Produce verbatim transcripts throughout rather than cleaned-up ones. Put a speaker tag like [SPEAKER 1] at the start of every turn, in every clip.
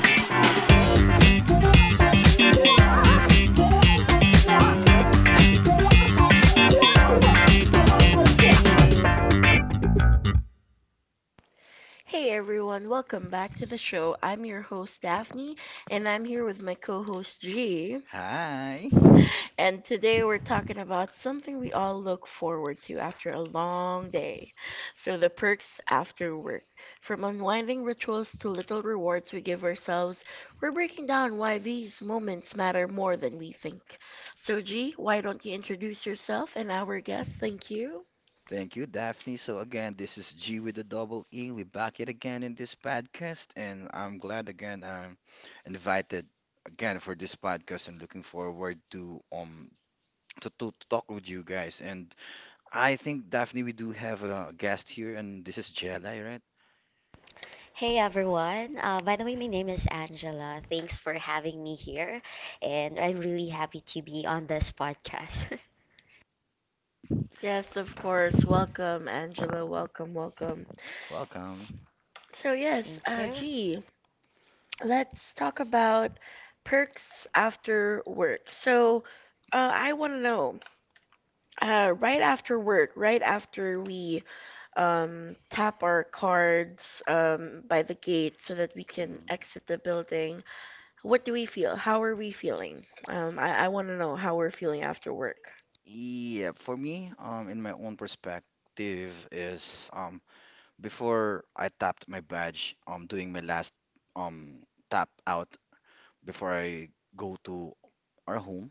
[SPEAKER 1] Hmm, Wala intro mo.
[SPEAKER 2] Hey everyone, welcome back to the show. I'm your host Daphne, and I'm here with my co host G.
[SPEAKER 3] Hi.
[SPEAKER 2] And today we're talking about something we all look forward to after a long day. So, the perks after work. From unwinding rituals to little rewards we give ourselves, we're breaking down why these moments matter more than we think. So, G, why don't you introduce yourself and our guest? Thank you.
[SPEAKER 3] Thank you, Daphne. So again, this is G with a double E. We back it again in this podcast, and I'm glad again I'm invited again for this podcast and looking forward to um to, to, to talk with you guys. And I think Daphne, we do have a guest here, and this is Jelly, right?
[SPEAKER 1] Hey
[SPEAKER 4] Hey
[SPEAKER 1] everyone,
[SPEAKER 4] everyone.
[SPEAKER 1] uh,
[SPEAKER 4] Uh,
[SPEAKER 1] my
[SPEAKER 4] by the way, my
[SPEAKER 1] name is
[SPEAKER 4] name is
[SPEAKER 1] Angela.
[SPEAKER 4] Angela.
[SPEAKER 1] Thanks for
[SPEAKER 4] Thanks for
[SPEAKER 1] having me
[SPEAKER 4] having me
[SPEAKER 1] here, and
[SPEAKER 4] here,
[SPEAKER 1] I'm really
[SPEAKER 4] and I'm really
[SPEAKER 1] happy to
[SPEAKER 4] happy
[SPEAKER 1] be
[SPEAKER 4] to
[SPEAKER 1] on
[SPEAKER 4] be on
[SPEAKER 1] this
[SPEAKER 4] this
[SPEAKER 1] podcast.
[SPEAKER 4] podcast.
[SPEAKER 2] Yes,
[SPEAKER 1] Yes,
[SPEAKER 2] of
[SPEAKER 1] of
[SPEAKER 2] course.
[SPEAKER 1] course. Welcome,
[SPEAKER 2] Welcome, Angela.
[SPEAKER 1] Angela.
[SPEAKER 2] Welcome,
[SPEAKER 1] Welcome.
[SPEAKER 2] welcome.
[SPEAKER 1] Angela.
[SPEAKER 3] Welcome.
[SPEAKER 2] So
[SPEAKER 1] So yes,
[SPEAKER 2] yes, uh,
[SPEAKER 1] uh,
[SPEAKER 4] Thank you.
[SPEAKER 2] G, let's
[SPEAKER 1] let's
[SPEAKER 2] talk
[SPEAKER 1] talk
[SPEAKER 2] about
[SPEAKER 1] about
[SPEAKER 2] perks
[SPEAKER 1] perks
[SPEAKER 2] after
[SPEAKER 1] after
[SPEAKER 2] work.
[SPEAKER 1] work. So
[SPEAKER 2] So
[SPEAKER 1] uh,
[SPEAKER 2] uh, I
[SPEAKER 1] I
[SPEAKER 2] want to
[SPEAKER 1] want to know,
[SPEAKER 2] know, uh,
[SPEAKER 1] uh,
[SPEAKER 2] right
[SPEAKER 1] right
[SPEAKER 2] after
[SPEAKER 1] after
[SPEAKER 2] work,
[SPEAKER 1] work,
[SPEAKER 2] right
[SPEAKER 1] right
[SPEAKER 2] after
[SPEAKER 1] after
[SPEAKER 2] we
[SPEAKER 1] we um,
[SPEAKER 2] um, tap
[SPEAKER 1] tap
[SPEAKER 2] our
[SPEAKER 1] our
[SPEAKER 2] cards
[SPEAKER 1] cards um,
[SPEAKER 2] um, by
[SPEAKER 1] by
[SPEAKER 2] the
[SPEAKER 1] the
[SPEAKER 2] gate
[SPEAKER 1] gate
[SPEAKER 2] so
[SPEAKER 1] so
[SPEAKER 2] that
[SPEAKER 1] that
[SPEAKER 2] we
[SPEAKER 1] we
[SPEAKER 2] can
[SPEAKER 1] can
[SPEAKER 3] Mm.
[SPEAKER 2] exit
[SPEAKER 1] exit
[SPEAKER 2] the
[SPEAKER 1] the
[SPEAKER 2] building,
[SPEAKER 1] building,
[SPEAKER 2] what
[SPEAKER 1] what
[SPEAKER 2] do
[SPEAKER 1] do
[SPEAKER 2] we
[SPEAKER 1] we
[SPEAKER 2] feel?
[SPEAKER 1] feel?
[SPEAKER 2] How
[SPEAKER 1] How
[SPEAKER 2] are
[SPEAKER 1] are
[SPEAKER 2] we
[SPEAKER 1] we
[SPEAKER 2] feeling?
[SPEAKER 1] feeling? Um,
[SPEAKER 2] Um, I, I
[SPEAKER 1] I
[SPEAKER 2] want to
[SPEAKER 1] want to
[SPEAKER 2] know
[SPEAKER 1] know
[SPEAKER 2] how
[SPEAKER 1] how
[SPEAKER 2] we're
[SPEAKER 1] we're
[SPEAKER 2] feeling
[SPEAKER 1] feeling
[SPEAKER 2] after
[SPEAKER 1] after
[SPEAKER 2] work.
[SPEAKER 1] work
[SPEAKER 3] Yeah, for me, um, in my own perspective is um before I tapped my badge, um, doing my
[SPEAKER 1] journey
[SPEAKER 3] last
[SPEAKER 1] for me to,
[SPEAKER 3] um
[SPEAKER 1] you know,
[SPEAKER 3] tap
[SPEAKER 1] like,
[SPEAKER 3] out before I go to our home,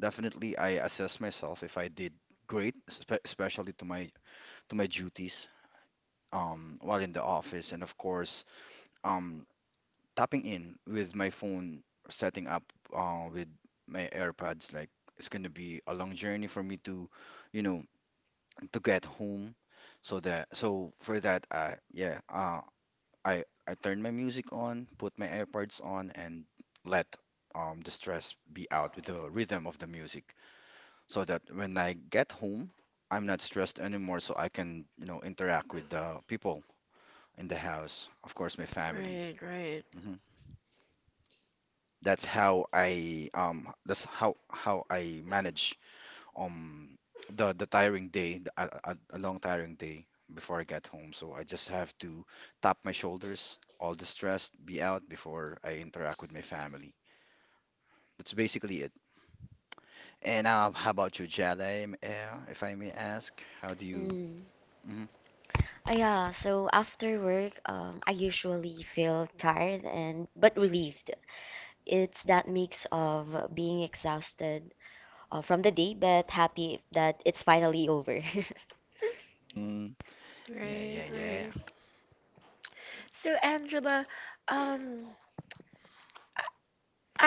[SPEAKER 3] definitely I assess myself if I did great, espe- especially to my to my duties um while in the office, and of course um tapping in with my phone, setting up uh, with my AirPods. Like it's gonna be a long journey for me to, you know, to
[SPEAKER 1] to
[SPEAKER 3] get
[SPEAKER 1] get
[SPEAKER 3] home. So
[SPEAKER 1] so
[SPEAKER 3] that
[SPEAKER 1] that so
[SPEAKER 3] so for
[SPEAKER 1] for
[SPEAKER 3] that,
[SPEAKER 1] that
[SPEAKER 3] uh,
[SPEAKER 1] I
[SPEAKER 3] yeah,
[SPEAKER 1] yeah,
[SPEAKER 3] uh,
[SPEAKER 1] um
[SPEAKER 3] I
[SPEAKER 1] I,
[SPEAKER 3] I
[SPEAKER 1] I
[SPEAKER 3] turn
[SPEAKER 1] turn
[SPEAKER 3] my
[SPEAKER 1] the
[SPEAKER 3] music
[SPEAKER 1] music on,
[SPEAKER 3] on,
[SPEAKER 1] put
[SPEAKER 3] put my
[SPEAKER 1] my
[SPEAKER 3] AirPods
[SPEAKER 1] AirPods on
[SPEAKER 3] on, and
[SPEAKER 1] and
[SPEAKER 3] let
[SPEAKER 1] let
[SPEAKER 3] um,
[SPEAKER 1] um
[SPEAKER 3] the
[SPEAKER 1] the
[SPEAKER 3] stress
[SPEAKER 1] stress
[SPEAKER 3] be
[SPEAKER 1] working
[SPEAKER 3] out
[SPEAKER 1] out
[SPEAKER 3] with
[SPEAKER 1] the
[SPEAKER 3] the rhythm
[SPEAKER 1] rhythm
[SPEAKER 3] of the
[SPEAKER 1] of the
[SPEAKER 3] music,
[SPEAKER 1] music
[SPEAKER 3] so
[SPEAKER 1] so
[SPEAKER 3] that
[SPEAKER 1] that
[SPEAKER 3] when
[SPEAKER 1] when
[SPEAKER 3] I
[SPEAKER 1] I
[SPEAKER 3] get
[SPEAKER 1] get
[SPEAKER 3] home,
[SPEAKER 1] home
[SPEAKER 3] I'm
[SPEAKER 1] I'm
[SPEAKER 3] not
[SPEAKER 1] not
[SPEAKER 3] stressed
[SPEAKER 1] stressed
[SPEAKER 3] anymore,
[SPEAKER 1] anymore
[SPEAKER 3] so
[SPEAKER 1] so
[SPEAKER 3] I
[SPEAKER 1] I can
[SPEAKER 3] can you know interact
[SPEAKER 1] interact
[SPEAKER 3] with
[SPEAKER 1] with
[SPEAKER 3] the
[SPEAKER 1] other people in
[SPEAKER 3] people
[SPEAKER 1] the house, of
[SPEAKER 3] in the house,
[SPEAKER 1] course
[SPEAKER 3] of course, my
[SPEAKER 1] my
[SPEAKER 3] family.
[SPEAKER 1] family.
[SPEAKER 2] Right, right,
[SPEAKER 3] hmm That's
[SPEAKER 1] That's how
[SPEAKER 3] how
[SPEAKER 1] I
[SPEAKER 3] I
[SPEAKER 1] um
[SPEAKER 3] um that's
[SPEAKER 1] first how
[SPEAKER 3] how
[SPEAKER 1] how
[SPEAKER 3] how
[SPEAKER 1] I
[SPEAKER 3] I
[SPEAKER 1] manage
[SPEAKER 3] manage
[SPEAKER 1] um
[SPEAKER 3] um
[SPEAKER 1] the
[SPEAKER 3] the the
[SPEAKER 1] the time
[SPEAKER 3] tiring
[SPEAKER 1] of day
[SPEAKER 3] day, the-
[SPEAKER 1] that I'm
[SPEAKER 3] a, a, a
[SPEAKER 1] not you
[SPEAKER 3] long
[SPEAKER 1] know I,
[SPEAKER 3] tiring
[SPEAKER 1] uh,
[SPEAKER 3] day before I get home. So I just have to tap my shoulders, all the stress be out before I interact with my family. That's basically it. And uh, how about you, Jada, um, uh, if I may ask, how do you?
[SPEAKER 4] Mm.
[SPEAKER 3] Mhm.
[SPEAKER 4] Uh, yeah.
[SPEAKER 1] so
[SPEAKER 4] So
[SPEAKER 1] after
[SPEAKER 4] after
[SPEAKER 1] work,
[SPEAKER 4] work,
[SPEAKER 1] um, I
[SPEAKER 4] um, I
[SPEAKER 1] usually
[SPEAKER 4] usually
[SPEAKER 1] feel
[SPEAKER 4] feel
[SPEAKER 1] tired
[SPEAKER 4] tired and
[SPEAKER 1] but
[SPEAKER 4] but
[SPEAKER 1] relieved.
[SPEAKER 4] relieved.
[SPEAKER 1] It's
[SPEAKER 4] It's
[SPEAKER 1] that
[SPEAKER 4] that
[SPEAKER 1] mix
[SPEAKER 4] mix
[SPEAKER 1] of being
[SPEAKER 4] of being
[SPEAKER 1] exhausted
[SPEAKER 4] exhausted uh,
[SPEAKER 1] from the day,
[SPEAKER 4] from the day,
[SPEAKER 1] but
[SPEAKER 4] but
[SPEAKER 1] happy
[SPEAKER 4] happy
[SPEAKER 1] that
[SPEAKER 4] that
[SPEAKER 1] it's
[SPEAKER 4] it's
[SPEAKER 1] finally over.
[SPEAKER 4] finally over.
[SPEAKER 3] Mm. Yeah,
[SPEAKER 2] right,
[SPEAKER 3] yeah, yeah.
[SPEAKER 2] right.
[SPEAKER 1] So
[SPEAKER 2] So Angela,
[SPEAKER 1] Angela.
[SPEAKER 2] um,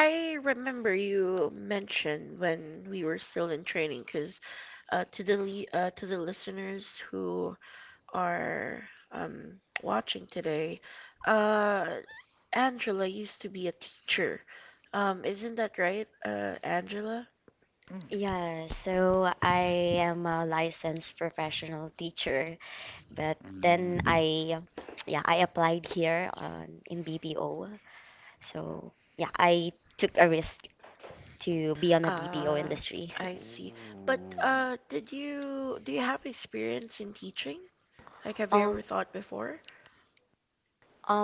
[SPEAKER 1] I
[SPEAKER 2] remember
[SPEAKER 1] remember you mentioned when
[SPEAKER 2] you
[SPEAKER 1] we
[SPEAKER 2] mentioned
[SPEAKER 1] were
[SPEAKER 2] when
[SPEAKER 1] still
[SPEAKER 2] we were still in
[SPEAKER 1] in
[SPEAKER 2] training,
[SPEAKER 1] training,
[SPEAKER 2] because
[SPEAKER 1] because
[SPEAKER 2] uh,
[SPEAKER 1] uh,
[SPEAKER 2] to the
[SPEAKER 1] the
[SPEAKER 2] le uh,
[SPEAKER 1] uh,
[SPEAKER 2] to the listeners
[SPEAKER 1] listeners
[SPEAKER 2] who
[SPEAKER 1] who are um,
[SPEAKER 2] are um, watching
[SPEAKER 1] watching
[SPEAKER 2] today,
[SPEAKER 1] today, uh,
[SPEAKER 2] uh, Angela
[SPEAKER 1] Angela
[SPEAKER 2] used to
[SPEAKER 1] used to
[SPEAKER 2] be
[SPEAKER 1] be
[SPEAKER 2] a
[SPEAKER 1] a
[SPEAKER 2] teacher.
[SPEAKER 1] teacher.
[SPEAKER 2] Um,
[SPEAKER 1] Um,
[SPEAKER 2] isn't
[SPEAKER 1] isn't
[SPEAKER 2] that
[SPEAKER 1] that
[SPEAKER 2] right,
[SPEAKER 1] right,
[SPEAKER 2] uh,
[SPEAKER 1] uh, Angela?
[SPEAKER 2] Angela?
[SPEAKER 1] Yeah,
[SPEAKER 3] Mm,
[SPEAKER 4] Yeah,
[SPEAKER 1] so
[SPEAKER 4] so
[SPEAKER 1] I
[SPEAKER 4] I
[SPEAKER 1] am a
[SPEAKER 4] am a
[SPEAKER 1] licensed
[SPEAKER 4] licensed
[SPEAKER 1] professional
[SPEAKER 4] professional
[SPEAKER 1] teacher, and
[SPEAKER 4] teacher. But
[SPEAKER 1] then
[SPEAKER 3] mm,
[SPEAKER 4] then
[SPEAKER 1] I
[SPEAKER 4] I,
[SPEAKER 1] yeah I
[SPEAKER 4] yeah, I
[SPEAKER 1] applied
[SPEAKER 4] applied
[SPEAKER 1] here.
[SPEAKER 4] here on, in B P O.
[SPEAKER 1] So
[SPEAKER 4] So
[SPEAKER 1] yeah,
[SPEAKER 4] yeah,
[SPEAKER 1] I
[SPEAKER 4] I
[SPEAKER 1] took a
[SPEAKER 4] took a
[SPEAKER 1] risk.
[SPEAKER 4] risk to be
[SPEAKER 1] Um,
[SPEAKER 4] on a
[SPEAKER 2] Uh,
[SPEAKER 4] B P O industry.
[SPEAKER 2] I see. But
[SPEAKER 3] ooh,
[SPEAKER 2] uh, did you do you have experience in teaching? Like, have you ever
[SPEAKER 4] Um,
[SPEAKER 2] thought before?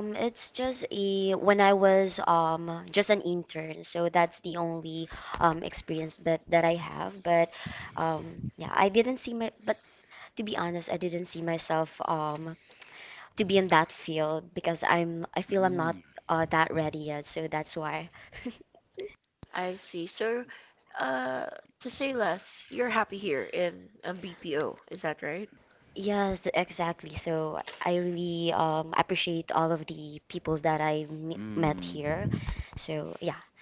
[SPEAKER 4] um,
[SPEAKER 1] it's
[SPEAKER 4] it's
[SPEAKER 1] just
[SPEAKER 4] just
[SPEAKER 1] a
[SPEAKER 4] a
[SPEAKER 1] when I
[SPEAKER 4] when I
[SPEAKER 1] was
[SPEAKER 4] was
[SPEAKER 1] um
[SPEAKER 4] um
[SPEAKER 1] just an
[SPEAKER 4] just an
[SPEAKER 1] intern, so
[SPEAKER 4] intern, so
[SPEAKER 1] that's the
[SPEAKER 4] that's the
[SPEAKER 1] only
[SPEAKER 4] only
[SPEAKER 1] um
[SPEAKER 4] um
[SPEAKER 1] experience
[SPEAKER 4] experience
[SPEAKER 1] that
[SPEAKER 4] that
[SPEAKER 1] that I
[SPEAKER 4] that I
[SPEAKER 1] have.
[SPEAKER 4] have.
[SPEAKER 1] But
[SPEAKER 4] But
[SPEAKER 1] um,
[SPEAKER 4] um,
[SPEAKER 1] I
[SPEAKER 4] yeah, I
[SPEAKER 1] didn't see
[SPEAKER 4] didn't
[SPEAKER 1] my,
[SPEAKER 4] see my.
[SPEAKER 1] but
[SPEAKER 4] But
[SPEAKER 1] to be
[SPEAKER 4] to be
[SPEAKER 1] honest, I
[SPEAKER 4] honest, I
[SPEAKER 1] didn't
[SPEAKER 4] didn't
[SPEAKER 1] see
[SPEAKER 4] see
[SPEAKER 1] myself
[SPEAKER 4] myself
[SPEAKER 1] um
[SPEAKER 4] um
[SPEAKER 1] to be
[SPEAKER 4] to
[SPEAKER 1] in
[SPEAKER 4] be in
[SPEAKER 1] that
[SPEAKER 4] that
[SPEAKER 1] field
[SPEAKER 4] field
[SPEAKER 1] because
[SPEAKER 4] because
[SPEAKER 1] I'm I
[SPEAKER 4] I'm I
[SPEAKER 1] feel I'm
[SPEAKER 4] feel I'm
[SPEAKER 1] not
[SPEAKER 3] mm,
[SPEAKER 4] not
[SPEAKER 1] uh,
[SPEAKER 4] uh
[SPEAKER 1] that
[SPEAKER 4] that
[SPEAKER 1] ready yet.
[SPEAKER 4] ready yet.
[SPEAKER 1] So
[SPEAKER 4] So
[SPEAKER 1] that's
[SPEAKER 4] that's
[SPEAKER 1] why
[SPEAKER 4] why.
[SPEAKER 1] I'm
[SPEAKER 2] I
[SPEAKER 1] a
[SPEAKER 2] see. So,
[SPEAKER 1] Caesar.
[SPEAKER 2] uh,
[SPEAKER 1] Uh,
[SPEAKER 2] to say
[SPEAKER 1] Sheila,
[SPEAKER 2] less,
[SPEAKER 1] s-
[SPEAKER 2] you're
[SPEAKER 1] you're
[SPEAKER 2] happy
[SPEAKER 1] happy
[SPEAKER 2] here
[SPEAKER 1] here
[SPEAKER 2] in
[SPEAKER 1] in
[SPEAKER 2] um,
[SPEAKER 1] uh,
[SPEAKER 2] B P O,
[SPEAKER 1] B P O,
[SPEAKER 2] is
[SPEAKER 1] is
[SPEAKER 2] that
[SPEAKER 1] that
[SPEAKER 2] right?
[SPEAKER 1] right?
[SPEAKER 4] Yes,
[SPEAKER 1] Yes,
[SPEAKER 4] exactly.
[SPEAKER 1] exactly. So
[SPEAKER 4] So
[SPEAKER 1] I
[SPEAKER 4] I
[SPEAKER 1] really
[SPEAKER 4] really
[SPEAKER 1] um,
[SPEAKER 4] um,
[SPEAKER 1] appreciate
[SPEAKER 4] appreciate
[SPEAKER 1] all of
[SPEAKER 4] all
[SPEAKER 1] the
[SPEAKER 4] of the
[SPEAKER 1] people
[SPEAKER 4] people
[SPEAKER 1] that I've
[SPEAKER 4] that
[SPEAKER 1] met
[SPEAKER 4] I
[SPEAKER 1] here.
[SPEAKER 4] m met
[SPEAKER 3] mm.
[SPEAKER 4] here. So yeah,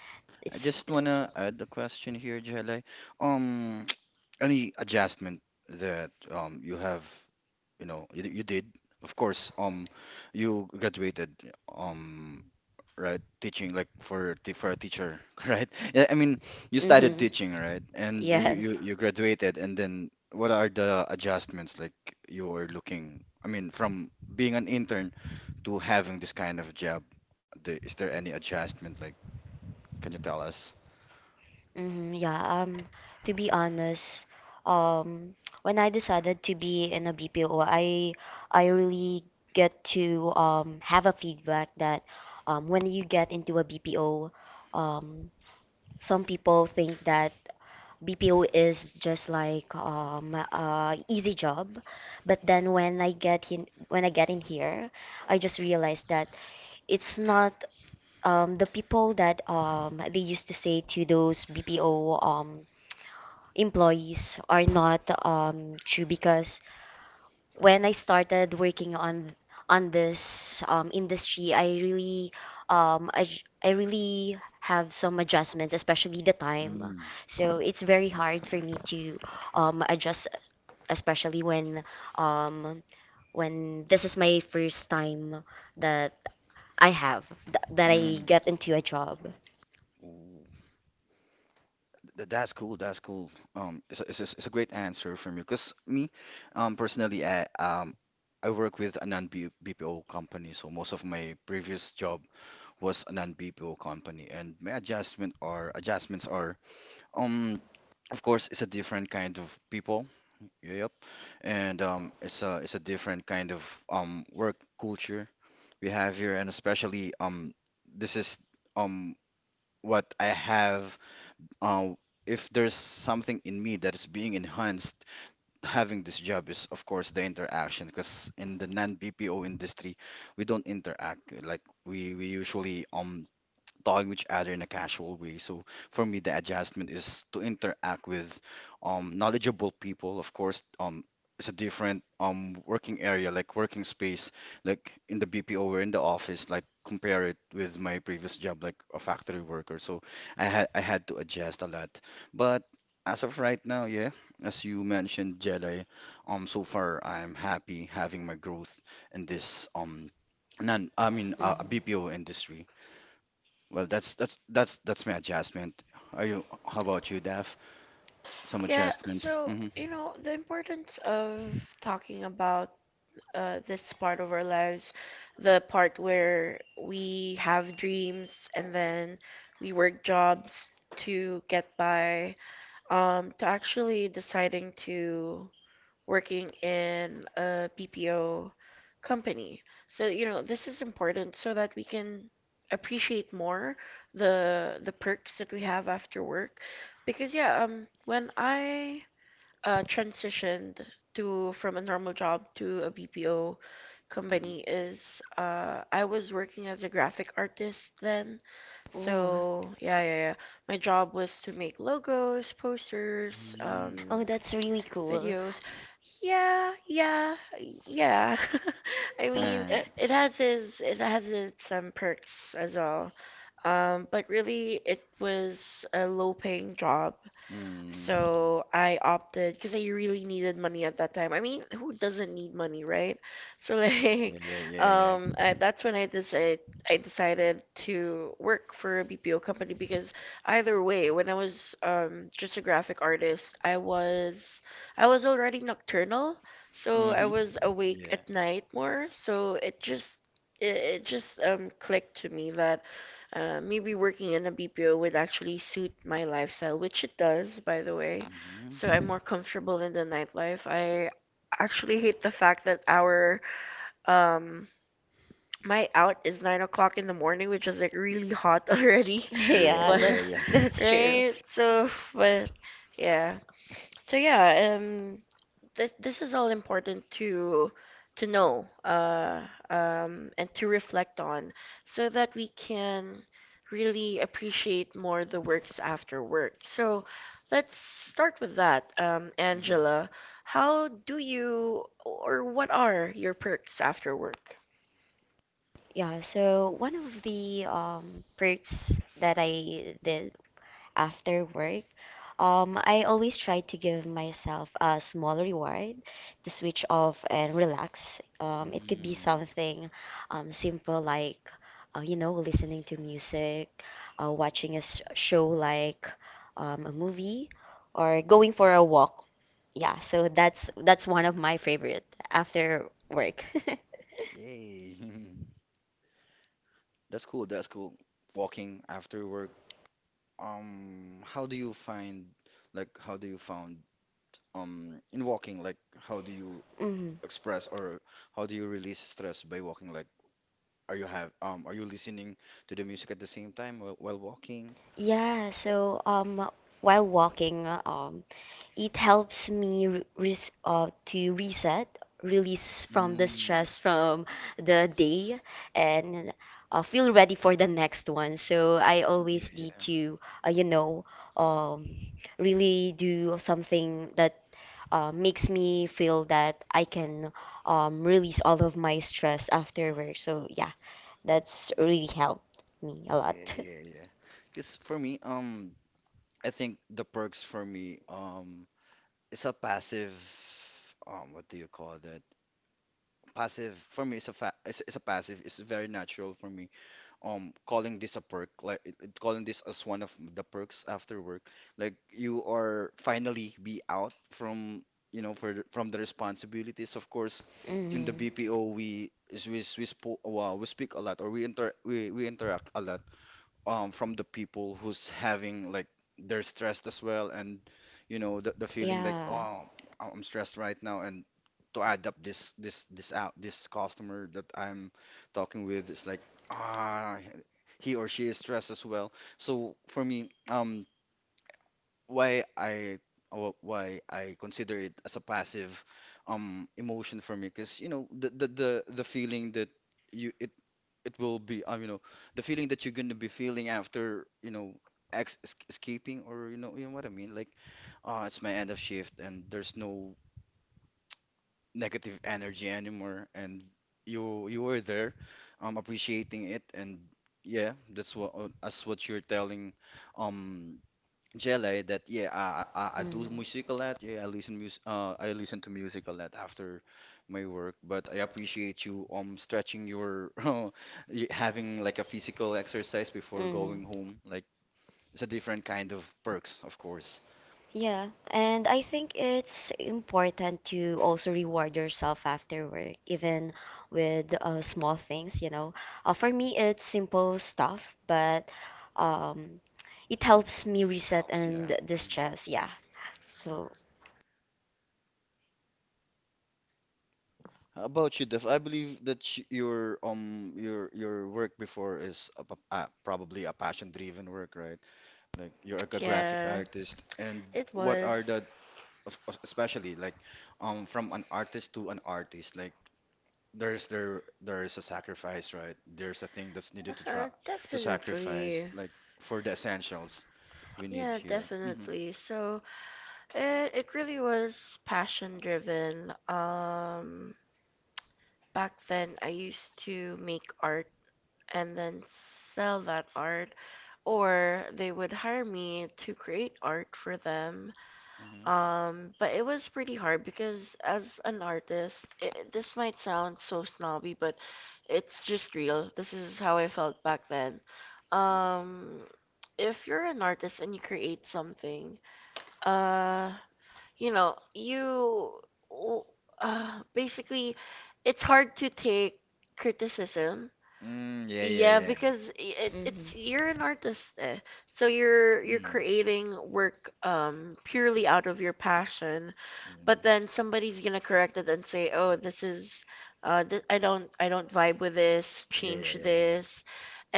[SPEAKER 3] I just
[SPEAKER 4] it's
[SPEAKER 3] wanna add a question here, Jada. Um, any
[SPEAKER 1] Adjustment
[SPEAKER 3] adjustment that um you have? You know, you, you did. Of
[SPEAKER 1] of
[SPEAKER 3] course,
[SPEAKER 1] course um
[SPEAKER 3] um, you
[SPEAKER 1] um
[SPEAKER 3] graduated, um, right, teaching
[SPEAKER 1] like
[SPEAKER 3] like for t- for a teacher, right? Yeah, I mean, you started
[SPEAKER 4] hmm
[SPEAKER 3] teaching, right? And you, you
[SPEAKER 4] yes,
[SPEAKER 3] you graduated, and then what are the adjustments like you were looking? I mean, from being an intern to having this kind of job, the, is there any adjustment? Like, can you tell us?
[SPEAKER 4] hmm yeah. Um,
[SPEAKER 1] to be
[SPEAKER 4] to be
[SPEAKER 1] honest,
[SPEAKER 4] honest,
[SPEAKER 1] um,
[SPEAKER 4] um,
[SPEAKER 1] when I
[SPEAKER 4] when I
[SPEAKER 1] decided to
[SPEAKER 4] decided to
[SPEAKER 1] be an
[SPEAKER 4] be in a
[SPEAKER 1] reviewer,
[SPEAKER 4] B P O,
[SPEAKER 1] I
[SPEAKER 4] I
[SPEAKER 1] I
[SPEAKER 4] I
[SPEAKER 1] really
[SPEAKER 4] really
[SPEAKER 1] get
[SPEAKER 4] get
[SPEAKER 1] to
[SPEAKER 4] to
[SPEAKER 1] um,
[SPEAKER 4] um,
[SPEAKER 1] have a
[SPEAKER 4] have a
[SPEAKER 1] feedback
[SPEAKER 4] feedback
[SPEAKER 1] that
[SPEAKER 4] that
[SPEAKER 1] um, when
[SPEAKER 4] um,
[SPEAKER 1] you
[SPEAKER 4] when you
[SPEAKER 1] get
[SPEAKER 4] get
[SPEAKER 1] into a
[SPEAKER 4] into a
[SPEAKER 1] B P O,
[SPEAKER 4] B P O,
[SPEAKER 1] um,
[SPEAKER 4] um, some people think that B P O is just like um uh easy job, but then when I get in when I get in here, I just realized that it's not um the people that um they used to say to those B P O um employees are not um true. Because when I started working on on this um, industry, I really um, I, j- I really have some adjustments, especially the time.
[SPEAKER 3] Mm,
[SPEAKER 1] so
[SPEAKER 4] So
[SPEAKER 1] it's
[SPEAKER 4] it's
[SPEAKER 1] very
[SPEAKER 4] very
[SPEAKER 1] hard for
[SPEAKER 4] hard for
[SPEAKER 1] me
[SPEAKER 4] me
[SPEAKER 1] to
[SPEAKER 4] to
[SPEAKER 1] um,
[SPEAKER 4] um,
[SPEAKER 1] adjust,
[SPEAKER 4] adjust,
[SPEAKER 1] especially
[SPEAKER 4] especially
[SPEAKER 1] when
[SPEAKER 4] when
[SPEAKER 1] um,
[SPEAKER 4] um,
[SPEAKER 1] when
[SPEAKER 4] when
[SPEAKER 1] this is
[SPEAKER 4] this is
[SPEAKER 1] my
[SPEAKER 4] my
[SPEAKER 1] first
[SPEAKER 4] first
[SPEAKER 1] time
[SPEAKER 4] time
[SPEAKER 1] that
[SPEAKER 4] that
[SPEAKER 1] I
[SPEAKER 4] I
[SPEAKER 1] have
[SPEAKER 4] have
[SPEAKER 1] that,
[SPEAKER 4] th
[SPEAKER 1] that I
[SPEAKER 4] that
[SPEAKER 3] mm.
[SPEAKER 1] would
[SPEAKER 4] I
[SPEAKER 1] get
[SPEAKER 4] get
[SPEAKER 1] into a
[SPEAKER 4] into a
[SPEAKER 1] job.
[SPEAKER 4] job.
[SPEAKER 3] Th- That's cool. That's cool. Um, it's a, it's a, it's a great answer from you. 'Cause me, um, personally, I um, I work with a non-B P O company. So most of my previous job was a non-B P O company, and my adjustment or adjustments are, um, of course, it's a different kind of people. Yep, and
[SPEAKER 1] And
[SPEAKER 3] um,
[SPEAKER 1] um,
[SPEAKER 3] it's
[SPEAKER 1] it's,
[SPEAKER 3] a
[SPEAKER 1] a,
[SPEAKER 3] it's a different
[SPEAKER 1] different
[SPEAKER 3] kind
[SPEAKER 1] kind
[SPEAKER 3] of
[SPEAKER 1] of
[SPEAKER 3] um
[SPEAKER 1] um,
[SPEAKER 3] work
[SPEAKER 1] work.
[SPEAKER 3] culture we have here, and
[SPEAKER 1] And
[SPEAKER 3] especially
[SPEAKER 1] especially, um,
[SPEAKER 3] um, this
[SPEAKER 1] this
[SPEAKER 3] is
[SPEAKER 1] is um,
[SPEAKER 3] um
[SPEAKER 1] what
[SPEAKER 3] what I
[SPEAKER 1] I have.
[SPEAKER 3] have. uh,
[SPEAKER 1] Um,
[SPEAKER 3] if
[SPEAKER 1] if
[SPEAKER 3] there's
[SPEAKER 1] there's
[SPEAKER 3] something
[SPEAKER 1] something
[SPEAKER 3] in me that is
[SPEAKER 1] that's
[SPEAKER 3] being enhanced having
[SPEAKER 1] having
[SPEAKER 3] this
[SPEAKER 1] this of
[SPEAKER 3] job is,
[SPEAKER 1] course,
[SPEAKER 3] of course,
[SPEAKER 1] the
[SPEAKER 3] the interaction,
[SPEAKER 1] interaction.
[SPEAKER 3] because
[SPEAKER 1] Because
[SPEAKER 3] in the
[SPEAKER 1] in we
[SPEAKER 3] non-B P O
[SPEAKER 1] go in this,
[SPEAKER 3] industry we
[SPEAKER 1] we
[SPEAKER 3] don't
[SPEAKER 1] don't
[SPEAKER 3] interact like we we
[SPEAKER 1] like, we, usually
[SPEAKER 3] usually
[SPEAKER 1] um,
[SPEAKER 3] um talking
[SPEAKER 1] talk
[SPEAKER 3] with each
[SPEAKER 1] each
[SPEAKER 3] other in a
[SPEAKER 1] other
[SPEAKER 3] casual
[SPEAKER 1] casually.
[SPEAKER 3] way.
[SPEAKER 1] So,
[SPEAKER 3] So for me, the adjustment is to interact
[SPEAKER 1] with um,
[SPEAKER 3] with
[SPEAKER 1] people,
[SPEAKER 3] um,
[SPEAKER 1] of course,
[SPEAKER 3] knowledgeable
[SPEAKER 1] um,
[SPEAKER 3] people. Of course, um, it's a
[SPEAKER 1] it's a
[SPEAKER 3] different,
[SPEAKER 1] different um,
[SPEAKER 3] um,
[SPEAKER 1] but
[SPEAKER 3] working
[SPEAKER 1] as
[SPEAKER 3] area,
[SPEAKER 1] you
[SPEAKER 3] like working space,
[SPEAKER 1] mentioned, I'm
[SPEAKER 3] like in the
[SPEAKER 1] so
[SPEAKER 3] B P O or in the
[SPEAKER 1] far
[SPEAKER 3] office,
[SPEAKER 1] happy
[SPEAKER 3] like compare it
[SPEAKER 1] having
[SPEAKER 3] with
[SPEAKER 1] made it
[SPEAKER 3] my
[SPEAKER 1] in
[SPEAKER 3] previous
[SPEAKER 1] this
[SPEAKER 3] job, like
[SPEAKER 1] home,
[SPEAKER 3] a
[SPEAKER 1] and I'm about
[SPEAKER 3] factory
[SPEAKER 1] to do
[SPEAKER 3] worker.
[SPEAKER 1] it.
[SPEAKER 3] So
[SPEAKER 1] So that's
[SPEAKER 3] I had I had to
[SPEAKER 1] that's that's
[SPEAKER 3] adjust a lot. But as of right now, yeah, as you mentioned, Jedi, um, so far I'm happy having my growth in this um non I mean uh,
[SPEAKER 4] Hmm.
[SPEAKER 3] B P O industry. Well, that's that's that's that's my adjustment.
[SPEAKER 1] fantastic.
[SPEAKER 3] Are you? How about
[SPEAKER 1] What
[SPEAKER 3] you,
[SPEAKER 1] you have,
[SPEAKER 3] Daph? Some
[SPEAKER 2] Yeah,
[SPEAKER 3] adjustments.
[SPEAKER 2] so,
[SPEAKER 3] Hmm,
[SPEAKER 2] you know, the importance of talking
[SPEAKER 1] fantastic.
[SPEAKER 2] about uh, this part of our lives, the part where we have dreams and then we work jobs to get by, um, to actually deciding to working in a B P O company. So, you know, this is important so that we can appreciate more the the perks that we have after work. Because yeah, um when I uh transitioned to from a normal job to a B P O
[SPEAKER 3] hmm.
[SPEAKER 2] company
[SPEAKER 1] Company
[SPEAKER 2] is
[SPEAKER 1] is uh,
[SPEAKER 2] uh I
[SPEAKER 1] I was
[SPEAKER 2] was working
[SPEAKER 1] working
[SPEAKER 2] as
[SPEAKER 1] as
[SPEAKER 2] a
[SPEAKER 1] a
[SPEAKER 2] graphic
[SPEAKER 1] graphic
[SPEAKER 2] artist
[SPEAKER 1] artist then,
[SPEAKER 2] then.
[SPEAKER 1] so
[SPEAKER 4] Oh,
[SPEAKER 2] So,
[SPEAKER 1] yeah,
[SPEAKER 2] yeah, yeah, yeah.
[SPEAKER 1] yeah, yeah. My
[SPEAKER 2] My job
[SPEAKER 1] job
[SPEAKER 2] was
[SPEAKER 1] was to
[SPEAKER 2] to
[SPEAKER 1] make
[SPEAKER 2] make logos,
[SPEAKER 1] logos,
[SPEAKER 2] posters,
[SPEAKER 1] posters,
[SPEAKER 3] Mm.
[SPEAKER 1] um,
[SPEAKER 2] um
[SPEAKER 4] oh, that's really cool.
[SPEAKER 2] videos. Yeah,
[SPEAKER 1] yeah, yeah,
[SPEAKER 2] yeah,
[SPEAKER 1] yeah.
[SPEAKER 2] yeah.
[SPEAKER 1] I
[SPEAKER 2] I mean,
[SPEAKER 3] Uh,
[SPEAKER 1] mean,
[SPEAKER 2] it
[SPEAKER 1] it has
[SPEAKER 2] has its
[SPEAKER 1] its
[SPEAKER 2] it
[SPEAKER 1] it
[SPEAKER 2] has
[SPEAKER 1] has
[SPEAKER 2] its
[SPEAKER 1] its um,
[SPEAKER 2] some perks
[SPEAKER 1] perks as
[SPEAKER 2] as well.
[SPEAKER 1] well, um,
[SPEAKER 2] Um,
[SPEAKER 1] but
[SPEAKER 2] but really,
[SPEAKER 1] really it
[SPEAKER 2] it
[SPEAKER 1] was
[SPEAKER 2] was
[SPEAKER 1] a
[SPEAKER 2] a
[SPEAKER 1] low paying
[SPEAKER 2] low-paying
[SPEAKER 1] job.
[SPEAKER 2] job,
[SPEAKER 1] So
[SPEAKER 3] mm.
[SPEAKER 2] so I
[SPEAKER 1] I
[SPEAKER 2] opted
[SPEAKER 1] opted
[SPEAKER 2] because I
[SPEAKER 1] because he
[SPEAKER 2] really
[SPEAKER 1] really
[SPEAKER 2] needed
[SPEAKER 1] needed
[SPEAKER 2] money at
[SPEAKER 1] money at
[SPEAKER 2] that
[SPEAKER 1] that
[SPEAKER 2] time.
[SPEAKER 1] time.
[SPEAKER 2] I
[SPEAKER 1] I
[SPEAKER 2] mean,
[SPEAKER 1] mean,
[SPEAKER 2] who
[SPEAKER 1] who
[SPEAKER 2] doesn't
[SPEAKER 1] doesn't
[SPEAKER 2] need
[SPEAKER 1] need money,
[SPEAKER 2] money,
[SPEAKER 1] right?
[SPEAKER 2] right? So
[SPEAKER 1] So I,
[SPEAKER 3] Yeah,
[SPEAKER 2] like,
[SPEAKER 3] yeah, yeah,
[SPEAKER 1] um,
[SPEAKER 3] yeah.
[SPEAKER 2] um,
[SPEAKER 1] I,
[SPEAKER 2] I, that's
[SPEAKER 1] that's
[SPEAKER 2] when
[SPEAKER 1] when
[SPEAKER 2] I
[SPEAKER 1] I
[SPEAKER 2] decided
[SPEAKER 1] decided
[SPEAKER 2] I
[SPEAKER 1] I
[SPEAKER 2] decided
[SPEAKER 1] decided to
[SPEAKER 2] to
[SPEAKER 1] work
[SPEAKER 2] work
[SPEAKER 1] for
[SPEAKER 2] for a
[SPEAKER 1] a
[SPEAKER 2] B P O
[SPEAKER 1] video
[SPEAKER 2] company,
[SPEAKER 1] company
[SPEAKER 2] because
[SPEAKER 1] because I ran
[SPEAKER 2] either way,
[SPEAKER 1] away
[SPEAKER 2] when
[SPEAKER 1] when
[SPEAKER 2] I
[SPEAKER 1] I
[SPEAKER 2] was
[SPEAKER 1] was um,
[SPEAKER 2] um just
[SPEAKER 1] just
[SPEAKER 2] a
[SPEAKER 1] a
[SPEAKER 2] graphic
[SPEAKER 1] graphic
[SPEAKER 2] artist,
[SPEAKER 1] artist.
[SPEAKER 2] I
[SPEAKER 1] I
[SPEAKER 2] was
[SPEAKER 1] was
[SPEAKER 2] I
[SPEAKER 1] I
[SPEAKER 2] was
[SPEAKER 1] was
[SPEAKER 2] already
[SPEAKER 1] already
[SPEAKER 2] nocturnal,
[SPEAKER 1] nocturnal, so
[SPEAKER 2] so I
[SPEAKER 1] I
[SPEAKER 3] Mm-hmm.
[SPEAKER 1] Mm-hmm.
[SPEAKER 2] was
[SPEAKER 1] was
[SPEAKER 2] awake
[SPEAKER 1] awake
[SPEAKER 3] Yeah.
[SPEAKER 2] at
[SPEAKER 1] at
[SPEAKER 2] night
[SPEAKER 1] night
[SPEAKER 2] more.
[SPEAKER 1] more. So
[SPEAKER 2] So it
[SPEAKER 1] it
[SPEAKER 2] just
[SPEAKER 1] just
[SPEAKER 2] it,
[SPEAKER 1] it,
[SPEAKER 2] it
[SPEAKER 1] it
[SPEAKER 2] just
[SPEAKER 1] just
[SPEAKER 2] um
[SPEAKER 1] um,
[SPEAKER 2] clicked
[SPEAKER 1] clicked to
[SPEAKER 2] to me
[SPEAKER 1] me
[SPEAKER 2] that
[SPEAKER 1] that
[SPEAKER 2] uh,
[SPEAKER 1] uh,
[SPEAKER 2] maybe
[SPEAKER 1] maybe
[SPEAKER 2] working
[SPEAKER 1] working on
[SPEAKER 2] in a
[SPEAKER 1] a video
[SPEAKER 2] B P O would
[SPEAKER 1] will
[SPEAKER 2] actually
[SPEAKER 1] actually
[SPEAKER 2] suit
[SPEAKER 1] suit my
[SPEAKER 2] my lifestyle,
[SPEAKER 1] lifestyle,
[SPEAKER 2] which it
[SPEAKER 1] which it
[SPEAKER 2] does,
[SPEAKER 1] does,
[SPEAKER 2] by
[SPEAKER 1] by
[SPEAKER 2] the
[SPEAKER 1] the way.
[SPEAKER 2] way. So
[SPEAKER 1] So
[SPEAKER 3] Mm-hmm.
[SPEAKER 2] I'm
[SPEAKER 1] I'm
[SPEAKER 2] more
[SPEAKER 1] more
[SPEAKER 2] comfortable in the
[SPEAKER 1] comfortable in the nightlife.
[SPEAKER 2] nightlife. I
[SPEAKER 1] I
[SPEAKER 2] actually hate
[SPEAKER 1] actually,
[SPEAKER 2] the
[SPEAKER 1] the
[SPEAKER 2] fact
[SPEAKER 1] fact
[SPEAKER 2] that
[SPEAKER 1] that
[SPEAKER 2] our
[SPEAKER 1] our um,
[SPEAKER 2] um
[SPEAKER 1] my
[SPEAKER 2] my out
[SPEAKER 1] out is
[SPEAKER 2] is nine
[SPEAKER 1] nine
[SPEAKER 2] o'clock
[SPEAKER 1] o'clock
[SPEAKER 2] in the
[SPEAKER 1] in the
[SPEAKER 2] morning,
[SPEAKER 1] morning,
[SPEAKER 2] which
[SPEAKER 1] which
[SPEAKER 2] is
[SPEAKER 1] is
[SPEAKER 2] like
[SPEAKER 1] like
[SPEAKER 2] really
[SPEAKER 1] really hot
[SPEAKER 2] hot
[SPEAKER 1] already.
[SPEAKER 2] already.
[SPEAKER 3] Yeah,
[SPEAKER 1] Yeah,
[SPEAKER 2] But
[SPEAKER 4] Yeah, that's
[SPEAKER 3] yeah,
[SPEAKER 4] that's true.
[SPEAKER 2] right?
[SPEAKER 1] right, so
[SPEAKER 2] So,
[SPEAKER 1] but
[SPEAKER 2] but
[SPEAKER 1] yeah,
[SPEAKER 2] yeah. So
[SPEAKER 1] so
[SPEAKER 2] yeah,
[SPEAKER 1] yeah, and
[SPEAKER 2] um, th this
[SPEAKER 1] this
[SPEAKER 2] is
[SPEAKER 1] is
[SPEAKER 2] all
[SPEAKER 1] all
[SPEAKER 2] important
[SPEAKER 1] important to
[SPEAKER 2] to to
[SPEAKER 1] to
[SPEAKER 2] know,
[SPEAKER 1] know,
[SPEAKER 3] yeah.
[SPEAKER 1] uh,
[SPEAKER 2] uh, um,
[SPEAKER 1] um,
[SPEAKER 2] and
[SPEAKER 1] and
[SPEAKER 2] to
[SPEAKER 1] to
[SPEAKER 2] reflect
[SPEAKER 1] reflect
[SPEAKER 2] on,
[SPEAKER 1] on,
[SPEAKER 2] so
[SPEAKER 1] so
[SPEAKER 2] that
[SPEAKER 1] that
[SPEAKER 2] we
[SPEAKER 1] we can
[SPEAKER 2] can really
[SPEAKER 1] yeah,
[SPEAKER 2] appreciate
[SPEAKER 1] so
[SPEAKER 2] more
[SPEAKER 1] for
[SPEAKER 2] the
[SPEAKER 1] the
[SPEAKER 2] works after work. So let's start with that, um,
[SPEAKER 3] Mm-hmm.
[SPEAKER 2] Angela. How do you, or what are your perks after work?
[SPEAKER 4] Yeah, so one of the
[SPEAKER 1] um,
[SPEAKER 4] um,
[SPEAKER 1] perks
[SPEAKER 4] perks
[SPEAKER 1] that I
[SPEAKER 4] that I
[SPEAKER 1] did
[SPEAKER 4] did
[SPEAKER 1] after
[SPEAKER 4] after
[SPEAKER 1] work,
[SPEAKER 4] work,
[SPEAKER 1] um,
[SPEAKER 4] um,
[SPEAKER 1] I
[SPEAKER 4] I
[SPEAKER 1] always
[SPEAKER 4] always
[SPEAKER 1] try
[SPEAKER 4] try
[SPEAKER 1] to
[SPEAKER 4] to
[SPEAKER 1] give
[SPEAKER 4] give
[SPEAKER 1] myself
[SPEAKER 4] myself
[SPEAKER 1] a
[SPEAKER 4] a
[SPEAKER 1] small
[SPEAKER 4] small
[SPEAKER 1] reward
[SPEAKER 4] reward
[SPEAKER 1] to
[SPEAKER 4] to
[SPEAKER 1] switch
[SPEAKER 4] switch
[SPEAKER 1] off
[SPEAKER 4] off
[SPEAKER 1] and
[SPEAKER 4] and
[SPEAKER 1] relax.
[SPEAKER 4] relax.
[SPEAKER 1] Um, it
[SPEAKER 4] Um,
[SPEAKER 1] could
[SPEAKER 4] it
[SPEAKER 1] be
[SPEAKER 4] could be
[SPEAKER 3] Mm.
[SPEAKER 1] something
[SPEAKER 4] something
[SPEAKER 1] um,
[SPEAKER 4] um,
[SPEAKER 1] simple
[SPEAKER 4] simple
[SPEAKER 1] like,
[SPEAKER 4] like, uh,
[SPEAKER 1] um, you
[SPEAKER 4] you
[SPEAKER 1] know,
[SPEAKER 4] know,
[SPEAKER 1] listening
[SPEAKER 4] listening
[SPEAKER 1] to
[SPEAKER 4] to
[SPEAKER 1] music,
[SPEAKER 4] music,
[SPEAKER 1] uh,
[SPEAKER 4] uh,
[SPEAKER 1] watching a
[SPEAKER 4] watching a
[SPEAKER 1] s-
[SPEAKER 4] s-
[SPEAKER 1] show
[SPEAKER 4] show
[SPEAKER 1] like
[SPEAKER 4] like um, a movie,
[SPEAKER 1] or
[SPEAKER 4] or
[SPEAKER 1] going
[SPEAKER 4] going
[SPEAKER 1] for
[SPEAKER 4] for
[SPEAKER 1] a
[SPEAKER 4] a
[SPEAKER 1] walk.
[SPEAKER 4] walk.
[SPEAKER 1] Yeah,
[SPEAKER 4] Yeah,
[SPEAKER 1] so
[SPEAKER 4] so
[SPEAKER 1] that's
[SPEAKER 4] that's
[SPEAKER 1] that's
[SPEAKER 4] that's
[SPEAKER 1] one of
[SPEAKER 4] one of
[SPEAKER 1] my
[SPEAKER 4] my
[SPEAKER 1] favorite
[SPEAKER 4] favorite
[SPEAKER 1] after
[SPEAKER 4] after
[SPEAKER 1] work.
[SPEAKER 4] work.
[SPEAKER 3] Yay.
[SPEAKER 1] That's
[SPEAKER 3] That's cool.
[SPEAKER 1] cool.
[SPEAKER 3] That's cool.
[SPEAKER 1] That's
[SPEAKER 3] Walking
[SPEAKER 1] walking
[SPEAKER 3] after
[SPEAKER 1] after
[SPEAKER 3] work.
[SPEAKER 1] work. Um,
[SPEAKER 3] Um, how do
[SPEAKER 1] how
[SPEAKER 3] you
[SPEAKER 1] do you find
[SPEAKER 3] find
[SPEAKER 1] like
[SPEAKER 3] like how do
[SPEAKER 1] how
[SPEAKER 3] you
[SPEAKER 1] do you
[SPEAKER 3] found
[SPEAKER 1] found um
[SPEAKER 3] um in
[SPEAKER 1] in
[SPEAKER 3] walking, like
[SPEAKER 1] walking like
[SPEAKER 3] how do
[SPEAKER 1] how do you
[SPEAKER 3] you
[SPEAKER 4] Mhm.
[SPEAKER 3] express
[SPEAKER 1] express
[SPEAKER 3] or
[SPEAKER 1] or
[SPEAKER 3] how do
[SPEAKER 1] how do
[SPEAKER 3] you
[SPEAKER 1] you
[SPEAKER 3] release
[SPEAKER 1] release
[SPEAKER 3] stress by
[SPEAKER 1] stress by
[SPEAKER 3] walking?
[SPEAKER 1] walking?
[SPEAKER 3] Like, are you
[SPEAKER 1] Like are
[SPEAKER 3] have
[SPEAKER 1] you uh,
[SPEAKER 3] um
[SPEAKER 1] um
[SPEAKER 3] are you
[SPEAKER 1] are you
[SPEAKER 3] listening
[SPEAKER 1] listening
[SPEAKER 3] to the
[SPEAKER 1] to the
[SPEAKER 3] music at the
[SPEAKER 1] music
[SPEAKER 3] same time while,
[SPEAKER 1] at
[SPEAKER 3] while walking?
[SPEAKER 1] the
[SPEAKER 4] Yeah,
[SPEAKER 1] same
[SPEAKER 4] so
[SPEAKER 1] time
[SPEAKER 4] um,
[SPEAKER 1] or
[SPEAKER 4] while
[SPEAKER 1] while walking? Yeah, so um,
[SPEAKER 4] walking,
[SPEAKER 1] while walking, um,
[SPEAKER 4] um, it
[SPEAKER 1] because
[SPEAKER 4] helps me re res uh, to reset, release from the
[SPEAKER 3] Mm.
[SPEAKER 4] stress from the day, and uh, feel ready for the next one. So I
[SPEAKER 3] Yeah, yeah,
[SPEAKER 4] always need to, uh, you know, um, really do something that uh, makes me feel that I can um, release all of my stress afterward. So yeah, that's really helped me a
[SPEAKER 3] yeah,
[SPEAKER 4] lot.
[SPEAKER 3] yeah, yeah. Because for
[SPEAKER 1] for
[SPEAKER 3] me,
[SPEAKER 1] me, um,
[SPEAKER 3] um, I
[SPEAKER 1] I
[SPEAKER 3] think
[SPEAKER 1] think
[SPEAKER 3] the
[SPEAKER 1] the
[SPEAKER 3] perks
[SPEAKER 1] first
[SPEAKER 3] for
[SPEAKER 1] for
[SPEAKER 3] me,
[SPEAKER 1] me, um,
[SPEAKER 3] um, it's a
[SPEAKER 1] it's a
[SPEAKER 3] passive,
[SPEAKER 1] passive.
[SPEAKER 3] um, what do you call that?
[SPEAKER 1] Um,
[SPEAKER 3] Passive.
[SPEAKER 1] passive
[SPEAKER 3] For
[SPEAKER 1] for
[SPEAKER 3] me, it's
[SPEAKER 1] me,
[SPEAKER 3] a
[SPEAKER 1] it's a
[SPEAKER 3] fa
[SPEAKER 1] fa-
[SPEAKER 3] it's,
[SPEAKER 1] it's,
[SPEAKER 3] it's a
[SPEAKER 1] it's a
[SPEAKER 3] passive.
[SPEAKER 1] passive.
[SPEAKER 3] It's
[SPEAKER 1] It's
[SPEAKER 3] very
[SPEAKER 1] very
[SPEAKER 3] natural
[SPEAKER 1] natural.
[SPEAKER 3] for me um
[SPEAKER 1] Um,
[SPEAKER 3] calling
[SPEAKER 1] calling
[SPEAKER 3] this a
[SPEAKER 1] this a
[SPEAKER 3] perk,
[SPEAKER 1] work,
[SPEAKER 3] like
[SPEAKER 1] like
[SPEAKER 3] it- calling
[SPEAKER 1] calling
[SPEAKER 3] this
[SPEAKER 1] this
[SPEAKER 3] as
[SPEAKER 1] was
[SPEAKER 3] one of
[SPEAKER 1] one of the
[SPEAKER 3] the perks
[SPEAKER 1] works
[SPEAKER 3] after
[SPEAKER 1] after
[SPEAKER 3] work,
[SPEAKER 1] work.
[SPEAKER 3] like
[SPEAKER 1] Like
[SPEAKER 3] you
[SPEAKER 1] you
[SPEAKER 3] are
[SPEAKER 1] are
[SPEAKER 3] finally
[SPEAKER 1] finally
[SPEAKER 3] be
[SPEAKER 1] be
[SPEAKER 3] out
[SPEAKER 1] out from
[SPEAKER 3] from, you
[SPEAKER 1] you
[SPEAKER 3] know
[SPEAKER 1] know
[SPEAKER 3] for the-
[SPEAKER 1] for,
[SPEAKER 3] from the
[SPEAKER 1] from the
[SPEAKER 3] responsibilities.
[SPEAKER 1] responsibilities.
[SPEAKER 3] Of
[SPEAKER 1] Of
[SPEAKER 3] course,
[SPEAKER 1] course,
[SPEAKER 3] in the
[SPEAKER 1] in the
[SPEAKER 4] Mm.
[SPEAKER 3] B P O
[SPEAKER 1] B P O we
[SPEAKER 3] we is we,
[SPEAKER 1] we, we
[SPEAKER 3] we, spo-
[SPEAKER 1] spoke a
[SPEAKER 3] uh,
[SPEAKER 1] lot.
[SPEAKER 3] we
[SPEAKER 1] We
[SPEAKER 3] speak a
[SPEAKER 1] speak
[SPEAKER 3] lot,
[SPEAKER 1] a
[SPEAKER 3] or
[SPEAKER 1] lot.
[SPEAKER 3] we
[SPEAKER 1] We
[SPEAKER 3] inter
[SPEAKER 1] interact.
[SPEAKER 3] we,
[SPEAKER 1] We,
[SPEAKER 3] we
[SPEAKER 1] we
[SPEAKER 3] interact a
[SPEAKER 1] interact a
[SPEAKER 3] lot,
[SPEAKER 1] lot
[SPEAKER 3] um,
[SPEAKER 1] um,
[SPEAKER 3] from the
[SPEAKER 1] from the
[SPEAKER 3] people
[SPEAKER 1] people
[SPEAKER 3] who's
[SPEAKER 1] who's
[SPEAKER 3] having,
[SPEAKER 1] having
[SPEAKER 3] like,
[SPEAKER 1] like
[SPEAKER 3] they're
[SPEAKER 1] they're
[SPEAKER 3] stressed
[SPEAKER 1] stressed
[SPEAKER 3] as
[SPEAKER 1] as
[SPEAKER 3] well,
[SPEAKER 1] well,
[SPEAKER 3] and
[SPEAKER 1] and
[SPEAKER 3] you
[SPEAKER 1] you
[SPEAKER 3] know
[SPEAKER 1] know
[SPEAKER 3] the,
[SPEAKER 1] that
[SPEAKER 3] the
[SPEAKER 1] we're
[SPEAKER 3] feeling
[SPEAKER 1] feeling
[SPEAKER 3] like,
[SPEAKER 1] like
[SPEAKER 4] Yeah.
[SPEAKER 3] oh,
[SPEAKER 1] oh
[SPEAKER 3] I- am
[SPEAKER 1] I'm
[SPEAKER 3] stressed
[SPEAKER 1] stressed
[SPEAKER 3] right
[SPEAKER 1] right
[SPEAKER 3] now,
[SPEAKER 1] now,
[SPEAKER 3] and
[SPEAKER 1] and
[SPEAKER 3] to
[SPEAKER 1] to
[SPEAKER 3] add up
[SPEAKER 1] add up
[SPEAKER 3] this
[SPEAKER 1] this
[SPEAKER 3] this
[SPEAKER 1] this
[SPEAKER 3] this
[SPEAKER 1] this
[SPEAKER 3] out
[SPEAKER 1] out
[SPEAKER 3] this
[SPEAKER 1] this
[SPEAKER 3] customer
[SPEAKER 1] customer
[SPEAKER 3] that
[SPEAKER 1] that I'm
[SPEAKER 3] I'm talking
[SPEAKER 1] talking
[SPEAKER 3] with
[SPEAKER 1] with
[SPEAKER 3] is
[SPEAKER 1] is
[SPEAKER 3] like,
[SPEAKER 1] like
[SPEAKER 3] ah,
[SPEAKER 1] ah
[SPEAKER 3] he or
[SPEAKER 1] he or
[SPEAKER 3] she is
[SPEAKER 1] she is
[SPEAKER 3] stressed as
[SPEAKER 1] stressed as
[SPEAKER 3] well.
[SPEAKER 1] well. So
[SPEAKER 3] So for
[SPEAKER 1] for
[SPEAKER 3] me,
[SPEAKER 1] me,
[SPEAKER 3] um,
[SPEAKER 1] um, why
[SPEAKER 3] why
[SPEAKER 1] I
[SPEAKER 3] I uh, wh-
[SPEAKER 1] why
[SPEAKER 3] why
[SPEAKER 1] I
[SPEAKER 3] I consider
[SPEAKER 1] consider
[SPEAKER 3] it
[SPEAKER 1] it
[SPEAKER 3] as a
[SPEAKER 1] as a
[SPEAKER 3] passive
[SPEAKER 1] passive um
[SPEAKER 3] um emotion
[SPEAKER 1] emotion
[SPEAKER 3] for
[SPEAKER 1] for
[SPEAKER 3] me,
[SPEAKER 1] me
[SPEAKER 3] because you
[SPEAKER 1] is
[SPEAKER 3] know
[SPEAKER 1] you know
[SPEAKER 3] the,
[SPEAKER 1] the
[SPEAKER 3] the
[SPEAKER 1] that
[SPEAKER 3] the
[SPEAKER 1] the,
[SPEAKER 3] the
[SPEAKER 1] the
[SPEAKER 3] feeling
[SPEAKER 1] feeling
[SPEAKER 3] that
[SPEAKER 1] that you
[SPEAKER 3] you
[SPEAKER 1] it,
[SPEAKER 3] it it will
[SPEAKER 1] it will
[SPEAKER 3] be,
[SPEAKER 1] be
[SPEAKER 3] um you
[SPEAKER 1] I
[SPEAKER 3] know
[SPEAKER 1] don't know
[SPEAKER 3] the
[SPEAKER 1] the
[SPEAKER 3] feeling
[SPEAKER 1] feeling
[SPEAKER 3] that
[SPEAKER 1] that
[SPEAKER 3] you're
[SPEAKER 1] you're
[SPEAKER 3] gonna be
[SPEAKER 1] gonna be
[SPEAKER 3] feeling
[SPEAKER 1] feeling
[SPEAKER 3] after
[SPEAKER 1] after
[SPEAKER 3] you know
[SPEAKER 1] you know
[SPEAKER 3] ex
[SPEAKER 1] ex
[SPEAKER 3] es-
[SPEAKER 1] escape
[SPEAKER 3] escaping,
[SPEAKER 1] people
[SPEAKER 3] or you
[SPEAKER 1] you
[SPEAKER 3] know
[SPEAKER 1] know,
[SPEAKER 3] you know
[SPEAKER 1] you
[SPEAKER 3] what I
[SPEAKER 1] know
[SPEAKER 3] mean, like
[SPEAKER 1] like
[SPEAKER 3] uh
[SPEAKER 1] oh
[SPEAKER 3] it's my
[SPEAKER 1] it's my
[SPEAKER 3] end of
[SPEAKER 1] energy
[SPEAKER 3] shift and
[SPEAKER 1] and
[SPEAKER 3] there's
[SPEAKER 1] there's no
[SPEAKER 3] no negative
[SPEAKER 1] negative
[SPEAKER 3] energy
[SPEAKER 1] energy
[SPEAKER 3] anymore,
[SPEAKER 1] anymore
[SPEAKER 3] and
[SPEAKER 1] and you
[SPEAKER 3] you you
[SPEAKER 1] you
[SPEAKER 3] were
[SPEAKER 1] were
[SPEAKER 3] there
[SPEAKER 1] there
[SPEAKER 3] um
[SPEAKER 1] I'm
[SPEAKER 3] appreciating
[SPEAKER 1] appreciating
[SPEAKER 3] it.
[SPEAKER 1] it
[SPEAKER 3] And
[SPEAKER 1] and
[SPEAKER 3] yeah,
[SPEAKER 1] yeah
[SPEAKER 3] that's
[SPEAKER 1] that's
[SPEAKER 3] what
[SPEAKER 1] what
[SPEAKER 3] uh, that's
[SPEAKER 1] that's
[SPEAKER 3] what
[SPEAKER 1] what
[SPEAKER 3] you're
[SPEAKER 1] you're
[SPEAKER 3] telling
[SPEAKER 1] telling um on
[SPEAKER 3] um Jelly,
[SPEAKER 1] Jedi
[SPEAKER 3] that
[SPEAKER 1] that
[SPEAKER 3] yeah,
[SPEAKER 1] yeah
[SPEAKER 3] I,
[SPEAKER 1] I,
[SPEAKER 3] I
[SPEAKER 1] I,
[SPEAKER 3] I
[SPEAKER 1] I
[SPEAKER 3] do
[SPEAKER 4] Mm.
[SPEAKER 3] music a
[SPEAKER 1] musical
[SPEAKER 3] lot. Yeah,
[SPEAKER 1] app
[SPEAKER 3] I
[SPEAKER 1] yeah I
[SPEAKER 3] listen
[SPEAKER 1] listen
[SPEAKER 3] mus
[SPEAKER 1] music
[SPEAKER 3] uh I
[SPEAKER 1] uh I
[SPEAKER 3] listen to
[SPEAKER 1] listen to
[SPEAKER 3] music a
[SPEAKER 1] music a
[SPEAKER 3] lot
[SPEAKER 1] after
[SPEAKER 3] after my
[SPEAKER 1] my
[SPEAKER 3] work,
[SPEAKER 1] work
[SPEAKER 3] but I
[SPEAKER 1] but I
[SPEAKER 3] appreciate
[SPEAKER 1] appreciate
[SPEAKER 3] you
[SPEAKER 1] you
[SPEAKER 3] um
[SPEAKER 1] um,
[SPEAKER 3] stretching
[SPEAKER 1] scratching your
[SPEAKER 3] your y-
[SPEAKER 1] Yeah,
[SPEAKER 3] having,
[SPEAKER 1] and
[SPEAKER 3] like, a
[SPEAKER 1] I think
[SPEAKER 3] physical exercise before going
[SPEAKER 4] Mm.
[SPEAKER 3] home. Like, it's a different kind of perks. Of course,
[SPEAKER 4] Yeah.
[SPEAKER 1] it's
[SPEAKER 4] And I think it's
[SPEAKER 1] important
[SPEAKER 4] important
[SPEAKER 1] to
[SPEAKER 4] to
[SPEAKER 1] also
[SPEAKER 4] also
[SPEAKER 1] reward
[SPEAKER 4] reward
[SPEAKER 1] yourself
[SPEAKER 4] yourself
[SPEAKER 1] afterward,
[SPEAKER 4] after work, even
[SPEAKER 1] even with
[SPEAKER 4] with
[SPEAKER 1] all the
[SPEAKER 4] uh,
[SPEAKER 1] small
[SPEAKER 4] small
[SPEAKER 1] things, you
[SPEAKER 4] things, you
[SPEAKER 1] know.
[SPEAKER 4] know.
[SPEAKER 1] Uh,
[SPEAKER 4] Uh, for
[SPEAKER 1] for me,
[SPEAKER 4] me, it's
[SPEAKER 1] it's simple
[SPEAKER 4] simple
[SPEAKER 1] stuff,
[SPEAKER 4] stuff,
[SPEAKER 1] but
[SPEAKER 4] but
[SPEAKER 1] uh,
[SPEAKER 4] um,
[SPEAKER 1] it
[SPEAKER 4] it
[SPEAKER 1] helps
[SPEAKER 4] helps
[SPEAKER 1] me
[SPEAKER 4] me
[SPEAKER 3] it
[SPEAKER 1] reset
[SPEAKER 3] helps.
[SPEAKER 4] reset
[SPEAKER 3] Yeah.
[SPEAKER 1] and uh,
[SPEAKER 4] and
[SPEAKER 3] Mhm.
[SPEAKER 1] distress.
[SPEAKER 4] distress. Yeah. So,
[SPEAKER 3] How about you, Def? I believe that y- your um your your work before is a, pa- uh, probably a passion driven work, right? Like, you're a graphic
[SPEAKER 2] Yeah,
[SPEAKER 1] Yeah.
[SPEAKER 3] artist, and
[SPEAKER 2] it
[SPEAKER 3] what
[SPEAKER 1] What
[SPEAKER 3] are
[SPEAKER 1] are
[SPEAKER 3] the,
[SPEAKER 1] the,
[SPEAKER 2] was.
[SPEAKER 3] of, of- especially,
[SPEAKER 1] especially
[SPEAKER 3] like
[SPEAKER 1] like
[SPEAKER 3] um
[SPEAKER 1] um,
[SPEAKER 3] from
[SPEAKER 1] from
[SPEAKER 3] an
[SPEAKER 1] an
[SPEAKER 3] artist
[SPEAKER 1] artist
[SPEAKER 3] to an
[SPEAKER 1] to an
[SPEAKER 3] artist, like
[SPEAKER 1] artist, like
[SPEAKER 3] there's
[SPEAKER 1] there is
[SPEAKER 3] there
[SPEAKER 1] there
[SPEAKER 3] there is
[SPEAKER 1] there
[SPEAKER 3] a
[SPEAKER 1] is a
[SPEAKER 3] sacrifice,
[SPEAKER 1] sacrifice,
[SPEAKER 3] right?
[SPEAKER 1] right? There
[SPEAKER 3] There's a
[SPEAKER 1] is a thing
[SPEAKER 3] thing that's
[SPEAKER 1] that's
[SPEAKER 3] needed to
[SPEAKER 1] needed to
[SPEAKER 3] try
[SPEAKER 2] Uh,
[SPEAKER 1] have
[SPEAKER 3] to
[SPEAKER 1] to
[SPEAKER 3] sacrifice,
[SPEAKER 2] definitely.
[SPEAKER 1] sacrifice,
[SPEAKER 3] like,
[SPEAKER 1] like for
[SPEAKER 3] for
[SPEAKER 1] the
[SPEAKER 3] the
[SPEAKER 1] essentials
[SPEAKER 3] essentials
[SPEAKER 1] to
[SPEAKER 3] we need
[SPEAKER 2] Yeah,
[SPEAKER 1] make
[SPEAKER 3] here.
[SPEAKER 1] you.
[SPEAKER 3] Mm-hmm,
[SPEAKER 2] definitely. So. It it really was passion driven. Um, back then I used to make art and then sell that art, or they would hire me to create
[SPEAKER 1] Mhm.
[SPEAKER 2] art for them.
[SPEAKER 3] mm-hmm.
[SPEAKER 1] Um,
[SPEAKER 2] Um, but
[SPEAKER 1] but it
[SPEAKER 2] it was
[SPEAKER 1] was pretty
[SPEAKER 2] pretty hard
[SPEAKER 1] hard
[SPEAKER 2] because
[SPEAKER 1] because as
[SPEAKER 2] as
[SPEAKER 1] an
[SPEAKER 2] an artist,
[SPEAKER 1] artist,
[SPEAKER 2] it,
[SPEAKER 1] this
[SPEAKER 2] this
[SPEAKER 1] might
[SPEAKER 2] might
[SPEAKER 1] sound
[SPEAKER 2] sound
[SPEAKER 1] so
[SPEAKER 2] so snobby,
[SPEAKER 1] snobby,
[SPEAKER 2] but
[SPEAKER 1] but it's
[SPEAKER 2] it's just
[SPEAKER 1] just real.
[SPEAKER 2] real.
[SPEAKER 1] This
[SPEAKER 2] This
[SPEAKER 1] is
[SPEAKER 2] is how
[SPEAKER 1] how
[SPEAKER 2] I
[SPEAKER 1] I felt
[SPEAKER 2] felt
[SPEAKER 1] back
[SPEAKER 2] back
[SPEAKER 1] then.
[SPEAKER 2] then.
[SPEAKER 1] Um,
[SPEAKER 2] Um,
[SPEAKER 1] if
[SPEAKER 2] if
[SPEAKER 1] you're
[SPEAKER 2] you're
[SPEAKER 1] an
[SPEAKER 2] an artist
[SPEAKER 1] artist
[SPEAKER 2] and
[SPEAKER 1] and
[SPEAKER 2] you
[SPEAKER 1] you create
[SPEAKER 2] create something,
[SPEAKER 1] uh,
[SPEAKER 2] uh
[SPEAKER 1] you
[SPEAKER 2] you
[SPEAKER 1] know,
[SPEAKER 2] know,
[SPEAKER 1] you
[SPEAKER 2] you w-
[SPEAKER 1] uh,
[SPEAKER 2] uh,
[SPEAKER 1] basically,
[SPEAKER 2] basically it's
[SPEAKER 1] it's hard
[SPEAKER 2] hard
[SPEAKER 1] to
[SPEAKER 2] to take
[SPEAKER 1] take criticism.
[SPEAKER 2] criticism.
[SPEAKER 1] Mm,
[SPEAKER 3] Mm,
[SPEAKER 1] Yeah, yeah,
[SPEAKER 3] yeah, yeah,
[SPEAKER 1] yeah,
[SPEAKER 2] Yeah,
[SPEAKER 3] yeah,
[SPEAKER 1] yeah. Because
[SPEAKER 2] because I- it, it's
[SPEAKER 1] you're
[SPEAKER 2] you're
[SPEAKER 4] mm-hmm.
[SPEAKER 1] an
[SPEAKER 2] an artist,
[SPEAKER 1] artist
[SPEAKER 2] eh.
[SPEAKER 1] so
[SPEAKER 2] So you're
[SPEAKER 1] you're
[SPEAKER 2] you're
[SPEAKER 1] you're
[SPEAKER 3] mm,
[SPEAKER 1] creating
[SPEAKER 2] creating
[SPEAKER 1] work
[SPEAKER 2] work
[SPEAKER 1] um,
[SPEAKER 2] um
[SPEAKER 1] purely
[SPEAKER 2] purely out
[SPEAKER 1] out of
[SPEAKER 2] of your
[SPEAKER 1] your passion,
[SPEAKER 2] passion,
[SPEAKER 1] but
[SPEAKER 2] but
[SPEAKER 3] mm.
[SPEAKER 1] then
[SPEAKER 2] then
[SPEAKER 1] somebody's
[SPEAKER 2] somebody's
[SPEAKER 1] gonna
[SPEAKER 2] gonna correct
[SPEAKER 1] correct
[SPEAKER 2] it
[SPEAKER 1] it and
[SPEAKER 2] and
[SPEAKER 1] say,
[SPEAKER 2] say,
[SPEAKER 1] "Oh,
[SPEAKER 2] "Oh, this
[SPEAKER 1] this is,
[SPEAKER 2] is
[SPEAKER 1] uh, I
[SPEAKER 2] uh
[SPEAKER 1] don't,
[SPEAKER 2] th
[SPEAKER 1] I
[SPEAKER 2] I
[SPEAKER 1] don't
[SPEAKER 2] don't I
[SPEAKER 1] Somebody
[SPEAKER 2] don't vibe with
[SPEAKER 1] can. This.
[SPEAKER 2] this,
[SPEAKER 3] Yeah, yeah,
[SPEAKER 2] change
[SPEAKER 3] yeah,
[SPEAKER 1] Change
[SPEAKER 3] yeah,
[SPEAKER 2] this."
[SPEAKER 1] this."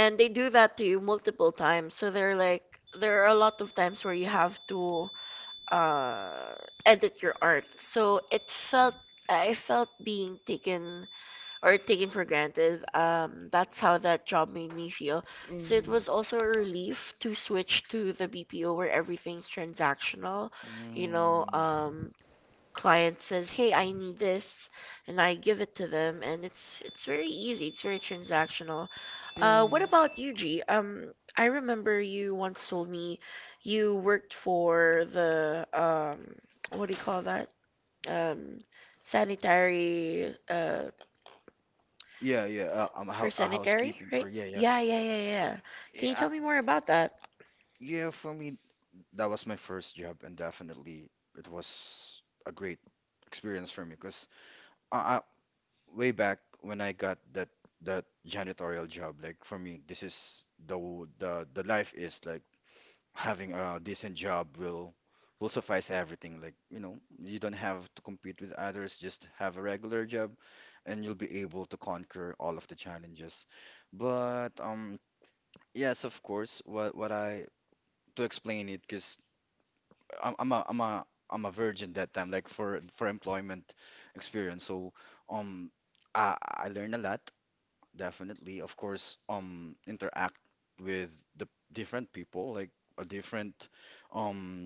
[SPEAKER 1] And
[SPEAKER 2] they
[SPEAKER 1] they do
[SPEAKER 2] do
[SPEAKER 1] that
[SPEAKER 2] that to
[SPEAKER 1] awesome.
[SPEAKER 2] you multiple
[SPEAKER 1] Multiple times.
[SPEAKER 2] times.
[SPEAKER 1] So
[SPEAKER 2] So they're
[SPEAKER 1] awesome. Like,
[SPEAKER 2] like
[SPEAKER 1] there
[SPEAKER 2] there are
[SPEAKER 1] are
[SPEAKER 2] a
[SPEAKER 1] a lot of
[SPEAKER 2] lot of
[SPEAKER 1] times where you
[SPEAKER 2] times where you have to
[SPEAKER 1] have to uh,
[SPEAKER 2] uh,
[SPEAKER 1] edit
[SPEAKER 2] edit
[SPEAKER 1] your
[SPEAKER 2] your art.
[SPEAKER 1] art. So
[SPEAKER 2] So it
[SPEAKER 1] it
[SPEAKER 3] mm-hmm.
[SPEAKER 1] felt,
[SPEAKER 2] felt
[SPEAKER 1] I being
[SPEAKER 2] I felt
[SPEAKER 1] taken
[SPEAKER 2] being taken
[SPEAKER 1] for
[SPEAKER 2] or
[SPEAKER 1] granted.
[SPEAKER 2] taken for granted. Um,
[SPEAKER 1] Uh,
[SPEAKER 2] that's
[SPEAKER 1] that's how
[SPEAKER 2] how
[SPEAKER 1] that
[SPEAKER 2] that
[SPEAKER 1] job
[SPEAKER 2] job made
[SPEAKER 1] made
[SPEAKER 2] me
[SPEAKER 1] feel.
[SPEAKER 2] feel. So
[SPEAKER 1] So
[SPEAKER 2] it
[SPEAKER 1] it
[SPEAKER 3] Mm-hmm.
[SPEAKER 1] was
[SPEAKER 2] was
[SPEAKER 4] Mm-hmm.
[SPEAKER 1] also
[SPEAKER 2] also a
[SPEAKER 1] really good
[SPEAKER 2] relief
[SPEAKER 1] to
[SPEAKER 2] to switch
[SPEAKER 1] switch the
[SPEAKER 2] to the
[SPEAKER 1] medium
[SPEAKER 2] B P O
[SPEAKER 1] where
[SPEAKER 2] where
[SPEAKER 1] everything's
[SPEAKER 2] everything's
[SPEAKER 1] transactional.
[SPEAKER 2] transactional. You
[SPEAKER 1] You know,
[SPEAKER 2] know,
[SPEAKER 3] Mm.
[SPEAKER 1] um,
[SPEAKER 2] um,
[SPEAKER 1] client
[SPEAKER 2] client says, "Hey,
[SPEAKER 1] hey, I
[SPEAKER 2] I
[SPEAKER 1] need
[SPEAKER 2] need this,"
[SPEAKER 1] this,
[SPEAKER 2] and
[SPEAKER 1] I
[SPEAKER 2] I
[SPEAKER 1] give
[SPEAKER 2] give
[SPEAKER 1] it
[SPEAKER 2] it to
[SPEAKER 1] to them,
[SPEAKER 2] them, and it's
[SPEAKER 1] it's,
[SPEAKER 2] it's very
[SPEAKER 1] very
[SPEAKER 2] easy. It's
[SPEAKER 1] easy,
[SPEAKER 2] very
[SPEAKER 1] very
[SPEAKER 2] transactional.
[SPEAKER 1] transactional. Uh,
[SPEAKER 2] Uh, what
[SPEAKER 1] what about
[SPEAKER 2] about
[SPEAKER 1] you,
[SPEAKER 4] Mm-hmm.
[SPEAKER 2] you,
[SPEAKER 1] G?
[SPEAKER 2] G?
[SPEAKER 1] Um,
[SPEAKER 2] Um, I
[SPEAKER 1] I remember
[SPEAKER 2] remember
[SPEAKER 1] you
[SPEAKER 2] you once
[SPEAKER 1] once
[SPEAKER 2] told me
[SPEAKER 1] you
[SPEAKER 2] you worked
[SPEAKER 1] worked for the,
[SPEAKER 2] for the
[SPEAKER 1] um,
[SPEAKER 2] um, what do you call that?
[SPEAKER 1] uh,
[SPEAKER 2] Um,
[SPEAKER 1] sanitary,
[SPEAKER 2] sanitary
[SPEAKER 1] uh,
[SPEAKER 2] uh,
[SPEAKER 1] yeah,
[SPEAKER 3] Yeah, yeah,
[SPEAKER 1] yeah,
[SPEAKER 3] uh, um, a
[SPEAKER 1] uh,
[SPEAKER 3] hou-
[SPEAKER 2] for
[SPEAKER 3] a
[SPEAKER 1] sanitary, right?
[SPEAKER 2] sanitary,
[SPEAKER 3] housekeeping, or
[SPEAKER 2] right?
[SPEAKER 3] yeah, yeah.
[SPEAKER 1] Yeah, Yeah, yeah,
[SPEAKER 2] Yeah, yeah, yeah,
[SPEAKER 1] yeah,
[SPEAKER 2] yeah.
[SPEAKER 1] yeah.
[SPEAKER 2] Can you
[SPEAKER 3] Yeah,
[SPEAKER 2] tell me
[SPEAKER 1] me
[SPEAKER 2] more about
[SPEAKER 1] that?
[SPEAKER 2] that?
[SPEAKER 1] Yeah,
[SPEAKER 3] yeah. For me,
[SPEAKER 1] was
[SPEAKER 3] that
[SPEAKER 1] my
[SPEAKER 3] was my
[SPEAKER 1] first
[SPEAKER 3] first job, and
[SPEAKER 1] thing, that was
[SPEAKER 3] definitely it was a
[SPEAKER 1] a
[SPEAKER 3] great
[SPEAKER 1] great
[SPEAKER 3] experience
[SPEAKER 1] experience
[SPEAKER 3] for
[SPEAKER 1] for
[SPEAKER 3] me,
[SPEAKER 1] me.
[SPEAKER 3] because uh, uh, way
[SPEAKER 1] Way
[SPEAKER 3] back
[SPEAKER 1] back
[SPEAKER 3] when I
[SPEAKER 1] when I
[SPEAKER 3] got
[SPEAKER 1] got
[SPEAKER 3] that
[SPEAKER 1] the Chinese
[SPEAKER 3] that
[SPEAKER 1] martial arts job,
[SPEAKER 3] janitorial job, like, for me, this
[SPEAKER 1] this
[SPEAKER 3] is
[SPEAKER 1] is
[SPEAKER 3] the w-
[SPEAKER 1] the
[SPEAKER 3] the the
[SPEAKER 1] the
[SPEAKER 3] life
[SPEAKER 1] life
[SPEAKER 3] is
[SPEAKER 1] is
[SPEAKER 3] like, having
[SPEAKER 1] having a
[SPEAKER 3] a decent
[SPEAKER 1] decent
[SPEAKER 3] job
[SPEAKER 1] job will
[SPEAKER 3] will will
[SPEAKER 1] will
[SPEAKER 3] suffice
[SPEAKER 1] suffice
[SPEAKER 3] everything.
[SPEAKER 1] everything.
[SPEAKER 3] Like, you know, you
[SPEAKER 1] You
[SPEAKER 3] don't
[SPEAKER 1] don't
[SPEAKER 3] have
[SPEAKER 1] have
[SPEAKER 3] to compete with others,
[SPEAKER 1] others
[SPEAKER 3] just
[SPEAKER 1] just have
[SPEAKER 3] have a
[SPEAKER 1] bread,
[SPEAKER 3] regular
[SPEAKER 1] and
[SPEAKER 3] job
[SPEAKER 1] you'll be
[SPEAKER 3] and
[SPEAKER 1] able to
[SPEAKER 3] you'll be able to
[SPEAKER 1] conquer all of the
[SPEAKER 3] conquer all of the
[SPEAKER 1] challenges.
[SPEAKER 3] challenges. But
[SPEAKER 1] But um,
[SPEAKER 3] um yes,
[SPEAKER 1] yes, of
[SPEAKER 3] of course,
[SPEAKER 1] course. But
[SPEAKER 3] what what
[SPEAKER 1] what
[SPEAKER 3] I
[SPEAKER 1] I
[SPEAKER 3] to
[SPEAKER 1] to
[SPEAKER 3] explain
[SPEAKER 1] explain
[SPEAKER 3] it because.
[SPEAKER 1] is.
[SPEAKER 3] I'm I'm
[SPEAKER 1] I'm
[SPEAKER 3] a
[SPEAKER 1] a,
[SPEAKER 3] I'm
[SPEAKER 1] I'm a
[SPEAKER 3] a I'm
[SPEAKER 1] I'm
[SPEAKER 3] a
[SPEAKER 1] a
[SPEAKER 3] virgin
[SPEAKER 1] virgin
[SPEAKER 3] that
[SPEAKER 1] right
[SPEAKER 3] time,
[SPEAKER 1] now,
[SPEAKER 3] like
[SPEAKER 1] like for
[SPEAKER 3] for for
[SPEAKER 1] for employment
[SPEAKER 3] employment experience.
[SPEAKER 1] experience. So
[SPEAKER 3] So,
[SPEAKER 1] um,
[SPEAKER 3] um,
[SPEAKER 1] I
[SPEAKER 3] I
[SPEAKER 1] I
[SPEAKER 3] I learned a
[SPEAKER 1] learned a
[SPEAKER 3] lot,
[SPEAKER 1] lot definitely,
[SPEAKER 3] definitely.
[SPEAKER 1] of
[SPEAKER 3] Of course,
[SPEAKER 1] course, um,
[SPEAKER 3] um, interact
[SPEAKER 1] interact with the
[SPEAKER 3] with
[SPEAKER 1] different
[SPEAKER 3] the
[SPEAKER 1] people, like a
[SPEAKER 3] different people, like a different
[SPEAKER 1] different um
[SPEAKER 3] um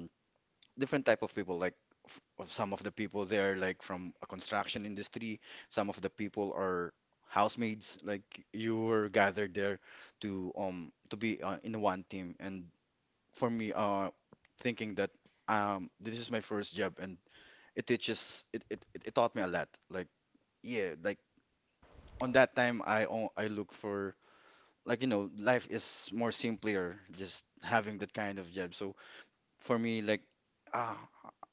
[SPEAKER 3] different
[SPEAKER 1] different
[SPEAKER 3] type
[SPEAKER 1] type
[SPEAKER 3] of
[SPEAKER 1] of
[SPEAKER 3] people.
[SPEAKER 1] people.
[SPEAKER 3] Like,
[SPEAKER 1] Like
[SPEAKER 3] f- of some
[SPEAKER 1] some
[SPEAKER 3] of the
[SPEAKER 1] of the
[SPEAKER 3] people
[SPEAKER 1] people there,
[SPEAKER 3] there, like
[SPEAKER 1] like from
[SPEAKER 3] from a
[SPEAKER 1] the
[SPEAKER 3] construction
[SPEAKER 1] construction
[SPEAKER 3] industry.
[SPEAKER 1] industry,
[SPEAKER 3] Some
[SPEAKER 1] some
[SPEAKER 3] of
[SPEAKER 1] of
[SPEAKER 3] the
[SPEAKER 1] the
[SPEAKER 3] people
[SPEAKER 1] people are
[SPEAKER 3] are housemaids.
[SPEAKER 1] housemates. Like
[SPEAKER 3] Like, you
[SPEAKER 1] you
[SPEAKER 3] were
[SPEAKER 1] were
[SPEAKER 3] gathered
[SPEAKER 1] gathered
[SPEAKER 3] there
[SPEAKER 1] there to
[SPEAKER 3] to
[SPEAKER 1] um
[SPEAKER 3] um to
[SPEAKER 1] to be
[SPEAKER 3] be, uh,
[SPEAKER 1] uh,
[SPEAKER 3] in
[SPEAKER 1] in
[SPEAKER 3] one
[SPEAKER 1] one
[SPEAKER 3] team,
[SPEAKER 1] team
[SPEAKER 3] and for
[SPEAKER 1] for
[SPEAKER 3] me,
[SPEAKER 1] me,
[SPEAKER 3] uh
[SPEAKER 1] uh,
[SPEAKER 3] thinking
[SPEAKER 1] thinking
[SPEAKER 3] that
[SPEAKER 1] that
[SPEAKER 3] um
[SPEAKER 1] um,
[SPEAKER 3] this
[SPEAKER 1] this
[SPEAKER 3] is
[SPEAKER 1] is
[SPEAKER 3] my
[SPEAKER 1] my
[SPEAKER 3] first
[SPEAKER 1] first
[SPEAKER 3] job,
[SPEAKER 1] job,
[SPEAKER 3] and it
[SPEAKER 1] and it, it
[SPEAKER 3] teaches
[SPEAKER 1] just
[SPEAKER 3] it
[SPEAKER 1] it,
[SPEAKER 3] it,
[SPEAKER 1] it,
[SPEAKER 3] it it
[SPEAKER 1] it
[SPEAKER 3] taught me
[SPEAKER 1] taught
[SPEAKER 3] a
[SPEAKER 1] me a
[SPEAKER 3] lot,
[SPEAKER 1] lot.
[SPEAKER 3] like,
[SPEAKER 1] Like,
[SPEAKER 3] yeah,
[SPEAKER 1] yeah,
[SPEAKER 3] like,
[SPEAKER 1] like
[SPEAKER 3] on
[SPEAKER 1] on
[SPEAKER 3] that
[SPEAKER 1] that
[SPEAKER 3] time
[SPEAKER 1] time,
[SPEAKER 3] I
[SPEAKER 1] I
[SPEAKER 3] o-
[SPEAKER 1] o-
[SPEAKER 3] I
[SPEAKER 1] I
[SPEAKER 3] look
[SPEAKER 1] looked for
[SPEAKER 3] for, like,
[SPEAKER 1] like
[SPEAKER 3] you
[SPEAKER 1] you
[SPEAKER 3] know
[SPEAKER 1] know,
[SPEAKER 3] life
[SPEAKER 1] life
[SPEAKER 3] is
[SPEAKER 1] is
[SPEAKER 3] more
[SPEAKER 1] more simpler
[SPEAKER 3] simpler, just
[SPEAKER 1] just
[SPEAKER 3] having
[SPEAKER 1] having
[SPEAKER 3] that
[SPEAKER 1] that
[SPEAKER 3] kind
[SPEAKER 1] kind
[SPEAKER 3] of
[SPEAKER 1] of
[SPEAKER 3] job.
[SPEAKER 1] job. So
[SPEAKER 3] So for
[SPEAKER 1] for
[SPEAKER 3] me,
[SPEAKER 1] me,
[SPEAKER 3] like,
[SPEAKER 1] like,
[SPEAKER 3] ah,
[SPEAKER 1] uh,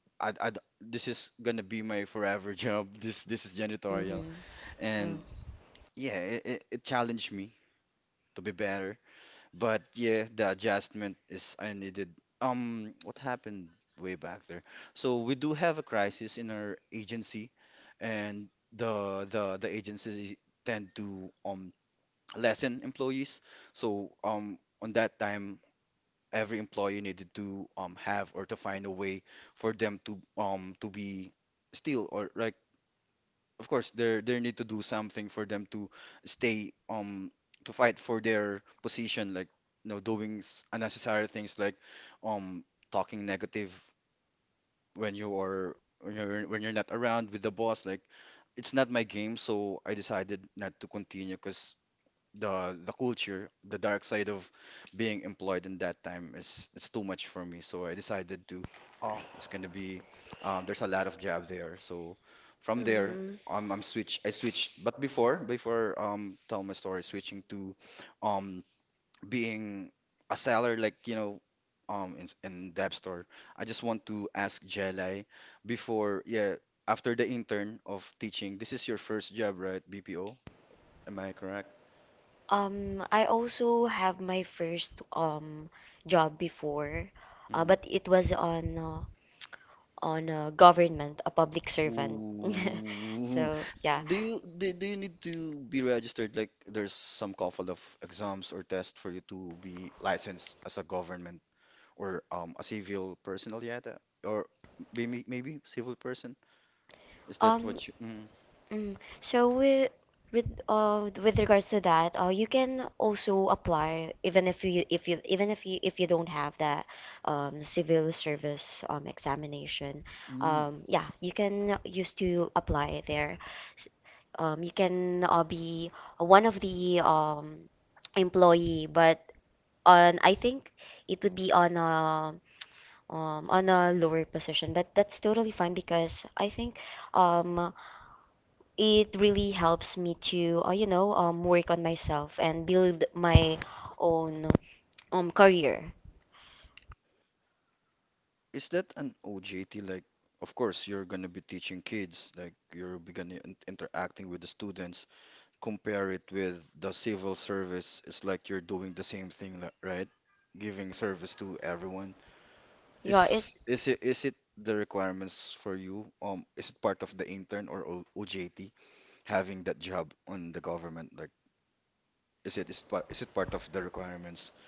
[SPEAKER 3] I,
[SPEAKER 1] I,
[SPEAKER 3] I
[SPEAKER 1] I
[SPEAKER 3] this
[SPEAKER 1] this
[SPEAKER 3] is
[SPEAKER 1] is gonna
[SPEAKER 3] gonna be
[SPEAKER 1] be
[SPEAKER 3] my
[SPEAKER 1] my
[SPEAKER 3] forever
[SPEAKER 1] forever
[SPEAKER 3] job.
[SPEAKER 1] job.
[SPEAKER 3] this
[SPEAKER 1] This
[SPEAKER 3] this
[SPEAKER 1] this
[SPEAKER 3] is
[SPEAKER 1] is gonna go
[SPEAKER 3] janitorial,
[SPEAKER 1] on,
[SPEAKER 4] Mm-hmm.
[SPEAKER 1] and yeah,
[SPEAKER 3] and
[SPEAKER 4] Oh.
[SPEAKER 3] yeah,
[SPEAKER 1] it,
[SPEAKER 3] it, it,
[SPEAKER 1] it,
[SPEAKER 3] it
[SPEAKER 1] it
[SPEAKER 3] challenged
[SPEAKER 1] challenged me
[SPEAKER 3] me
[SPEAKER 1] to
[SPEAKER 3] to be
[SPEAKER 1] be better.
[SPEAKER 3] better. But
[SPEAKER 1] But
[SPEAKER 3] yeah,
[SPEAKER 1] yeah,
[SPEAKER 3] the
[SPEAKER 1] the
[SPEAKER 3] adjustment
[SPEAKER 1] adjustment
[SPEAKER 3] is
[SPEAKER 1] was
[SPEAKER 3] I
[SPEAKER 1] I
[SPEAKER 3] needed.
[SPEAKER 1] needed um
[SPEAKER 3] Um, what happened
[SPEAKER 1] happened.
[SPEAKER 3] way back there?
[SPEAKER 1] So
[SPEAKER 3] So we
[SPEAKER 1] we
[SPEAKER 3] do
[SPEAKER 1] do
[SPEAKER 3] have
[SPEAKER 1] have
[SPEAKER 3] a
[SPEAKER 1] a
[SPEAKER 3] crisis in
[SPEAKER 1] crisis in
[SPEAKER 3] our
[SPEAKER 1] our
[SPEAKER 3] agency,
[SPEAKER 1] agency, and
[SPEAKER 3] and
[SPEAKER 1] the
[SPEAKER 3] the
[SPEAKER 1] the
[SPEAKER 3] the the
[SPEAKER 1] the
[SPEAKER 3] agencies
[SPEAKER 1] agencies
[SPEAKER 3] tend
[SPEAKER 1] tend to
[SPEAKER 3] to
[SPEAKER 1] um,
[SPEAKER 3] um lessen
[SPEAKER 1] lessen employees.
[SPEAKER 3] employees.
[SPEAKER 1] So
[SPEAKER 3] So, um
[SPEAKER 1] um,
[SPEAKER 3] on
[SPEAKER 1] on
[SPEAKER 3] that
[SPEAKER 1] that time,
[SPEAKER 3] time, every
[SPEAKER 1] every
[SPEAKER 3] employee
[SPEAKER 1] employee
[SPEAKER 3] needed
[SPEAKER 1] needed to
[SPEAKER 3] to
[SPEAKER 1] um,
[SPEAKER 3] um have,
[SPEAKER 1] have
[SPEAKER 3] or
[SPEAKER 1] or
[SPEAKER 3] to
[SPEAKER 1] to
[SPEAKER 3] find
[SPEAKER 1] find
[SPEAKER 3] a
[SPEAKER 1] a way
[SPEAKER 3] way for
[SPEAKER 1] for
[SPEAKER 3] them
[SPEAKER 1] them
[SPEAKER 3] to
[SPEAKER 1] to
[SPEAKER 3] um
[SPEAKER 1] um
[SPEAKER 3] to be
[SPEAKER 1] to be
[SPEAKER 3] still,
[SPEAKER 1] still,
[SPEAKER 3] or,
[SPEAKER 1] or
[SPEAKER 3] like,
[SPEAKER 1] like
[SPEAKER 3] of
[SPEAKER 1] of
[SPEAKER 3] course
[SPEAKER 1] course they
[SPEAKER 3] they they
[SPEAKER 1] they
[SPEAKER 3] need to
[SPEAKER 1] need to
[SPEAKER 3] do
[SPEAKER 1] do
[SPEAKER 3] something
[SPEAKER 1] something
[SPEAKER 3] for
[SPEAKER 1] for
[SPEAKER 3] them
[SPEAKER 1] them
[SPEAKER 3] to
[SPEAKER 1] to
[SPEAKER 3] stay,
[SPEAKER 1] stay, um
[SPEAKER 3] um to
[SPEAKER 1] to
[SPEAKER 3] fight
[SPEAKER 1] fight
[SPEAKER 3] for
[SPEAKER 1] for
[SPEAKER 3] their
[SPEAKER 1] their
[SPEAKER 3] position,
[SPEAKER 1] position,
[SPEAKER 3] like,
[SPEAKER 1] like
[SPEAKER 3] you
[SPEAKER 1] you
[SPEAKER 3] know
[SPEAKER 1] know
[SPEAKER 3] doing
[SPEAKER 1] doing
[SPEAKER 3] s-
[SPEAKER 1] s-
[SPEAKER 3] unnecessary
[SPEAKER 1] unnecessary
[SPEAKER 3] things,
[SPEAKER 1] things
[SPEAKER 3] like,
[SPEAKER 1] like um
[SPEAKER 3] um talking
[SPEAKER 1] talking
[SPEAKER 3] negative
[SPEAKER 1] negative
[SPEAKER 3] when
[SPEAKER 1] when
[SPEAKER 3] you
[SPEAKER 1] you are,
[SPEAKER 3] are
[SPEAKER 1] when
[SPEAKER 3] when
[SPEAKER 1] you're,
[SPEAKER 3] you're when
[SPEAKER 1] when
[SPEAKER 3] you're
[SPEAKER 1] you're
[SPEAKER 3] not
[SPEAKER 1] not
[SPEAKER 3] around
[SPEAKER 1] around
[SPEAKER 3] with
[SPEAKER 1] with
[SPEAKER 3] the
[SPEAKER 1] the
[SPEAKER 3] boss,
[SPEAKER 1] boss.
[SPEAKER 3] like,
[SPEAKER 1] Like,
[SPEAKER 3] it's
[SPEAKER 1] it's
[SPEAKER 3] not
[SPEAKER 1] not
[SPEAKER 3] my
[SPEAKER 1] my
[SPEAKER 3] game.
[SPEAKER 1] game, so
[SPEAKER 3] So I
[SPEAKER 1] I
[SPEAKER 3] decided
[SPEAKER 1] decided
[SPEAKER 3] not
[SPEAKER 1] not
[SPEAKER 3] to
[SPEAKER 1] to
[SPEAKER 3] continue,
[SPEAKER 1] continue because
[SPEAKER 3] because
[SPEAKER 1] the
[SPEAKER 3] the
[SPEAKER 1] the
[SPEAKER 3] the
[SPEAKER 1] culture,
[SPEAKER 3] culture, the
[SPEAKER 1] the
[SPEAKER 3] dark
[SPEAKER 1] dark
[SPEAKER 3] side
[SPEAKER 1] side of
[SPEAKER 3] of being
[SPEAKER 1] being
[SPEAKER 3] employed
[SPEAKER 1] employed
[SPEAKER 3] in
[SPEAKER 1] in
[SPEAKER 3] that
[SPEAKER 1] that time
[SPEAKER 3] time is
[SPEAKER 1] is, is
[SPEAKER 3] it's too
[SPEAKER 1] too
[SPEAKER 3] much
[SPEAKER 1] much
[SPEAKER 3] for
[SPEAKER 1] for me.
[SPEAKER 3] me.
[SPEAKER 1] So
[SPEAKER 3] So
[SPEAKER 1] I
[SPEAKER 3] I
[SPEAKER 1] decided,
[SPEAKER 3] decided to, oh,
[SPEAKER 1] um,
[SPEAKER 3] it's
[SPEAKER 1] it's gonna
[SPEAKER 3] gonna
[SPEAKER 1] be,
[SPEAKER 3] be,
[SPEAKER 1] uh,
[SPEAKER 3] um, there's
[SPEAKER 1] there's
[SPEAKER 3] a
[SPEAKER 1] a
[SPEAKER 3] lot
[SPEAKER 1] lot
[SPEAKER 3] of
[SPEAKER 1] of job
[SPEAKER 3] job
[SPEAKER 1] there.
[SPEAKER 3] there.
[SPEAKER 1] So
[SPEAKER 3] So,
[SPEAKER 1] from
[SPEAKER 3] from there,
[SPEAKER 1] there,
[SPEAKER 2] Mm-hmm.
[SPEAKER 1] um,
[SPEAKER 3] um,
[SPEAKER 1] I
[SPEAKER 3] I'm switch,
[SPEAKER 1] switched.
[SPEAKER 3] I
[SPEAKER 1] I
[SPEAKER 3] switched.
[SPEAKER 1] switched, but
[SPEAKER 3] But before,
[SPEAKER 1] before before
[SPEAKER 3] before
[SPEAKER 1] um,
[SPEAKER 3] um, tell
[SPEAKER 1] long
[SPEAKER 3] my story,
[SPEAKER 1] switched.
[SPEAKER 3] switching to,
[SPEAKER 1] Um, um,
[SPEAKER 3] um, being a seller, like, you know, um, in in Dep Store. I just want to ask Jelai, before, yeah, after the intern of teaching, this is your first job, right? B P O, am I correct?
[SPEAKER 4] Um,
[SPEAKER 1] I
[SPEAKER 4] I
[SPEAKER 1] also
[SPEAKER 4] also
[SPEAKER 1] have
[SPEAKER 4] have
[SPEAKER 1] my
[SPEAKER 4] my
[SPEAKER 1] first
[SPEAKER 4] first
[SPEAKER 1] um
[SPEAKER 4] um
[SPEAKER 1] job
[SPEAKER 4] job
[SPEAKER 1] before,
[SPEAKER 4] before,
[SPEAKER 1] uh,
[SPEAKER 4] uh,
[SPEAKER 3] Mm-hmm.
[SPEAKER 1] but
[SPEAKER 4] but
[SPEAKER 1] it
[SPEAKER 4] it
[SPEAKER 1] was
[SPEAKER 4] was
[SPEAKER 1] on.
[SPEAKER 4] on uh, on a government, a public servant.
[SPEAKER 3] Ooh.
[SPEAKER 4] So yeah.
[SPEAKER 3] Do you do, do you need to be registered? Like, there's some couple of exams or tests for you to be licensed as a government, or um a civil personnel, yet? uh, Or maybe maybe civil person?
[SPEAKER 1] Um,
[SPEAKER 3] Is that
[SPEAKER 1] mhm.
[SPEAKER 4] Um.
[SPEAKER 3] what you mm,
[SPEAKER 4] mm,
[SPEAKER 1] So
[SPEAKER 4] So
[SPEAKER 1] with
[SPEAKER 4] with
[SPEAKER 1] with
[SPEAKER 4] with
[SPEAKER 1] um
[SPEAKER 4] uh
[SPEAKER 1] with
[SPEAKER 4] with
[SPEAKER 1] regards to
[SPEAKER 4] regards to
[SPEAKER 1] that,
[SPEAKER 4] that,
[SPEAKER 1] uh,
[SPEAKER 4] uh,
[SPEAKER 1] you
[SPEAKER 4] you
[SPEAKER 1] can
[SPEAKER 4] can
[SPEAKER 1] also
[SPEAKER 4] also
[SPEAKER 1] apply
[SPEAKER 4] apply
[SPEAKER 1] even
[SPEAKER 4] even
[SPEAKER 1] if you,
[SPEAKER 4] if
[SPEAKER 1] if
[SPEAKER 4] you
[SPEAKER 1] you
[SPEAKER 4] if you
[SPEAKER 1] even if
[SPEAKER 4] even
[SPEAKER 1] you
[SPEAKER 4] if you
[SPEAKER 1] if you
[SPEAKER 4] if you
[SPEAKER 1] don't
[SPEAKER 4] don't
[SPEAKER 1] have
[SPEAKER 4] have
[SPEAKER 1] that
[SPEAKER 4] that
[SPEAKER 1] um
[SPEAKER 4] um
[SPEAKER 1] civil
[SPEAKER 4] civil
[SPEAKER 1] service
[SPEAKER 4] service
[SPEAKER 1] um,
[SPEAKER 4] um
[SPEAKER 1] examination.
[SPEAKER 4] examination.
[SPEAKER 1] Um,
[SPEAKER 3] mm.
[SPEAKER 4] Um.
[SPEAKER 1] yeah,
[SPEAKER 4] Yeah,
[SPEAKER 1] you
[SPEAKER 4] you
[SPEAKER 1] can,
[SPEAKER 4] can
[SPEAKER 1] you
[SPEAKER 4] use
[SPEAKER 1] still
[SPEAKER 4] to
[SPEAKER 1] apply it
[SPEAKER 4] apply
[SPEAKER 1] there.
[SPEAKER 4] there. S-
[SPEAKER 1] Um, you
[SPEAKER 4] Um. You
[SPEAKER 1] can uh,
[SPEAKER 4] can uh, be
[SPEAKER 1] be one
[SPEAKER 4] one
[SPEAKER 1] of
[SPEAKER 4] of
[SPEAKER 1] the
[SPEAKER 4] the
[SPEAKER 1] um
[SPEAKER 4] um
[SPEAKER 1] employee,
[SPEAKER 4] employee,
[SPEAKER 1] but
[SPEAKER 4] but
[SPEAKER 1] on I
[SPEAKER 4] on I
[SPEAKER 1] think
[SPEAKER 4] think
[SPEAKER 1] it
[SPEAKER 4] it
[SPEAKER 1] would
[SPEAKER 4] would
[SPEAKER 1] be
[SPEAKER 4] be
[SPEAKER 1] on a
[SPEAKER 4] on a
[SPEAKER 1] uh,
[SPEAKER 4] um,
[SPEAKER 1] on a
[SPEAKER 4] on a
[SPEAKER 1] lower
[SPEAKER 4] lower
[SPEAKER 1] position,
[SPEAKER 4] position.
[SPEAKER 1] but
[SPEAKER 4] But
[SPEAKER 1] that's
[SPEAKER 4] that's
[SPEAKER 1] totally
[SPEAKER 4] totally
[SPEAKER 1] fine
[SPEAKER 4] fine
[SPEAKER 1] because I
[SPEAKER 4] because
[SPEAKER 1] think
[SPEAKER 4] I think
[SPEAKER 1] um
[SPEAKER 4] um,
[SPEAKER 1] it
[SPEAKER 4] it
[SPEAKER 1] really
[SPEAKER 4] really
[SPEAKER 1] helps
[SPEAKER 4] helps
[SPEAKER 1] me
[SPEAKER 4] me
[SPEAKER 1] to,
[SPEAKER 4] to,
[SPEAKER 1] uh,
[SPEAKER 4] uh,
[SPEAKER 1] you
[SPEAKER 4] you
[SPEAKER 1] know,
[SPEAKER 4] know,
[SPEAKER 1] um,
[SPEAKER 4] um,
[SPEAKER 1] work on
[SPEAKER 4] work on
[SPEAKER 1] myself
[SPEAKER 4] myself
[SPEAKER 1] and
[SPEAKER 4] and
[SPEAKER 1] build
[SPEAKER 4] build
[SPEAKER 1] my
[SPEAKER 4] my
[SPEAKER 1] own
[SPEAKER 4] own
[SPEAKER 1] own
[SPEAKER 4] um,
[SPEAKER 1] career.
[SPEAKER 4] career.
[SPEAKER 3] Is that an O J T? Like, of course you're gonna be teaching kids, like you're be gonna in- interacting with the students. Compare it with the civil service, it's like you're doing the same thing, li- right? Giving service to everyone.
[SPEAKER 4] Yeah,
[SPEAKER 3] Is
[SPEAKER 4] it's
[SPEAKER 3] is it is it the requirements for you? Um, is it part of the intern or O- OJT,
[SPEAKER 1] But
[SPEAKER 3] having that
[SPEAKER 1] it,
[SPEAKER 3] job on the government? Like, is it is part is it part of the requirements?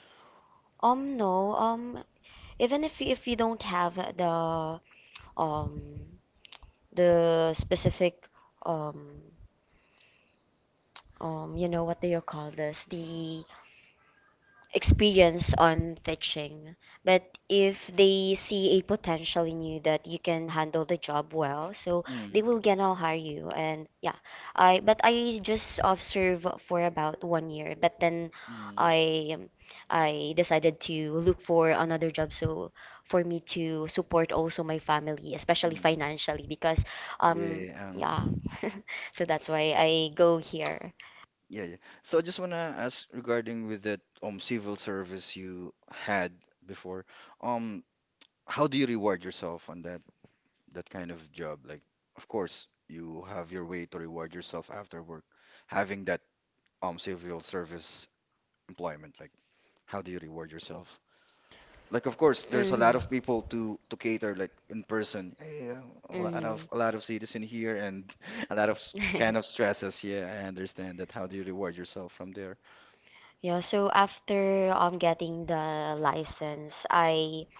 [SPEAKER 4] um no um even if if you don't have the um the specific um um you know what do you call this the experience on teaching, but if they see a potential in you that you can handle the job well, so they
[SPEAKER 3] Mm,
[SPEAKER 4] will gonna hire you. And yeah, I but I just observe for about one year, but then
[SPEAKER 3] mm,
[SPEAKER 4] I
[SPEAKER 1] I
[SPEAKER 4] I
[SPEAKER 1] decided
[SPEAKER 4] decided
[SPEAKER 1] to
[SPEAKER 4] to
[SPEAKER 1] look
[SPEAKER 4] look
[SPEAKER 1] for
[SPEAKER 4] for
[SPEAKER 1] another
[SPEAKER 4] another
[SPEAKER 1] job
[SPEAKER 4] job
[SPEAKER 1] so
[SPEAKER 4] so
[SPEAKER 1] for
[SPEAKER 4] for
[SPEAKER 1] me
[SPEAKER 4] me
[SPEAKER 1] to
[SPEAKER 4] to
[SPEAKER 1] support
[SPEAKER 4] support
[SPEAKER 1] also
[SPEAKER 4] also
[SPEAKER 1] my
[SPEAKER 4] my
[SPEAKER 1] family,
[SPEAKER 4] family,
[SPEAKER 1] especially
[SPEAKER 4] especially
[SPEAKER 3] mm.
[SPEAKER 1] financially,
[SPEAKER 4] financially,
[SPEAKER 1] because
[SPEAKER 4] because
[SPEAKER 1] um
[SPEAKER 4] um
[SPEAKER 3] Yeah, um,
[SPEAKER 4] yeah,
[SPEAKER 1] yeah, so
[SPEAKER 4] so
[SPEAKER 1] that's
[SPEAKER 4] that's
[SPEAKER 1] why
[SPEAKER 4] why
[SPEAKER 1] I
[SPEAKER 4] I
[SPEAKER 1] go
[SPEAKER 4] go
[SPEAKER 1] here.
[SPEAKER 4] here.
[SPEAKER 3] yeah, yeah. So
[SPEAKER 1] So
[SPEAKER 3] I
[SPEAKER 1] just
[SPEAKER 3] just
[SPEAKER 1] want to
[SPEAKER 3] wanna
[SPEAKER 1] ask
[SPEAKER 3] ask
[SPEAKER 1] regarding
[SPEAKER 3] regarding
[SPEAKER 1] the
[SPEAKER 3] with that
[SPEAKER 1] um,
[SPEAKER 3] um civil
[SPEAKER 1] service you
[SPEAKER 3] service you had
[SPEAKER 1] had
[SPEAKER 3] before.
[SPEAKER 1] before. Um,
[SPEAKER 3] Um,
[SPEAKER 1] how
[SPEAKER 3] how
[SPEAKER 1] do
[SPEAKER 3] do you reward
[SPEAKER 1] yourself
[SPEAKER 3] yourself on that
[SPEAKER 1] in that
[SPEAKER 3] that kind of job? Like, of
[SPEAKER 1] and uh, of
[SPEAKER 3] course, you have your way to
[SPEAKER 1] course after we work
[SPEAKER 3] reward
[SPEAKER 1] yourself
[SPEAKER 3] yourself after work, having that um
[SPEAKER 1] out
[SPEAKER 3] civil
[SPEAKER 1] that um,
[SPEAKER 3] service
[SPEAKER 1] service life?
[SPEAKER 3] employment? Like, how do you reward yourself? Like, of course,
[SPEAKER 1] There's
[SPEAKER 3] there's a
[SPEAKER 1] a
[SPEAKER 4] Hmm.
[SPEAKER 1] lot
[SPEAKER 3] lot
[SPEAKER 1] of,
[SPEAKER 3] of people to to cater, like in person. Hey, uh, a lot of
[SPEAKER 4] Hmm.
[SPEAKER 3] a lot of citizen here and a lot of s- kind of stresses. Yeah, I understand that. How do you reward yourself from there?
[SPEAKER 1] yeah,
[SPEAKER 4] Yeah,
[SPEAKER 1] so
[SPEAKER 4] so
[SPEAKER 1] after
[SPEAKER 4] after
[SPEAKER 1] um,
[SPEAKER 4] um
[SPEAKER 1] getting the
[SPEAKER 4] getting the
[SPEAKER 1] license,
[SPEAKER 4] license,
[SPEAKER 1] I
[SPEAKER 4] I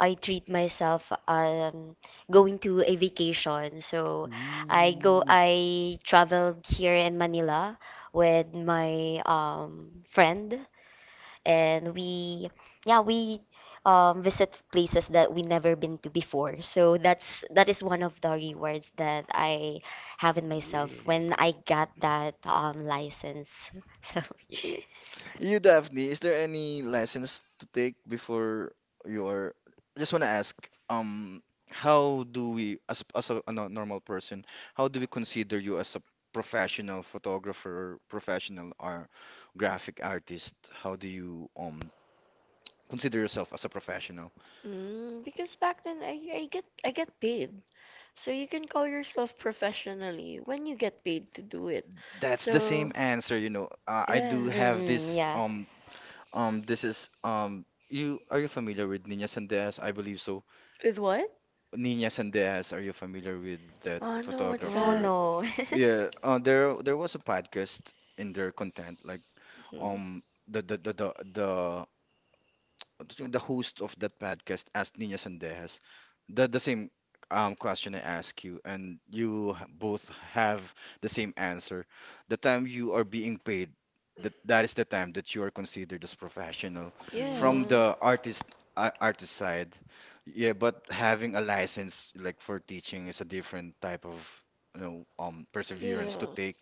[SPEAKER 1] I
[SPEAKER 4] I
[SPEAKER 1] treat
[SPEAKER 4] treat
[SPEAKER 1] myself
[SPEAKER 4] myself
[SPEAKER 1] uh,
[SPEAKER 4] um
[SPEAKER 1] going
[SPEAKER 4] going
[SPEAKER 1] to
[SPEAKER 4] to
[SPEAKER 1] a
[SPEAKER 4] a
[SPEAKER 1] vacation.
[SPEAKER 4] vacation.
[SPEAKER 1] So
[SPEAKER 4] So
[SPEAKER 1] I
[SPEAKER 4] I
[SPEAKER 1] go,
[SPEAKER 4] go
[SPEAKER 3] Ooh,
[SPEAKER 1] I
[SPEAKER 4] I
[SPEAKER 1] travel
[SPEAKER 4] traveled
[SPEAKER 1] here
[SPEAKER 4] here
[SPEAKER 1] in
[SPEAKER 4] in
[SPEAKER 1] Manila
[SPEAKER 4] Manila
[SPEAKER 1] with
[SPEAKER 4] with
[SPEAKER 1] my
[SPEAKER 4] my
[SPEAKER 1] um,
[SPEAKER 4] um
[SPEAKER 1] friend
[SPEAKER 4] friend
[SPEAKER 1] and
[SPEAKER 4] and
[SPEAKER 1] we,
[SPEAKER 4] we
[SPEAKER 1] yeah,
[SPEAKER 4] yeah,
[SPEAKER 1] we
[SPEAKER 4] we
[SPEAKER 1] um,
[SPEAKER 4] um
[SPEAKER 1] visit
[SPEAKER 4] visit
[SPEAKER 1] places
[SPEAKER 4] places
[SPEAKER 1] that
[SPEAKER 4] that we
[SPEAKER 1] we've never
[SPEAKER 4] never been
[SPEAKER 1] been
[SPEAKER 4] to
[SPEAKER 1] before.
[SPEAKER 4] before.
[SPEAKER 1] So
[SPEAKER 4] So that's
[SPEAKER 1] that's, that
[SPEAKER 4] that
[SPEAKER 1] is
[SPEAKER 4] is
[SPEAKER 1] one of
[SPEAKER 4] one of
[SPEAKER 1] the
[SPEAKER 4] the
[SPEAKER 1] memories
[SPEAKER 4] rewards
[SPEAKER 1] that
[SPEAKER 4] that
[SPEAKER 1] I
[SPEAKER 4] I
[SPEAKER 1] have
[SPEAKER 4] have in
[SPEAKER 1] with myself
[SPEAKER 4] myself
[SPEAKER 1] when
[SPEAKER 4] when
[SPEAKER 1] I
[SPEAKER 3] yeah.
[SPEAKER 4] I
[SPEAKER 1] got
[SPEAKER 4] got
[SPEAKER 1] that
[SPEAKER 4] that
[SPEAKER 1] um,
[SPEAKER 4] um
[SPEAKER 1] license.
[SPEAKER 4] license. So
[SPEAKER 3] You, Daphne, is there any lessons to take before your? Just want to ask, um, how do we, as as a, a no- normal person, how do we consider you as a professional photographer, professional or graphic artist? How do you um consider
[SPEAKER 1] So
[SPEAKER 3] yourself as a professional?
[SPEAKER 2] Mm, because back then I, I get I get paid. So you can call yourself professionally when you get paid to do it.
[SPEAKER 3] That's the same
[SPEAKER 2] So,
[SPEAKER 3] answer, you know. Uh, I
[SPEAKER 2] yeah.
[SPEAKER 3] do have
[SPEAKER 4] mm,
[SPEAKER 3] this
[SPEAKER 4] yeah.
[SPEAKER 3] um um this is um, you are you familiar with Nina Sandes? I believe so.
[SPEAKER 2] With what?
[SPEAKER 3] Nina Sandejas, are you familiar with that
[SPEAKER 2] Oh no, what's
[SPEAKER 4] Oh
[SPEAKER 3] photographer?
[SPEAKER 2] that?
[SPEAKER 4] no.
[SPEAKER 3] Yeah, uh, there there was a podcast in their content, like
[SPEAKER 2] Hmm.
[SPEAKER 3] um the the the the, the the host of that podcast asked Nina Sandejas the the same um question I ask you, and you h- both have the same answer. The time you are being paid, that that is the time that you are considered as professional. From
[SPEAKER 2] Yeah.
[SPEAKER 4] Mm,
[SPEAKER 3] the artist uh, artist side, yeah, but having a license like for teaching is a different type of you know um perseverance to
[SPEAKER 2] Yeah.
[SPEAKER 3] take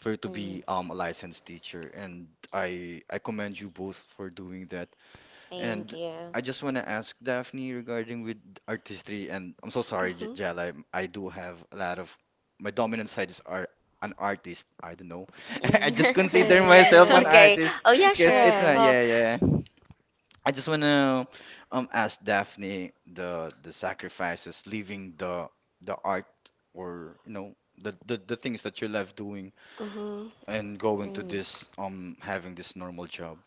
[SPEAKER 3] for you to
[SPEAKER 4] mm,
[SPEAKER 3] be um a licensed teacher, and I I commend you both for doing that. And
[SPEAKER 4] thank you.
[SPEAKER 3] I just want to ask Daphne regarding with artistry. And I'm so sorry, J-
[SPEAKER 2] Uh-huh.
[SPEAKER 3] Jel. I, I do have, a, lot of my dominant side is art, an artist. I don't know. I just
[SPEAKER 2] Yeah, yeah,
[SPEAKER 4] Mm.
[SPEAKER 3] consider myself an
[SPEAKER 2] yeah.
[SPEAKER 1] okay.
[SPEAKER 4] Okay.
[SPEAKER 3] artist
[SPEAKER 1] Oh,
[SPEAKER 4] Oh
[SPEAKER 1] yeah,
[SPEAKER 4] yeah,
[SPEAKER 2] Yeah.
[SPEAKER 1] sure.
[SPEAKER 3] because
[SPEAKER 4] sure.
[SPEAKER 3] it's my
[SPEAKER 2] Yeah.
[SPEAKER 4] Oh.
[SPEAKER 3] yeah yeah. I just want to um ask Daphne the the sacrifices, leaving the the art or you know the the, the things that you love doing
[SPEAKER 2] Uh-huh.
[SPEAKER 3] and going to
[SPEAKER 4] Mm,
[SPEAKER 3] this um having this normal job.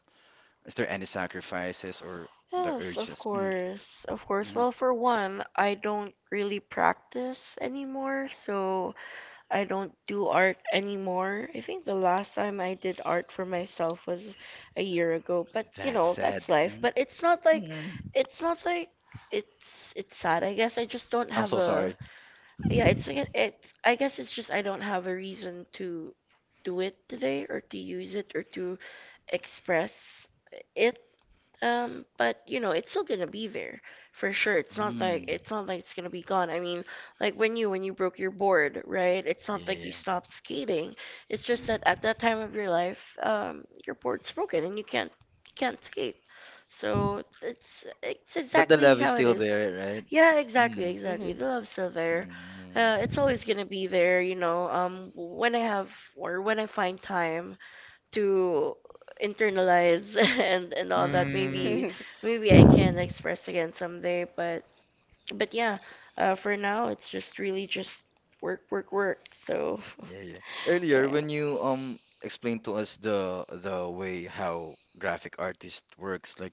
[SPEAKER 3] Is there any sacrifices or the
[SPEAKER 2] Yes, of
[SPEAKER 3] urges? Mm.
[SPEAKER 2] course. Of course.
[SPEAKER 3] Mhm.
[SPEAKER 2] Well, for one, I don't really practice
[SPEAKER 1] Well,
[SPEAKER 2] anymore,
[SPEAKER 1] I
[SPEAKER 2] so
[SPEAKER 1] loved
[SPEAKER 2] I don't
[SPEAKER 1] New
[SPEAKER 2] do art
[SPEAKER 1] Art anymore.
[SPEAKER 2] anymore. I think the
[SPEAKER 1] The last
[SPEAKER 2] last
[SPEAKER 1] time
[SPEAKER 2] time I
[SPEAKER 1] I did
[SPEAKER 2] did
[SPEAKER 1] art
[SPEAKER 2] art for
[SPEAKER 1] for myself
[SPEAKER 2] myself was
[SPEAKER 1] was
[SPEAKER 2] a
[SPEAKER 1] a
[SPEAKER 2] year
[SPEAKER 1] year ago.
[SPEAKER 2] ago, but
[SPEAKER 1] But
[SPEAKER 2] you
[SPEAKER 1] you
[SPEAKER 3] That's
[SPEAKER 2] know,
[SPEAKER 1] know,
[SPEAKER 3] sad.
[SPEAKER 2] that's
[SPEAKER 1] that's life.
[SPEAKER 2] life.
[SPEAKER 3] Mm.
[SPEAKER 2] But
[SPEAKER 1] But
[SPEAKER 2] it's
[SPEAKER 1] it's not
[SPEAKER 2] not
[SPEAKER 1] like
[SPEAKER 2] like it's
[SPEAKER 1] it's not
[SPEAKER 2] not
[SPEAKER 1] like
[SPEAKER 2] like it's
[SPEAKER 1] it's
[SPEAKER 2] it's
[SPEAKER 1] it's sad.
[SPEAKER 2] sad. I
[SPEAKER 1] I guess
[SPEAKER 2] guess I
[SPEAKER 1] I just
[SPEAKER 2] just
[SPEAKER 1] don't
[SPEAKER 2] don't
[SPEAKER 3] I'm
[SPEAKER 1] have.
[SPEAKER 2] have
[SPEAKER 3] so
[SPEAKER 2] a,
[SPEAKER 3] sorry.
[SPEAKER 2] yeah,
[SPEAKER 1] Yeah, it's
[SPEAKER 2] it's like
[SPEAKER 1] it's.
[SPEAKER 2] it's
[SPEAKER 1] I
[SPEAKER 2] I
[SPEAKER 1] guess
[SPEAKER 2] guess it's
[SPEAKER 1] it's just,
[SPEAKER 2] just,
[SPEAKER 1] I
[SPEAKER 2] I don't
[SPEAKER 1] don't have
[SPEAKER 2] have a
[SPEAKER 1] a reason
[SPEAKER 2] reason
[SPEAKER 1] to
[SPEAKER 2] to do
[SPEAKER 1] do
[SPEAKER 2] it
[SPEAKER 1] it
[SPEAKER 2] today
[SPEAKER 1] today,
[SPEAKER 2] or
[SPEAKER 1] or to
[SPEAKER 2] to
[SPEAKER 1] use it,
[SPEAKER 2] use it or
[SPEAKER 1] or
[SPEAKER 2] to
[SPEAKER 1] to
[SPEAKER 2] express
[SPEAKER 1] express
[SPEAKER 2] it,
[SPEAKER 1] it, um,
[SPEAKER 2] um,
[SPEAKER 1] but
[SPEAKER 2] but you
[SPEAKER 1] you know,
[SPEAKER 2] know, it's
[SPEAKER 1] it's
[SPEAKER 2] still
[SPEAKER 1] still
[SPEAKER 2] gonna
[SPEAKER 1] gonna
[SPEAKER 2] be
[SPEAKER 1] be there
[SPEAKER 2] there
[SPEAKER 1] for
[SPEAKER 2] for
[SPEAKER 1] sure.
[SPEAKER 2] sure. It's
[SPEAKER 1] It's not
[SPEAKER 2] not like
[SPEAKER 1] like
[SPEAKER 3] Mm.
[SPEAKER 2] it's
[SPEAKER 1] it's
[SPEAKER 2] not
[SPEAKER 1] not
[SPEAKER 2] like
[SPEAKER 1] like it's
[SPEAKER 2] it's gonna
[SPEAKER 1] gonna
[SPEAKER 2] be
[SPEAKER 1] be gone.
[SPEAKER 2] gone. I
[SPEAKER 1] I
[SPEAKER 2] mean,
[SPEAKER 1] mean,
[SPEAKER 2] like
[SPEAKER 1] like,
[SPEAKER 2] when
[SPEAKER 1] maybe
[SPEAKER 2] you
[SPEAKER 1] when
[SPEAKER 2] when
[SPEAKER 1] you
[SPEAKER 2] you broke
[SPEAKER 1] broke
[SPEAKER 2] your
[SPEAKER 1] your board,
[SPEAKER 2] board, right?
[SPEAKER 1] right?
[SPEAKER 2] It's
[SPEAKER 1] It's not
[SPEAKER 2] not
[SPEAKER 3] Yeah,
[SPEAKER 1] like
[SPEAKER 2] like
[SPEAKER 1] you
[SPEAKER 2] you
[SPEAKER 3] yeah.
[SPEAKER 1] stopped
[SPEAKER 2] stopped
[SPEAKER 1] skating.
[SPEAKER 2] skating.
[SPEAKER 1] It's
[SPEAKER 2] It's just
[SPEAKER 3] Mm.
[SPEAKER 1] just
[SPEAKER 2] that
[SPEAKER 1] that at
[SPEAKER 2] at
[SPEAKER 1] that
[SPEAKER 2] that
[SPEAKER 1] time
[SPEAKER 2] time
[SPEAKER 1] of
[SPEAKER 2] of your
[SPEAKER 1] your life,
[SPEAKER 2] life,
[SPEAKER 1] um,
[SPEAKER 2] um, your
[SPEAKER 1] your
[SPEAKER 2] board's
[SPEAKER 1] board's broken
[SPEAKER 2] broken and
[SPEAKER 1] and
[SPEAKER 2] you
[SPEAKER 1] you can't
[SPEAKER 2] can't
[SPEAKER 1] you
[SPEAKER 2] you can't
[SPEAKER 1] can't
[SPEAKER 2] skate.
[SPEAKER 1] skate. So
[SPEAKER 2] So it's
[SPEAKER 1] it's
[SPEAKER 2] it's
[SPEAKER 1] it's
[SPEAKER 3] But
[SPEAKER 1] but
[SPEAKER 3] the
[SPEAKER 1] that
[SPEAKER 2] exactly
[SPEAKER 3] love
[SPEAKER 1] the
[SPEAKER 3] is
[SPEAKER 2] how
[SPEAKER 1] exactly
[SPEAKER 2] it
[SPEAKER 3] still
[SPEAKER 1] love is of still,
[SPEAKER 2] is.
[SPEAKER 3] there, right?
[SPEAKER 1] yeah,
[SPEAKER 2] Yeah, exactly,
[SPEAKER 1] exactly,
[SPEAKER 3] Mm.
[SPEAKER 2] exactly.
[SPEAKER 4] mhm.
[SPEAKER 1] exactly.
[SPEAKER 2] The
[SPEAKER 1] The
[SPEAKER 2] love's
[SPEAKER 1] love's
[SPEAKER 2] still
[SPEAKER 1] still there.
[SPEAKER 2] there. Uh,
[SPEAKER 1] Uh,
[SPEAKER 3] Mm.
[SPEAKER 2] it's
[SPEAKER 1] it's
[SPEAKER 2] always
[SPEAKER 1] always
[SPEAKER 2] gonna
[SPEAKER 1] gonna be
[SPEAKER 2] be
[SPEAKER 1] there,
[SPEAKER 2] there,
[SPEAKER 1] you
[SPEAKER 2] you
[SPEAKER 1] know.
[SPEAKER 2] know.
[SPEAKER 1] Um,
[SPEAKER 2] Um,
[SPEAKER 1] when
[SPEAKER 2] when I
[SPEAKER 1] I have,
[SPEAKER 2] have
[SPEAKER 1] or
[SPEAKER 2] or
[SPEAKER 1] when
[SPEAKER 2] when I
[SPEAKER 1] I find
[SPEAKER 2] find
[SPEAKER 1] time
[SPEAKER 2] time
[SPEAKER 1] to
[SPEAKER 2] to
[SPEAKER 1] internalize
[SPEAKER 2] internalize,
[SPEAKER 1] and
[SPEAKER 2] and
[SPEAKER 1] and
[SPEAKER 2] and all
[SPEAKER 1] all that.
[SPEAKER 2] that,
[SPEAKER 3] Mm.
[SPEAKER 2] maybe
[SPEAKER 1] Maybe maybe
[SPEAKER 2] maybe I
[SPEAKER 1] I can
[SPEAKER 2] can express
[SPEAKER 1] express again
[SPEAKER 2] again
[SPEAKER 1] someday,
[SPEAKER 2] someday,
[SPEAKER 1] but
[SPEAKER 2] but
[SPEAKER 1] but
[SPEAKER 2] but yeah,
[SPEAKER 1] yeah,
[SPEAKER 2] uh,
[SPEAKER 1] uh, for
[SPEAKER 2] for now
[SPEAKER 1] now
[SPEAKER 2] it's
[SPEAKER 1] it's just
[SPEAKER 2] just really
[SPEAKER 1] really
[SPEAKER 2] just
[SPEAKER 1] just work,
[SPEAKER 2] work,
[SPEAKER 1] work,
[SPEAKER 2] work, work.
[SPEAKER 1] work. So
[SPEAKER 2] So
[SPEAKER 3] Yeah, yeah. Earlier,
[SPEAKER 2] yeah,
[SPEAKER 1] when
[SPEAKER 3] when you
[SPEAKER 1] you um,
[SPEAKER 3] um
[SPEAKER 1] explain
[SPEAKER 3] explained to us
[SPEAKER 1] this, the,
[SPEAKER 3] the
[SPEAKER 1] the
[SPEAKER 3] the way
[SPEAKER 1] way how
[SPEAKER 3] how
[SPEAKER 1] graphic
[SPEAKER 3] graphic
[SPEAKER 1] artist
[SPEAKER 3] artist
[SPEAKER 1] works, like if you plan your client and the client is
[SPEAKER 3] works, like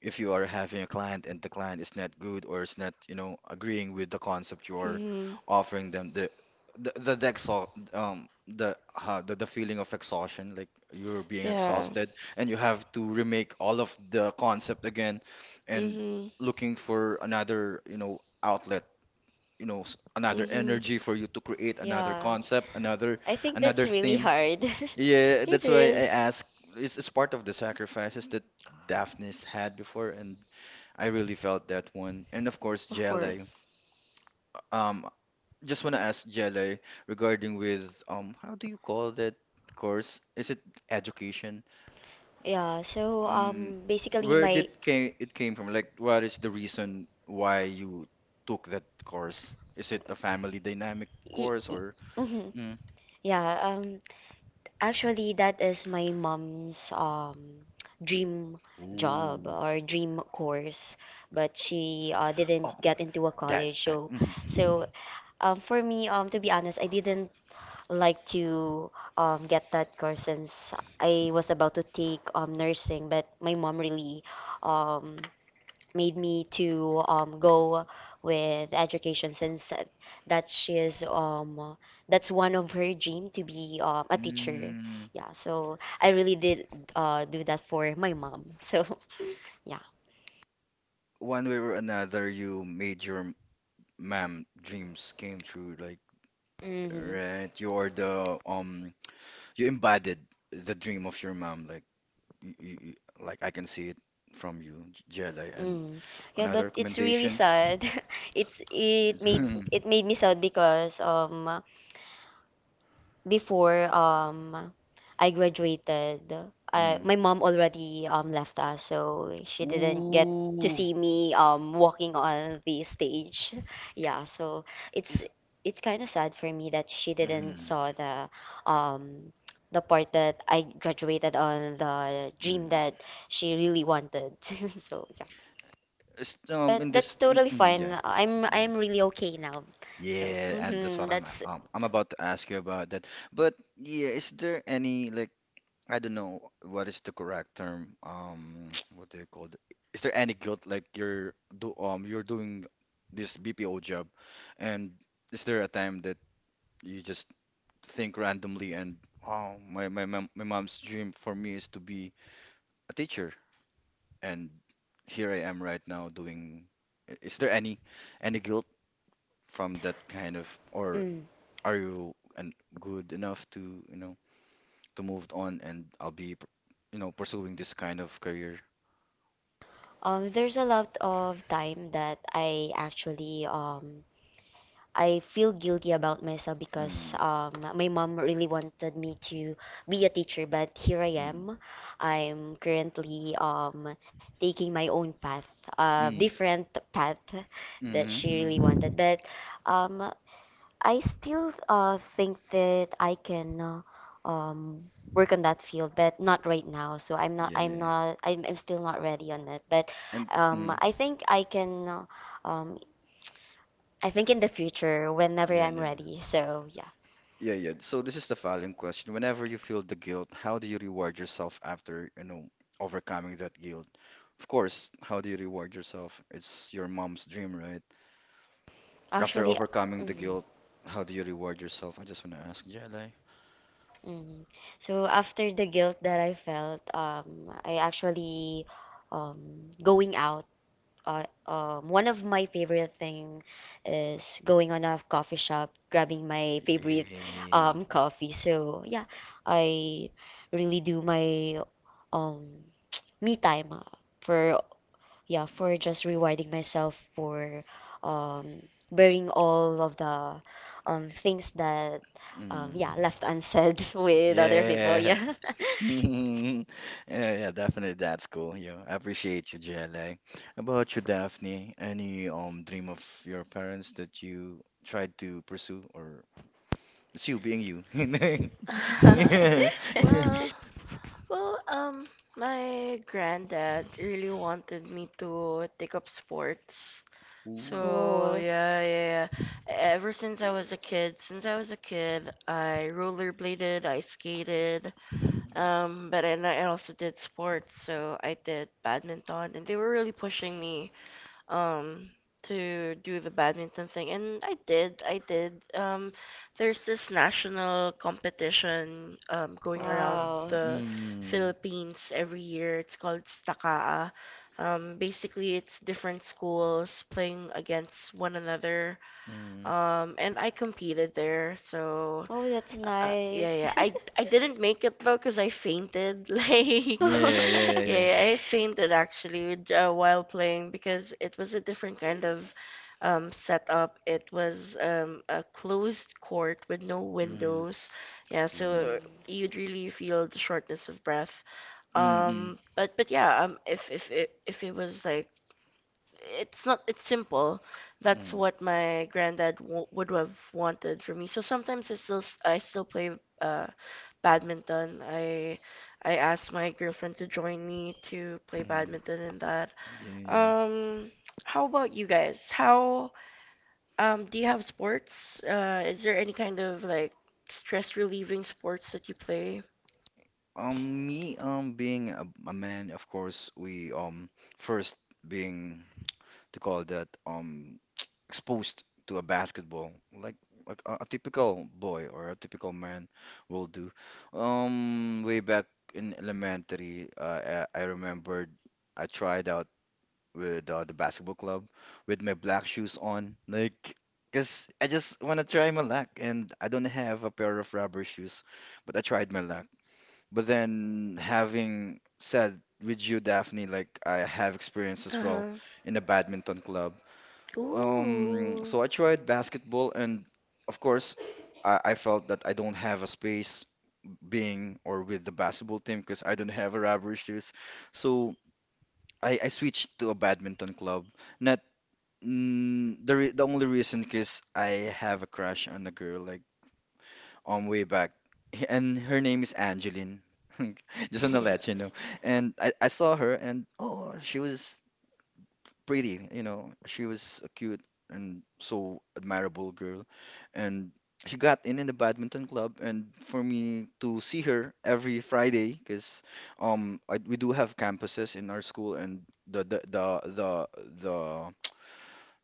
[SPEAKER 3] if you are having a client and the
[SPEAKER 1] not
[SPEAKER 3] client is not
[SPEAKER 1] good
[SPEAKER 3] good
[SPEAKER 1] or
[SPEAKER 3] or
[SPEAKER 1] is
[SPEAKER 3] is not,
[SPEAKER 1] not,
[SPEAKER 3] you
[SPEAKER 1] you
[SPEAKER 3] know,
[SPEAKER 1] know, agreeing
[SPEAKER 3] agreeing
[SPEAKER 1] with
[SPEAKER 3] with the
[SPEAKER 1] the concept
[SPEAKER 3] concept
[SPEAKER 1] you are
[SPEAKER 3] you're
[SPEAKER 2] mhm,
[SPEAKER 1] offering
[SPEAKER 3] offering
[SPEAKER 1] them, the,
[SPEAKER 3] them, the
[SPEAKER 1] the,
[SPEAKER 3] the the,
[SPEAKER 1] the,
[SPEAKER 3] the exhaust,
[SPEAKER 1] um,
[SPEAKER 3] um,
[SPEAKER 1] the,
[SPEAKER 3] the,
[SPEAKER 1] uh,
[SPEAKER 3] uh, the the
[SPEAKER 1] the
[SPEAKER 3] feeling
[SPEAKER 1] feeling of
[SPEAKER 3] of
[SPEAKER 1] exhaustion,
[SPEAKER 3] exhaustion, like
[SPEAKER 1] that you're
[SPEAKER 3] you're
[SPEAKER 1] being,
[SPEAKER 3] being
[SPEAKER 1] yeah,
[SPEAKER 2] yeah,
[SPEAKER 1] exhausted.
[SPEAKER 3] exhausted and you have to remake all of the concept again and
[SPEAKER 2] mhm,
[SPEAKER 3] looking for another, you know, outlet, you know, s- another
[SPEAKER 2] mhm,
[SPEAKER 3] energy for you to create another
[SPEAKER 4] Yeah.
[SPEAKER 3] concept, another
[SPEAKER 4] I think that's
[SPEAKER 3] another
[SPEAKER 4] really
[SPEAKER 3] theme.
[SPEAKER 4] hard.
[SPEAKER 3] Yeah,
[SPEAKER 2] it
[SPEAKER 3] that's why I
[SPEAKER 2] is,
[SPEAKER 3] ask. It's, it's part of the sacrifices that Daphnis had before, and I really felt that one. And of course,
[SPEAKER 2] of
[SPEAKER 3] Jelly.
[SPEAKER 2] course.
[SPEAKER 3] Um, just want to ask Jelly regarding with um, how do you call that course? Is it education?
[SPEAKER 4] Yeah,
[SPEAKER 1] Yeah, so
[SPEAKER 4] so
[SPEAKER 1] um,
[SPEAKER 3] Mm,
[SPEAKER 4] um
[SPEAKER 1] Mm.
[SPEAKER 4] basically
[SPEAKER 1] Where
[SPEAKER 3] where
[SPEAKER 4] my
[SPEAKER 3] did
[SPEAKER 1] did
[SPEAKER 3] came
[SPEAKER 1] came it
[SPEAKER 3] it came
[SPEAKER 1] came,
[SPEAKER 3] from? Like,
[SPEAKER 1] like,
[SPEAKER 3] what
[SPEAKER 1] what
[SPEAKER 3] is
[SPEAKER 1] is
[SPEAKER 3] the
[SPEAKER 1] the reason
[SPEAKER 3] reason
[SPEAKER 1] why
[SPEAKER 3] why you
[SPEAKER 1] you took
[SPEAKER 3] took that
[SPEAKER 1] that course?
[SPEAKER 3] course? Is
[SPEAKER 1] Is it
[SPEAKER 3] it
[SPEAKER 1] a
[SPEAKER 3] a family
[SPEAKER 1] family
[SPEAKER 3] dynamic
[SPEAKER 1] dynamic
[SPEAKER 4] y
[SPEAKER 1] course?
[SPEAKER 3] course
[SPEAKER 4] y
[SPEAKER 1] Or,
[SPEAKER 3] or?
[SPEAKER 4] mhm.
[SPEAKER 3] Mm,
[SPEAKER 1] yeah,
[SPEAKER 4] Yeah,
[SPEAKER 1] um,
[SPEAKER 4] um actually
[SPEAKER 1] actually that
[SPEAKER 4] that is
[SPEAKER 1] is
[SPEAKER 4] my
[SPEAKER 1] my
[SPEAKER 4] mom's
[SPEAKER 1] mom's um,
[SPEAKER 4] um
[SPEAKER 1] dream
[SPEAKER 4] dream
[SPEAKER 1] job
[SPEAKER 4] job
[SPEAKER 3] ooh,
[SPEAKER 1] or
[SPEAKER 4] or
[SPEAKER 1] dream
[SPEAKER 4] dream course,
[SPEAKER 1] course, but
[SPEAKER 4] but
[SPEAKER 1] she
[SPEAKER 4] she uh,
[SPEAKER 1] uh,
[SPEAKER 4] didn't
[SPEAKER 3] oh,
[SPEAKER 1] didn't get
[SPEAKER 4] get
[SPEAKER 1] into
[SPEAKER 4] into a
[SPEAKER 1] a
[SPEAKER 3] that.
[SPEAKER 1] college.
[SPEAKER 4] college.
[SPEAKER 3] Uh,
[SPEAKER 1] So,
[SPEAKER 4] So
[SPEAKER 1] so
[SPEAKER 3] mhm.
[SPEAKER 4] so Um,
[SPEAKER 1] um,
[SPEAKER 4] for
[SPEAKER 1] for me,
[SPEAKER 4] me,
[SPEAKER 1] um,
[SPEAKER 4] um, to
[SPEAKER 1] to be
[SPEAKER 4] be honest,
[SPEAKER 1] honest,
[SPEAKER 4] I
[SPEAKER 1] I
[SPEAKER 4] didn't
[SPEAKER 1] didn't like
[SPEAKER 4] like
[SPEAKER 1] to
[SPEAKER 4] to
[SPEAKER 1] um,
[SPEAKER 4] um,
[SPEAKER 1] get
[SPEAKER 4] get
[SPEAKER 1] my,
[SPEAKER 4] that course since
[SPEAKER 1] since I
[SPEAKER 4] I was
[SPEAKER 1] was
[SPEAKER 4] about
[SPEAKER 1] about
[SPEAKER 4] to
[SPEAKER 1] to
[SPEAKER 4] take
[SPEAKER 1] take um,
[SPEAKER 4] um,
[SPEAKER 1] nursing,
[SPEAKER 4] nursing,
[SPEAKER 1] but
[SPEAKER 4] but
[SPEAKER 1] my
[SPEAKER 4] my mom
[SPEAKER 1] mom
[SPEAKER 4] really
[SPEAKER 1] really um,
[SPEAKER 4] um, made
[SPEAKER 1] made
[SPEAKER 4] me
[SPEAKER 1] me to
[SPEAKER 4] to
[SPEAKER 1] um,
[SPEAKER 4] um,
[SPEAKER 1] go
[SPEAKER 4] go
[SPEAKER 1] with
[SPEAKER 4] with education
[SPEAKER 1] education,
[SPEAKER 4] since
[SPEAKER 1] since uh,
[SPEAKER 4] that
[SPEAKER 1] that
[SPEAKER 4] she
[SPEAKER 1] she
[SPEAKER 4] is
[SPEAKER 1] is, um,
[SPEAKER 4] um, that's
[SPEAKER 1] that's one
[SPEAKER 4] one
[SPEAKER 1] of
[SPEAKER 4] of
[SPEAKER 1] her
[SPEAKER 4] her
[SPEAKER 1] dream
[SPEAKER 4] dream to
[SPEAKER 1] to be
[SPEAKER 4] be um, a
[SPEAKER 1] uh, a teacher.
[SPEAKER 4] teacher.
[SPEAKER 3] Mm,
[SPEAKER 4] Yeah,
[SPEAKER 1] So
[SPEAKER 4] so I
[SPEAKER 1] I
[SPEAKER 4] really
[SPEAKER 1] really
[SPEAKER 4] did
[SPEAKER 1] did
[SPEAKER 4] uh,
[SPEAKER 1] uh, do
[SPEAKER 4] do that
[SPEAKER 1] that for
[SPEAKER 4] for my
[SPEAKER 1] my mom.
[SPEAKER 4] mom.
[SPEAKER 1] So
[SPEAKER 4] So yeah.
[SPEAKER 3] one
[SPEAKER 1] one
[SPEAKER 3] way
[SPEAKER 1] way
[SPEAKER 3] or
[SPEAKER 1] or another,
[SPEAKER 3] another, you
[SPEAKER 1] you
[SPEAKER 3] made
[SPEAKER 1] made
[SPEAKER 3] your
[SPEAKER 1] your mom
[SPEAKER 3] ma'am
[SPEAKER 1] dreams
[SPEAKER 3] dreams came
[SPEAKER 1] came
[SPEAKER 3] true. Like,
[SPEAKER 1] true. mm,
[SPEAKER 4] Hmm.
[SPEAKER 3] right,
[SPEAKER 1] And
[SPEAKER 3] you are
[SPEAKER 1] you're the
[SPEAKER 3] the
[SPEAKER 1] um,
[SPEAKER 3] um, you
[SPEAKER 1] and
[SPEAKER 3] embodied the dream of your mom, like y y y- like I can see it from you, J- Jelly. And
[SPEAKER 4] Mm. Yeah, but
[SPEAKER 3] another
[SPEAKER 4] it's
[SPEAKER 1] it's
[SPEAKER 4] really
[SPEAKER 1] really
[SPEAKER 3] recommendation
[SPEAKER 1] sad.
[SPEAKER 4] sad. It's
[SPEAKER 1] It's,
[SPEAKER 4] it
[SPEAKER 1] it
[SPEAKER 3] is
[SPEAKER 4] made
[SPEAKER 1] makes
[SPEAKER 4] it
[SPEAKER 1] it,
[SPEAKER 4] made
[SPEAKER 1] made
[SPEAKER 4] me
[SPEAKER 1] me
[SPEAKER 4] sad
[SPEAKER 1] sad
[SPEAKER 4] because
[SPEAKER 1] because um
[SPEAKER 4] um
[SPEAKER 1] before
[SPEAKER 4] before
[SPEAKER 1] uh
[SPEAKER 4] um I
[SPEAKER 1] Mm.
[SPEAKER 4] graduated, I,
[SPEAKER 3] mm,
[SPEAKER 4] my mom already um left us, so she didn't get to
[SPEAKER 3] ooh
[SPEAKER 4] see me um walking on the stage. Yeah, so it's
[SPEAKER 3] is
[SPEAKER 4] it's kind of sad for me that she didn't
[SPEAKER 3] mm,
[SPEAKER 4] saw the um the part that I graduated on the dream
[SPEAKER 3] mm,
[SPEAKER 4] that she really wanted. So yeah.
[SPEAKER 3] is
[SPEAKER 4] But
[SPEAKER 3] um in
[SPEAKER 4] that's
[SPEAKER 3] this
[SPEAKER 4] totally
[SPEAKER 3] in, mm,
[SPEAKER 4] fine.
[SPEAKER 3] yeah
[SPEAKER 4] I'm I'm
[SPEAKER 3] mm.
[SPEAKER 4] really okay now. So,
[SPEAKER 3] Yeah, and
[SPEAKER 4] mhm,
[SPEAKER 3] that's what I'm
[SPEAKER 4] that's
[SPEAKER 3] um I'm about to ask you about that. But yeah, is there any, like, I don't
[SPEAKER 1] No,
[SPEAKER 3] know
[SPEAKER 1] what
[SPEAKER 3] what
[SPEAKER 1] is
[SPEAKER 3] is
[SPEAKER 1] the
[SPEAKER 3] the
[SPEAKER 1] correct
[SPEAKER 3] correct
[SPEAKER 1] term?
[SPEAKER 3] term. Um, what do you call it? Is there
[SPEAKER 1] Except, like,
[SPEAKER 3] any guilt, like you're do um
[SPEAKER 1] you're
[SPEAKER 3] you're
[SPEAKER 1] doing
[SPEAKER 3] doing
[SPEAKER 1] this
[SPEAKER 3] this
[SPEAKER 1] difficult job, and is there any just think differently? My dream for me
[SPEAKER 3] B P O
[SPEAKER 1] is to be an
[SPEAKER 3] job,
[SPEAKER 1] actor,
[SPEAKER 3] and
[SPEAKER 1] and
[SPEAKER 3] is there a
[SPEAKER 1] hearing
[SPEAKER 3] time that you just think randomly and oh, my my mom, my mom's dream for me is to be a teacher, and here
[SPEAKER 1] that
[SPEAKER 3] I am right now
[SPEAKER 1] right now,
[SPEAKER 3] doing. i-
[SPEAKER 1] is
[SPEAKER 3] Is
[SPEAKER 1] there
[SPEAKER 3] there any
[SPEAKER 1] any
[SPEAKER 3] any
[SPEAKER 1] any
[SPEAKER 3] guilt
[SPEAKER 1] kind
[SPEAKER 3] from
[SPEAKER 1] of,
[SPEAKER 3] that
[SPEAKER 1] are
[SPEAKER 3] kind of, or
[SPEAKER 4] mm.
[SPEAKER 1] you enough to
[SPEAKER 3] are
[SPEAKER 1] move
[SPEAKER 3] you and good enough to you know to move on and I'll
[SPEAKER 1] on
[SPEAKER 3] be pr-
[SPEAKER 1] and
[SPEAKER 3] you know
[SPEAKER 1] pursue
[SPEAKER 3] pursuing
[SPEAKER 1] this
[SPEAKER 3] this
[SPEAKER 1] kind
[SPEAKER 3] kind
[SPEAKER 1] of
[SPEAKER 3] of
[SPEAKER 1] career?
[SPEAKER 3] career?
[SPEAKER 1] Um,
[SPEAKER 4] Um,
[SPEAKER 1] there's
[SPEAKER 4] there's
[SPEAKER 1] a
[SPEAKER 4] a
[SPEAKER 1] lot of
[SPEAKER 4] lot of
[SPEAKER 1] time
[SPEAKER 4] time
[SPEAKER 1] that
[SPEAKER 4] that
[SPEAKER 1] I
[SPEAKER 4] I
[SPEAKER 1] actually
[SPEAKER 4] actually
[SPEAKER 1] um,
[SPEAKER 4] um I
[SPEAKER 1] I
[SPEAKER 4] feel
[SPEAKER 1] feel guilty
[SPEAKER 4] guilty
[SPEAKER 1] about
[SPEAKER 4] about
[SPEAKER 1] myself
[SPEAKER 4] myself
[SPEAKER 1] because
[SPEAKER 4] because
[SPEAKER 3] Mm,
[SPEAKER 1] um,
[SPEAKER 4] um
[SPEAKER 1] my
[SPEAKER 4] my
[SPEAKER 1] mom
[SPEAKER 4] mom
[SPEAKER 1] really
[SPEAKER 4] really
[SPEAKER 1] wanted me
[SPEAKER 4] wanted
[SPEAKER 1] to be a
[SPEAKER 4] me
[SPEAKER 1] teacher,
[SPEAKER 4] to be a teacher,
[SPEAKER 1] but
[SPEAKER 4] but
[SPEAKER 1] here
[SPEAKER 4] here I
[SPEAKER 1] I am.
[SPEAKER 3] mm,
[SPEAKER 4] am.
[SPEAKER 1] I'm
[SPEAKER 4] I'm
[SPEAKER 1] currently
[SPEAKER 4] currently
[SPEAKER 1] um,
[SPEAKER 4] um
[SPEAKER 1] taking
[SPEAKER 4] taking
[SPEAKER 1] my
[SPEAKER 4] my
[SPEAKER 1] own
[SPEAKER 4] own
[SPEAKER 1] path,
[SPEAKER 4] path,
[SPEAKER 1] uh,
[SPEAKER 4] a
[SPEAKER 3] mm,
[SPEAKER 1] different
[SPEAKER 4] different
[SPEAKER 1] path
[SPEAKER 4] path
[SPEAKER 1] that
[SPEAKER 4] that
[SPEAKER 3] mm,
[SPEAKER 1] she
[SPEAKER 4] she
[SPEAKER 1] really
[SPEAKER 4] really
[SPEAKER 1] wanted.
[SPEAKER 4] wanted.
[SPEAKER 3] mm.
[SPEAKER 4] But
[SPEAKER 1] But
[SPEAKER 4] um
[SPEAKER 1] um, I
[SPEAKER 4] I
[SPEAKER 1] still
[SPEAKER 4] still
[SPEAKER 1] uh,
[SPEAKER 4] uh,
[SPEAKER 1] think
[SPEAKER 4] think
[SPEAKER 1] that
[SPEAKER 4] that
[SPEAKER 1] I
[SPEAKER 4] I
[SPEAKER 1] can
[SPEAKER 4] can uh,
[SPEAKER 1] um,
[SPEAKER 4] um,
[SPEAKER 1] work
[SPEAKER 4] work on
[SPEAKER 1] on that
[SPEAKER 4] that
[SPEAKER 1] field,
[SPEAKER 4] field,
[SPEAKER 1] but
[SPEAKER 4] but
[SPEAKER 1] not
[SPEAKER 4] not
[SPEAKER 1] right
[SPEAKER 4] right
[SPEAKER 1] now.
[SPEAKER 4] now.
[SPEAKER 1] So
[SPEAKER 4] So
[SPEAKER 1] I'm
[SPEAKER 4] I'm
[SPEAKER 1] not.
[SPEAKER 4] not,
[SPEAKER 3] Yeah,
[SPEAKER 1] I'm.
[SPEAKER 4] I'm
[SPEAKER 3] yeah.
[SPEAKER 1] Uh,
[SPEAKER 4] not,
[SPEAKER 1] I'm
[SPEAKER 4] I'm,
[SPEAKER 1] I'm
[SPEAKER 4] I'm
[SPEAKER 1] still
[SPEAKER 4] still
[SPEAKER 1] not
[SPEAKER 4] not
[SPEAKER 1] ready
[SPEAKER 4] ready
[SPEAKER 1] for
[SPEAKER 4] on
[SPEAKER 1] that.
[SPEAKER 4] it.
[SPEAKER 1] But
[SPEAKER 4] But
[SPEAKER 3] And
[SPEAKER 1] um,
[SPEAKER 4] um,
[SPEAKER 3] mm,
[SPEAKER 1] I
[SPEAKER 4] I
[SPEAKER 1] think
[SPEAKER 4] think
[SPEAKER 1] I
[SPEAKER 4] I
[SPEAKER 1] can.
[SPEAKER 4] can, uh,
[SPEAKER 1] Um,
[SPEAKER 4] um,
[SPEAKER 1] I
[SPEAKER 4] I
[SPEAKER 1] think
[SPEAKER 4] think
[SPEAKER 1] in
[SPEAKER 4] in the
[SPEAKER 1] the future,
[SPEAKER 4] future,
[SPEAKER 1] whenever
[SPEAKER 4] whenever
[SPEAKER 3] yeah,
[SPEAKER 1] I'm
[SPEAKER 4] I'm
[SPEAKER 3] yeah,
[SPEAKER 1] ready.
[SPEAKER 4] ready. So yeah,
[SPEAKER 3] yeah, yeah. So this is the following question. Whenever you feel the guilt, how do you reward yourself after, you know, overcoming that guilt? Of course, how
[SPEAKER 1] So
[SPEAKER 3] do you reward yourself? It's your mom's dream, right? After
[SPEAKER 4] actually,
[SPEAKER 3] overcoming the
[SPEAKER 4] mm,
[SPEAKER 3] guilt,
[SPEAKER 1] um,
[SPEAKER 3] how do you reward yourself? I just want to ask Jelly.
[SPEAKER 4] mm.
[SPEAKER 1] so
[SPEAKER 4] So
[SPEAKER 1] after
[SPEAKER 4] after
[SPEAKER 1] the
[SPEAKER 4] the
[SPEAKER 1] guilt
[SPEAKER 4] guilt
[SPEAKER 1] that
[SPEAKER 4] that
[SPEAKER 1] I
[SPEAKER 4] I
[SPEAKER 1] felt,
[SPEAKER 4] felt,
[SPEAKER 1] um,
[SPEAKER 4] um,
[SPEAKER 1] I
[SPEAKER 4] I
[SPEAKER 1] actually
[SPEAKER 4] actually
[SPEAKER 1] um,
[SPEAKER 4] um,
[SPEAKER 1] going
[SPEAKER 4] going
[SPEAKER 1] out.
[SPEAKER 4] out. Uh,
[SPEAKER 1] Uh, uh,
[SPEAKER 4] um,
[SPEAKER 1] one
[SPEAKER 4] one
[SPEAKER 1] of
[SPEAKER 4] of
[SPEAKER 1] my
[SPEAKER 4] my
[SPEAKER 1] favorite
[SPEAKER 4] favorite
[SPEAKER 1] things
[SPEAKER 4] thing
[SPEAKER 1] is
[SPEAKER 4] is
[SPEAKER 1] going
[SPEAKER 4] going
[SPEAKER 1] on
[SPEAKER 4] on
[SPEAKER 1] a
[SPEAKER 4] a
[SPEAKER 1] coffee
[SPEAKER 4] coffee
[SPEAKER 1] shop,
[SPEAKER 4] shop,
[SPEAKER 1] grabbing
[SPEAKER 4] grabbing
[SPEAKER 1] my
[SPEAKER 4] my favorite
[SPEAKER 1] favorite um,
[SPEAKER 3] Yeah.
[SPEAKER 4] um,
[SPEAKER 1] coffee.
[SPEAKER 4] coffee.
[SPEAKER 1] So
[SPEAKER 4] So
[SPEAKER 1] yeah,
[SPEAKER 4] yeah,
[SPEAKER 1] I
[SPEAKER 4] I
[SPEAKER 1] really
[SPEAKER 4] really
[SPEAKER 1] do
[SPEAKER 4] do
[SPEAKER 1] my
[SPEAKER 4] my
[SPEAKER 1] um,
[SPEAKER 4] um,
[SPEAKER 1] me
[SPEAKER 4] me
[SPEAKER 1] time
[SPEAKER 4] time uh,
[SPEAKER 1] for,
[SPEAKER 4] for
[SPEAKER 1] yeah,
[SPEAKER 4] yeah
[SPEAKER 1] for
[SPEAKER 4] for
[SPEAKER 1] just
[SPEAKER 4] just
[SPEAKER 1] rewarding
[SPEAKER 4] rewarding myself
[SPEAKER 1] myself for
[SPEAKER 4] for
[SPEAKER 1] um,
[SPEAKER 4] um,
[SPEAKER 1] burning
[SPEAKER 4] bearing
[SPEAKER 1] all
[SPEAKER 4] all
[SPEAKER 1] of
[SPEAKER 4] of
[SPEAKER 1] the
[SPEAKER 4] the
[SPEAKER 1] um,
[SPEAKER 4] um,
[SPEAKER 1] things
[SPEAKER 4] things
[SPEAKER 1] that
[SPEAKER 4] that
[SPEAKER 1] um,
[SPEAKER 4] um,
[SPEAKER 1] yeah,
[SPEAKER 4] yeah
[SPEAKER 3] Mm.
[SPEAKER 1] left
[SPEAKER 4] left
[SPEAKER 1] unsaid
[SPEAKER 4] unsaid
[SPEAKER 1] with
[SPEAKER 4] with
[SPEAKER 1] other
[SPEAKER 4] other
[SPEAKER 1] people.
[SPEAKER 4] people.
[SPEAKER 3] Yeah.
[SPEAKER 4] Yeah.
[SPEAKER 3] Mhm. Yeah, yeah, definitely. That's cool. Yeah, I appreciate you, J L A. About you, Daphne, any um dream of your parents that you tried to pursue, or it's you being you? Yeah.
[SPEAKER 2] Well.
[SPEAKER 1] Yeah.
[SPEAKER 2] Well, um, my granddad really wanted me to take up sports.
[SPEAKER 3] Ooh.
[SPEAKER 2] So,
[SPEAKER 4] Oh,
[SPEAKER 2] yeah, yeah, yeah. Ever since I was a kid, since I was a kid, I rollerbladed, I skated, um, but and I also did sports. So I did badminton, and they were really pushing me
[SPEAKER 1] um,
[SPEAKER 2] um
[SPEAKER 1] to do
[SPEAKER 2] to do
[SPEAKER 1] the
[SPEAKER 2] the badminton
[SPEAKER 1] badminton
[SPEAKER 2] thing.
[SPEAKER 1] thing, and
[SPEAKER 2] And
[SPEAKER 1] I
[SPEAKER 2] I
[SPEAKER 1] did,
[SPEAKER 2] did
[SPEAKER 1] I
[SPEAKER 2] I
[SPEAKER 1] did.
[SPEAKER 2] did
[SPEAKER 1] Um,
[SPEAKER 2] um
[SPEAKER 1] there's
[SPEAKER 2] There's
[SPEAKER 1] this
[SPEAKER 2] this
[SPEAKER 1] national
[SPEAKER 2] national
[SPEAKER 1] competition
[SPEAKER 2] competition
[SPEAKER 1] uh,
[SPEAKER 2] um going around
[SPEAKER 1] around the
[SPEAKER 4] wow.
[SPEAKER 2] the
[SPEAKER 1] Philippines every year.
[SPEAKER 3] Mm.
[SPEAKER 2] Philippines every year.
[SPEAKER 1] It's
[SPEAKER 2] It's
[SPEAKER 1] called
[SPEAKER 2] called
[SPEAKER 1] Staka.
[SPEAKER 2] Stakaa.
[SPEAKER 1] Um,
[SPEAKER 2] Um basically
[SPEAKER 1] basically,
[SPEAKER 2] it's
[SPEAKER 1] it's different
[SPEAKER 2] different
[SPEAKER 1] schools
[SPEAKER 2] schools
[SPEAKER 1] playing
[SPEAKER 2] playing
[SPEAKER 1] against
[SPEAKER 2] against
[SPEAKER 1] one
[SPEAKER 2] one
[SPEAKER 1] another,
[SPEAKER 2] another.
[SPEAKER 3] Mm.
[SPEAKER 1] um,
[SPEAKER 2] Um
[SPEAKER 1] and
[SPEAKER 2] and
[SPEAKER 1] I
[SPEAKER 2] I
[SPEAKER 1] competed
[SPEAKER 2] competed
[SPEAKER 1] there,
[SPEAKER 2] there,
[SPEAKER 1] so
[SPEAKER 2] so
[SPEAKER 1] oh,
[SPEAKER 4] Oh,
[SPEAKER 1] that's
[SPEAKER 4] that's
[SPEAKER 2] uh,
[SPEAKER 1] nice.
[SPEAKER 4] nice.
[SPEAKER 1] Yeah, yeah.
[SPEAKER 2] yeah, yeah.
[SPEAKER 1] I
[SPEAKER 2] I
[SPEAKER 1] I
[SPEAKER 2] I
[SPEAKER 1] didn't
[SPEAKER 2] didn't
[SPEAKER 1] make
[SPEAKER 2] make
[SPEAKER 1] it
[SPEAKER 2] it
[SPEAKER 1] though
[SPEAKER 2] though
[SPEAKER 1] because
[SPEAKER 2] because
[SPEAKER 1] I
[SPEAKER 2] I
[SPEAKER 1] fainted.
[SPEAKER 2] fainted. Like,
[SPEAKER 4] Oh.
[SPEAKER 1] Like,
[SPEAKER 3] Yeah, yeah, yeah,
[SPEAKER 1] yeah,
[SPEAKER 3] yeah.
[SPEAKER 2] yeah, yeah,
[SPEAKER 1] I
[SPEAKER 2] I
[SPEAKER 1] fainted
[SPEAKER 2] fainted
[SPEAKER 1] actually
[SPEAKER 2] actually with-
[SPEAKER 1] uh,
[SPEAKER 2] uh, while
[SPEAKER 1] while playing
[SPEAKER 2] playing,
[SPEAKER 1] because
[SPEAKER 2] because
[SPEAKER 1] it
[SPEAKER 2] it
[SPEAKER 1] was
[SPEAKER 2] was
[SPEAKER 1] a
[SPEAKER 2] a different kind
[SPEAKER 1] different
[SPEAKER 2] of
[SPEAKER 1] kind um
[SPEAKER 2] um,
[SPEAKER 1] setup.
[SPEAKER 2] setup.
[SPEAKER 1] It
[SPEAKER 2] It
[SPEAKER 1] was
[SPEAKER 2] was
[SPEAKER 1] um
[SPEAKER 2] um,
[SPEAKER 1] a
[SPEAKER 2] a
[SPEAKER 1] closed
[SPEAKER 2] closed
[SPEAKER 1] court
[SPEAKER 2] court
[SPEAKER 1] with
[SPEAKER 2] with
[SPEAKER 1] no
[SPEAKER 2] no
[SPEAKER 3] Mm.
[SPEAKER 1] windows.
[SPEAKER 2] windows. Yeah,
[SPEAKER 1] Yeah, so
[SPEAKER 3] Ooh.
[SPEAKER 2] so
[SPEAKER 4] Mm.
[SPEAKER 1] you
[SPEAKER 2] you'd
[SPEAKER 1] really
[SPEAKER 2] really
[SPEAKER 1] feel
[SPEAKER 2] feel the
[SPEAKER 1] shortness
[SPEAKER 2] shortness
[SPEAKER 1] of
[SPEAKER 2] of
[SPEAKER 1] breath.
[SPEAKER 2] breath.
[SPEAKER 3] Mm,
[SPEAKER 1] Um,
[SPEAKER 3] mm,
[SPEAKER 2] Um,
[SPEAKER 1] but
[SPEAKER 2] but
[SPEAKER 1] but
[SPEAKER 2] but
[SPEAKER 1] yeah,
[SPEAKER 2] yeah,
[SPEAKER 1] um,
[SPEAKER 2] um,
[SPEAKER 1] if
[SPEAKER 2] if if it
[SPEAKER 1] if
[SPEAKER 2] if
[SPEAKER 1] if
[SPEAKER 2] it
[SPEAKER 1] if
[SPEAKER 2] was
[SPEAKER 1] it
[SPEAKER 2] like
[SPEAKER 1] was like it's
[SPEAKER 2] it's not
[SPEAKER 1] something
[SPEAKER 2] it's
[SPEAKER 1] simple.
[SPEAKER 2] simple.
[SPEAKER 1] That's
[SPEAKER 2] That's
[SPEAKER 3] mm,
[SPEAKER 1] what
[SPEAKER 2] what
[SPEAKER 1] my
[SPEAKER 2] my granddad
[SPEAKER 1] granddad w-
[SPEAKER 2] w- would
[SPEAKER 1] would
[SPEAKER 2] have
[SPEAKER 1] have wanted
[SPEAKER 2] wanted
[SPEAKER 1] for
[SPEAKER 2] for
[SPEAKER 1] me.
[SPEAKER 2] me.
[SPEAKER 1] So
[SPEAKER 2] So
[SPEAKER 1] sometimes I
[SPEAKER 2] sometimes i still
[SPEAKER 1] still s-
[SPEAKER 2] s-
[SPEAKER 1] I
[SPEAKER 2] i still
[SPEAKER 1] still get
[SPEAKER 2] play
[SPEAKER 1] uh,
[SPEAKER 2] uh
[SPEAKER 1] bad myself.
[SPEAKER 2] badminton. i
[SPEAKER 1] I I
[SPEAKER 2] i asked
[SPEAKER 1] asked my
[SPEAKER 2] my
[SPEAKER 1] girlfriend
[SPEAKER 2] girlfriend
[SPEAKER 1] to
[SPEAKER 2] to
[SPEAKER 1] join me
[SPEAKER 2] join
[SPEAKER 1] to
[SPEAKER 2] me to
[SPEAKER 1] play
[SPEAKER 2] play
[SPEAKER 3] mm.
[SPEAKER 2] badminton.
[SPEAKER 1] volleyball.
[SPEAKER 2] and that
[SPEAKER 3] Yeah,
[SPEAKER 1] Um,
[SPEAKER 3] yeah.
[SPEAKER 1] how
[SPEAKER 2] um how
[SPEAKER 1] about
[SPEAKER 2] about
[SPEAKER 1] you
[SPEAKER 2] you
[SPEAKER 1] guys?
[SPEAKER 2] guys?
[SPEAKER 1] How
[SPEAKER 2] how
[SPEAKER 1] um
[SPEAKER 2] um
[SPEAKER 1] do
[SPEAKER 2] do
[SPEAKER 1] you
[SPEAKER 2] you
[SPEAKER 1] have
[SPEAKER 2] have
[SPEAKER 1] sports?
[SPEAKER 2] sports?
[SPEAKER 1] Uh,
[SPEAKER 2] uh
[SPEAKER 1] is
[SPEAKER 2] is
[SPEAKER 1] there
[SPEAKER 2] there any
[SPEAKER 1] any kind of,
[SPEAKER 2] kind of like
[SPEAKER 1] like, stress
[SPEAKER 2] stress
[SPEAKER 1] relieving
[SPEAKER 2] relieving
[SPEAKER 1] sports
[SPEAKER 2] sports
[SPEAKER 1] that
[SPEAKER 2] that
[SPEAKER 1] you
[SPEAKER 2] you
[SPEAKER 1] play?
[SPEAKER 2] play?
[SPEAKER 1] Um,
[SPEAKER 3] Um,
[SPEAKER 1] me,
[SPEAKER 3] me,
[SPEAKER 1] um,
[SPEAKER 3] um,
[SPEAKER 1] being
[SPEAKER 3] being a,
[SPEAKER 1] a
[SPEAKER 3] a
[SPEAKER 1] man
[SPEAKER 3] man, of
[SPEAKER 1] was
[SPEAKER 3] course,
[SPEAKER 1] the
[SPEAKER 3] we
[SPEAKER 1] um,
[SPEAKER 3] um
[SPEAKER 1] first
[SPEAKER 3] first
[SPEAKER 1] being
[SPEAKER 3] being to
[SPEAKER 1] brought
[SPEAKER 3] call
[SPEAKER 1] up,
[SPEAKER 3] that um
[SPEAKER 1] um,
[SPEAKER 3] exposed to a basketball like like a, a typical boy or a typical man will do. Um, way back in elementary, uh, I, I remembered I tried out with uh, the basketball club with my black shoes on, like. Cause I just wanna try my luck, and I don't have a pair of rubber shoes, but I tried my luck. But then, having said with you, Daphne, like I have experience as well
[SPEAKER 2] Uh-huh.
[SPEAKER 3] in a badminton club. Um,
[SPEAKER 2] Ooh,
[SPEAKER 3] so I tried basketball, and of course, I, I felt that I don't have a space being or with the basketball team because I don't have a rubber shoes. So I, I switched to a badminton club. Not mm, the re the only reason because I have a crush on a girl like on way back, and her name is Angeline. Just wanna let you know. And I, I saw her, and oh, she was pretty, you know, she was a cute and so admirable girl. And she got in in the badminton club, and for me to see her every Friday, because um I, we do have campuses in our school, and the the the the the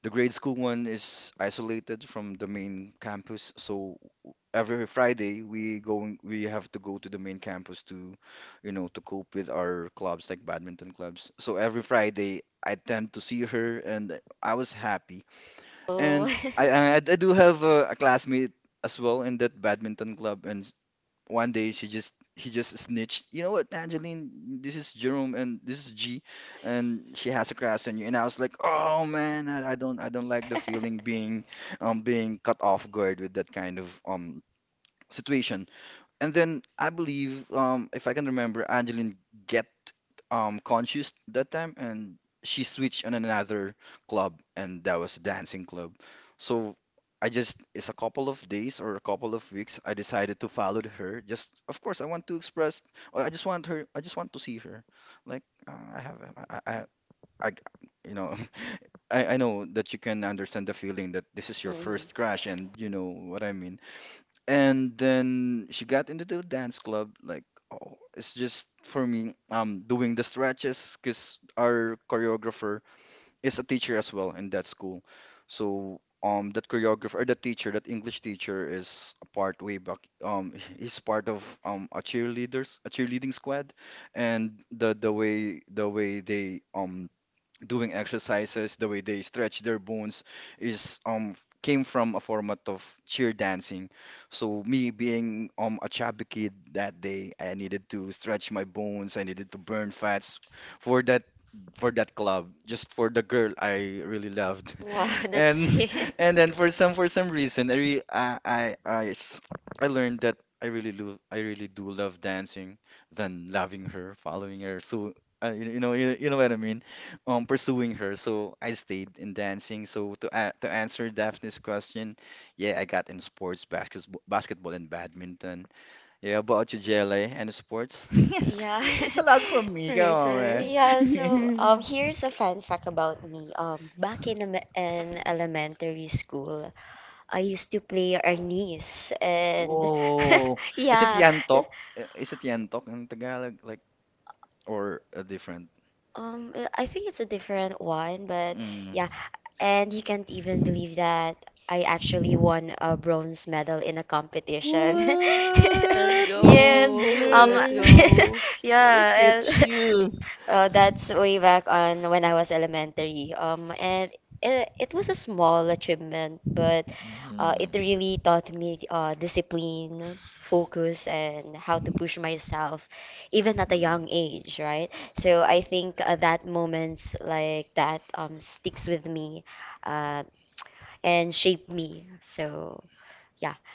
[SPEAKER 3] the grade school one is isolated from the main campus, so every Friday we going we have to go to the main campus to, you know, to cope with our clubs like badminton clubs. So every Friday I tend to see her, and I was happy.
[SPEAKER 4] Oh.
[SPEAKER 3] And I I, I do have a, a classmate as well in that badminton club, and one day she just he just snitched. You know what, Angeline? This is Jerome and this is G, and she has a crush on you. And I was like, oh man, I, I don't I don't like the feeling being um being cut off guard with that kind of um situation.
[SPEAKER 1] situation. And
[SPEAKER 3] And
[SPEAKER 1] then
[SPEAKER 3] then
[SPEAKER 1] I
[SPEAKER 3] I
[SPEAKER 1] believe,
[SPEAKER 3] believe,
[SPEAKER 1] um,
[SPEAKER 3] um,
[SPEAKER 1] if
[SPEAKER 3] if
[SPEAKER 1] I
[SPEAKER 3] I can
[SPEAKER 1] can remember,
[SPEAKER 3] remember,
[SPEAKER 1] Anne
[SPEAKER 3] Angeline
[SPEAKER 1] didn't get
[SPEAKER 3] get
[SPEAKER 1] um,
[SPEAKER 3] um
[SPEAKER 1] conscious
[SPEAKER 3] conscious
[SPEAKER 1] that
[SPEAKER 3] that
[SPEAKER 1] time,
[SPEAKER 3] time, and
[SPEAKER 1] and she
[SPEAKER 3] she
[SPEAKER 1] switched
[SPEAKER 3] switched on
[SPEAKER 1] on another
[SPEAKER 3] another
[SPEAKER 1] club,
[SPEAKER 3] club,
[SPEAKER 1] and
[SPEAKER 3] and
[SPEAKER 1] that
[SPEAKER 3] that
[SPEAKER 1] was
[SPEAKER 3] was
[SPEAKER 1] Dancing
[SPEAKER 3] dancing
[SPEAKER 1] Blue.
[SPEAKER 3] club.
[SPEAKER 1] So
[SPEAKER 3] So
[SPEAKER 1] I
[SPEAKER 3] I
[SPEAKER 1] just
[SPEAKER 3] just,
[SPEAKER 1] a
[SPEAKER 3] it's a
[SPEAKER 1] couple
[SPEAKER 3] couple
[SPEAKER 1] of
[SPEAKER 3] of
[SPEAKER 1] days
[SPEAKER 3] days
[SPEAKER 1] or
[SPEAKER 3] or
[SPEAKER 1] a
[SPEAKER 3] a
[SPEAKER 1] couple
[SPEAKER 3] couple
[SPEAKER 1] of
[SPEAKER 3] of
[SPEAKER 1] weeks,
[SPEAKER 3] weeks,
[SPEAKER 1] I
[SPEAKER 3] I
[SPEAKER 1] decided
[SPEAKER 3] decided
[SPEAKER 1] to
[SPEAKER 3] to
[SPEAKER 1] follow
[SPEAKER 3] follow
[SPEAKER 1] her.
[SPEAKER 3] her.
[SPEAKER 1] Just
[SPEAKER 3] Just,
[SPEAKER 1] of
[SPEAKER 3] of
[SPEAKER 1] course,
[SPEAKER 3] course,
[SPEAKER 1] I
[SPEAKER 3] I
[SPEAKER 1] want
[SPEAKER 3] want
[SPEAKER 1] to
[SPEAKER 3] to
[SPEAKER 1] express.
[SPEAKER 3] express, or
[SPEAKER 1] I
[SPEAKER 3] I
[SPEAKER 1] just
[SPEAKER 3] just
[SPEAKER 1] want
[SPEAKER 3] want
[SPEAKER 1] her.
[SPEAKER 3] her,
[SPEAKER 1] I
[SPEAKER 3] I
[SPEAKER 1] just
[SPEAKER 3] just
[SPEAKER 1] want
[SPEAKER 3] want
[SPEAKER 1] to
[SPEAKER 3] to
[SPEAKER 1] see
[SPEAKER 3] see
[SPEAKER 1] her.
[SPEAKER 3] her. Like, uh, I have, I,
[SPEAKER 1] Like, I,
[SPEAKER 3] I,
[SPEAKER 1] I,
[SPEAKER 3] I,
[SPEAKER 1] you
[SPEAKER 3] you
[SPEAKER 1] know, like,
[SPEAKER 3] know,
[SPEAKER 1] I, I
[SPEAKER 3] I, I
[SPEAKER 1] know
[SPEAKER 3] know
[SPEAKER 1] that
[SPEAKER 3] that
[SPEAKER 1] you
[SPEAKER 3] you
[SPEAKER 1] can
[SPEAKER 3] can
[SPEAKER 1] understand
[SPEAKER 3] understand
[SPEAKER 1] the
[SPEAKER 3] the
[SPEAKER 1] feeling
[SPEAKER 3] feeling that
[SPEAKER 1] that this
[SPEAKER 3] this
[SPEAKER 1] is
[SPEAKER 3] is
[SPEAKER 1] your
[SPEAKER 3] your
[SPEAKER 4] Mhm.
[SPEAKER 1] first
[SPEAKER 3] first
[SPEAKER 1] crash,
[SPEAKER 3] crush,
[SPEAKER 1] and
[SPEAKER 3] and
[SPEAKER 1] you know
[SPEAKER 3] you know
[SPEAKER 1] what
[SPEAKER 3] what
[SPEAKER 1] I
[SPEAKER 3] I
[SPEAKER 1] mean.
[SPEAKER 3] mean,
[SPEAKER 1] And
[SPEAKER 3] and
[SPEAKER 1] then
[SPEAKER 3] then
[SPEAKER 1] she
[SPEAKER 3] she
[SPEAKER 1] got
[SPEAKER 3] got
[SPEAKER 1] into
[SPEAKER 3] into the
[SPEAKER 1] this
[SPEAKER 3] dance
[SPEAKER 1] club.
[SPEAKER 3] club, like oh
[SPEAKER 1] It's
[SPEAKER 3] it's
[SPEAKER 1] just for me
[SPEAKER 3] just for me um
[SPEAKER 1] how doing
[SPEAKER 3] doing
[SPEAKER 1] this is hard
[SPEAKER 3] the stretches because
[SPEAKER 1] for
[SPEAKER 3] our choreographer
[SPEAKER 1] it's
[SPEAKER 3] is
[SPEAKER 1] a
[SPEAKER 3] a
[SPEAKER 1] teacher
[SPEAKER 3] teacher
[SPEAKER 1] as
[SPEAKER 3] as
[SPEAKER 1] well,
[SPEAKER 3] well
[SPEAKER 1] and
[SPEAKER 3] in that
[SPEAKER 1] that's
[SPEAKER 3] school,
[SPEAKER 1] cool. So
[SPEAKER 3] so
[SPEAKER 1] um
[SPEAKER 3] um that choreographer or that
[SPEAKER 1] teacher,
[SPEAKER 3] teacher, that
[SPEAKER 1] English
[SPEAKER 3] english
[SPEAKER 1] teacher
[SPEAKER 3] teacher
[SPEAKER 1] is
[SPEAKER 3] is a
[SPEAKER 1] one
[SPEAKER 3] part
[SPEAKER 1] way
[SPEAKER 3] way
[SPEAKER 1] from,
[SPEAKER 3] back
[SPEAKER 1] um,
[SPEAKER 3] um
[SPEAKER 1] is
[SPEAKER 3] he's
[SPEAKER 1] one of
[SPEAKER 3] part of
[SPEAKER 1] um
[SPEAKER 3] um a
[SPEAKER 1] achievement
[SPEAKER 3] cheerleaders, a
[SPEAKER 1] achievement
[SPEAKER 3] cheerleading
[SPEAKER 1] as well, and
[SPEAKER 3] squad,
[SPEAKER 1] the
[SPEAKER 3] and the the way
[SPEAKER 1] the
[SPEAKER 3] the
[SPEAKER 1] way
[SPEAKER 3] way
[SPEAKER 1] they
[SPEAKER 3] they
[SPEAKER 1] um
[SPEAKER 3] um
[SPEAKER 1] doing
[SPEAKER 3] doing
[SPEAKER 1] it,
[SPEAKER 3] exercises,
[SPEAKER 1] the
[SPEAKER 3] the
[SPEAKER 1] way
[SPEAKER 3] way
[SPEAKER 1] they
[SPEAKER 3] they
[SPEAKER 1] stretch
[SPEAKER 3] stretch
[SPEAKER 1] their
[SPEAKER 3] their bones is
[SPEAKER 1] is um
[SPEAKER 3] um
[SPEAKER 1] came
[SPEAKER 3] came from a format of
[SPEAKER 1] cheer
[SPEAKER 3] cheer
[SPEAKER 1] dancing.
[SPEAKER 3] dancing.
[SPEAKER 1] So
[SPEAKER 3] So me
[SPEAKER 1] we
[SPEAKER 3] being
[SPEAKER 1] um
[SPEAKER 3] um
[SPEAKER 1] a
[SPEAKER 3] a
[SPEAKER 1] chapter
[SPEAKER 3] chubby
[SPEAKER 1] came
[SPEAKER 3] kid
[SPEAKER 1] that
[SPEAKER 3] that
[SPEAKER 1] day
[SPEAKER 3] day,
[SPEAKER 1] and
[SPEAKER 3] I
[SPEAKER 1] to stretch
[SPEAKER 3] needed
[SPEAKER 1] my bones and to run
[SPEAKER 3] to
[SPEAKER 1] fast
[SPEAKER 3] stretch my bones, I needed to burn fats
[SPEAKER 1] for
[SPEAKER 3] for
[SPEAKER 1] that
[SPEAKER 3] that
[SPEAKER 1] for,
[SPEAKER 3] for that club,
[SPEAKER 1] wow, that's
[SPEAKER 3] just
[SPEAKER 1] sweet.
[SPEAKER 3] for the girl I
[SPEAKER 1] Yeah.
[SPEAKER 3] really loved.
[SPEAKER 4] Wow, that's
[SPEAKER 3] And
[SPEAKER 4] sweet.
[SPEAKER 1] Yeah,
[SPEAKER 3] and then
[SPEAKER 1] and
[SPEAKER 3] for some for some reason I re, I, I I s- I learned that I really do I really do love dancing than loving her, following her. So uh, you, you know you, you know what I mean um pursuing her,
[SPEAKER 1] so
[SPEAKER 3] so I stayed in dancing. So to a to answer Daphne's question, yeah, I got in sports, basketball, basketball and badminton. Yeah, about you, Jelly, and sports?
[SPEAKER 4] Yeah.
[SPEAKER 3] It's a lot from me, come
[SPEAKER 2] right,
[SPEAKER 3] on, man.
[SPEAKER 2] right.
[SPEAKER 4] Yeah, so
[SPEAKER 1] uh,
[SPEAKER 4] um
[SPEAKER 1] here's
[SPEAKER 4] here's
[SPEAKER 1] a
[SPEAKER 4] a
[SPEAKER 1] fun
[SPEAKER 4] fun
[SPEAKER 1] fact
[SPEAKER 4] fact
[SPEAKER 1] about
[SPEAKER 4] about me.
[SPEAKER 1] um,
[SPEAKER 4] Um back
[SPEAKER 1] Filipino
[SPEAKER 4] in,
[SPEAKER 1] me-
[SPEAKER 4] em-
[SPEAKER 1] and
[SPEAKER 4] in
[SPEAKER 1] elementary
[SPEAKER 4] elementary
[SPEAKER 1] school.
[SPEAKER 4] school,
[SPEAKER 1] I
[SPEAKER 4] I
[SPEAKER 1] used to
[SPEAKER 4] used to
[SPEAKER 1] play
[SPEAKER 4] play
[SPEAKER 1] Ramis
[SPEAKER 4] Ernest
[SPEAKER 1] and
[SPEAKER 4] and
[SPEAKER 1] oh.
[SPEAKER 3] Oh,
[SPEAKER 1] Is, yeah, it Yan? Is
[SPEAKER 3] is it
[SPEAKER 1] it
[SPEAKER 4] yeah.
[SPEAKER 1] Yan? Or
[SPEAKER 3] Yantok? Uh, Is it
[SPEAKER 1] version?
[SPEAKER 3] Yantok in Tagalog, like, or a different?
[SPEAKER 4] Um,
[SPEAKER 1] Um,
[SPEAKER 4] uh,
[SPEAKER 1] I
[SPEAKER 4] I
[SPEAKER 1] think
[SPEAKER 4] think
[SPEAKER 1] it's
[SPEAKER 4] it's
[SPEAKER 1] a
[SPEAKER 4] a
[SPEAKER 1] different
[SPEAKER 4] different
[SPEAKER 1] one,
[SPEAKER 4] one,
[SPEAKER 1] but
[SPEAKER 4] but
[SPEAKER 1] yeah.
[SPEAKER 3] Mm.
[SPEAKER 4] yeah.
[SPEAKER 1] And you
[SPEAKER 4] And you
[SPEAKER 1] can't even
[SPEAKER 4] can't
[SPEAKER 1] believe
[SPEAKER 4] even believe
[SPEAKER 1] that
[SPEAKER 4] that
[SPEAKER 1] I
[SPEAKER 4] I
[SPEAKER 1] actually
[SPEAKER 4] actually
[SPEAKER 1] won
[SPEAKER 4] won
[SPEAKER 1] a
[SPEAKER 4] a
[SPEAKER 1] bronze
[SPEAKER 4] bronze
[SPEAKER 1] medal
[SPEAKER 4] medal
[SPEAKER 1] in a
[SPEAKER 4] in a
[SPEAKER 1] competition.
[SPEAKER 3] What?
[SPEAKER 4] competition.
[SPEAKER 2] Let's
[SPEAKER 1] Yes.
[SPEAKER 4] Yes.
[SPEAKER 2] go,
[SPEAKER 1] Um,
[SPEAKER 4] Um,
[SPEAKER 2] let's
[SPEAKER 1] yeah.
[SPEAKER 2] go.
[SPEAKER 4] yeah.
[SPEAKER 3] Look at
[SPEAKER 4] And-
[SPEAKER 1] And
[SPEAKER 3] you.
[SPEAKER 1] uh,
[SPEAKER 4] Uh,
[SPEAKER 1] that's
[SPEAKER 4] that's
[SPEAKER 1] way
[SPEAKER 4] way
[SPEAKER 1] back
[SPEAKER 4] back
[SPEAKER 1] on
[SPEAKER 4] on
[SPEAKER 1] when I
[SPEAKER 4] when I
[SPEAKER 1] was
[SPEAKER 4] was
[SPEAKER 1] elementary.
[SPEAKER 4] elementary.
[SPEAKER 1] Um,
[SPEAKER 4] Um,
[SPEAKER 1] and
[SPEAKER 4] and
[SPEAKER 1] it,
[SPEAKER 4] it,
[SPEAKER 1] it
[SPEAKER 4] it
[SPEAKER 1] was a
[SPEAKER 4] was a
[SPEAKER 1] small
[SPEAKER 4] small
[SPEAKER 1] achievement,
[SPEAKER 4] achievement,
[SPEAKER 1] but
[SPEAKER 4] but
[SPEAKER 1] uh,
[SPEAKER 4] uh,
[SPEAKER 1] it
[SPEAKER 3] Mm.
[SPEAKER 4] it
[SPEAKER 1] really
[SPEAKER 4] really
[SPEAKER 1] taught
[SPEAKER 4] taught
[SPEAKER 1] me
[SPEAKER 4] me
[SPEAKER 1] uh,
[SPEAKER 4] uh,
[SPEAKER 1] discipline,
[SPEAKER 4] discipline,
[SPEAKER 1] focus,
[SPEAKER 4] focus,
[SPEAKER 1] and
[SPEAKER 4] and
[SPEAKER 1] how to
[SPEAKER 4] how to
[SPEAKER 1] push
[SPEAKER 4] push
[SPEAKER 1] myself,
[SPEAKER 4] myself,
[SPEAKER 1] even
[SPEAKER 4] even
[SPEAKER 1] at a
[SPEAKER 4] at a
[SPEAKER 1] young
[SPEAKER 4] young
[SPEAKER 1] age,
[SPEAKER 4] age,
[SPEAKER 1] right?
[SPEAKER 4] right?
[SPEAKER 1] So
[SPEAKER 4] So
[SPEAKER 1] I
[SPEAKER 4] I
[SPEAKER 1] think
[SPEAKER 4] think
[SPEAKER 1] uh,
[SPEAKER 4] uh,
[SPEAKER 1] that
[SPEAKER 4] that
[SPEAKER 1] moments
[SPEAKER 4] moments
[SPEAKER 1] like
[SPEAKER 4] like
[SPEAKER 1] that
[SPEAKER 4] that
[SPEAKER 1] um,
[SPEAKER 4] um,
[SPEAKER 1] sticks
[SPEAKER 4] sticks
[SPEAKER 1] with
[SPEAKER 4] with
[SPEAKER 1] me
[SPEAKER 4] me
[SPEAKER 1] uh,
[SPEAKER 4] uh,
[SPEAKER 1] and
[SPEAKER 4] and
[SPEAKER 1] shape
[SPEAKER 4] shape
[SPEAKER 1] me.
[SPEAKER 4] me.
[SPEAKER 1] So
[SPEAKER 4] So
[SPEAKER 1] yeah.
[SPEAKER 4] yeah,
[SPEAKER 1] Yeah.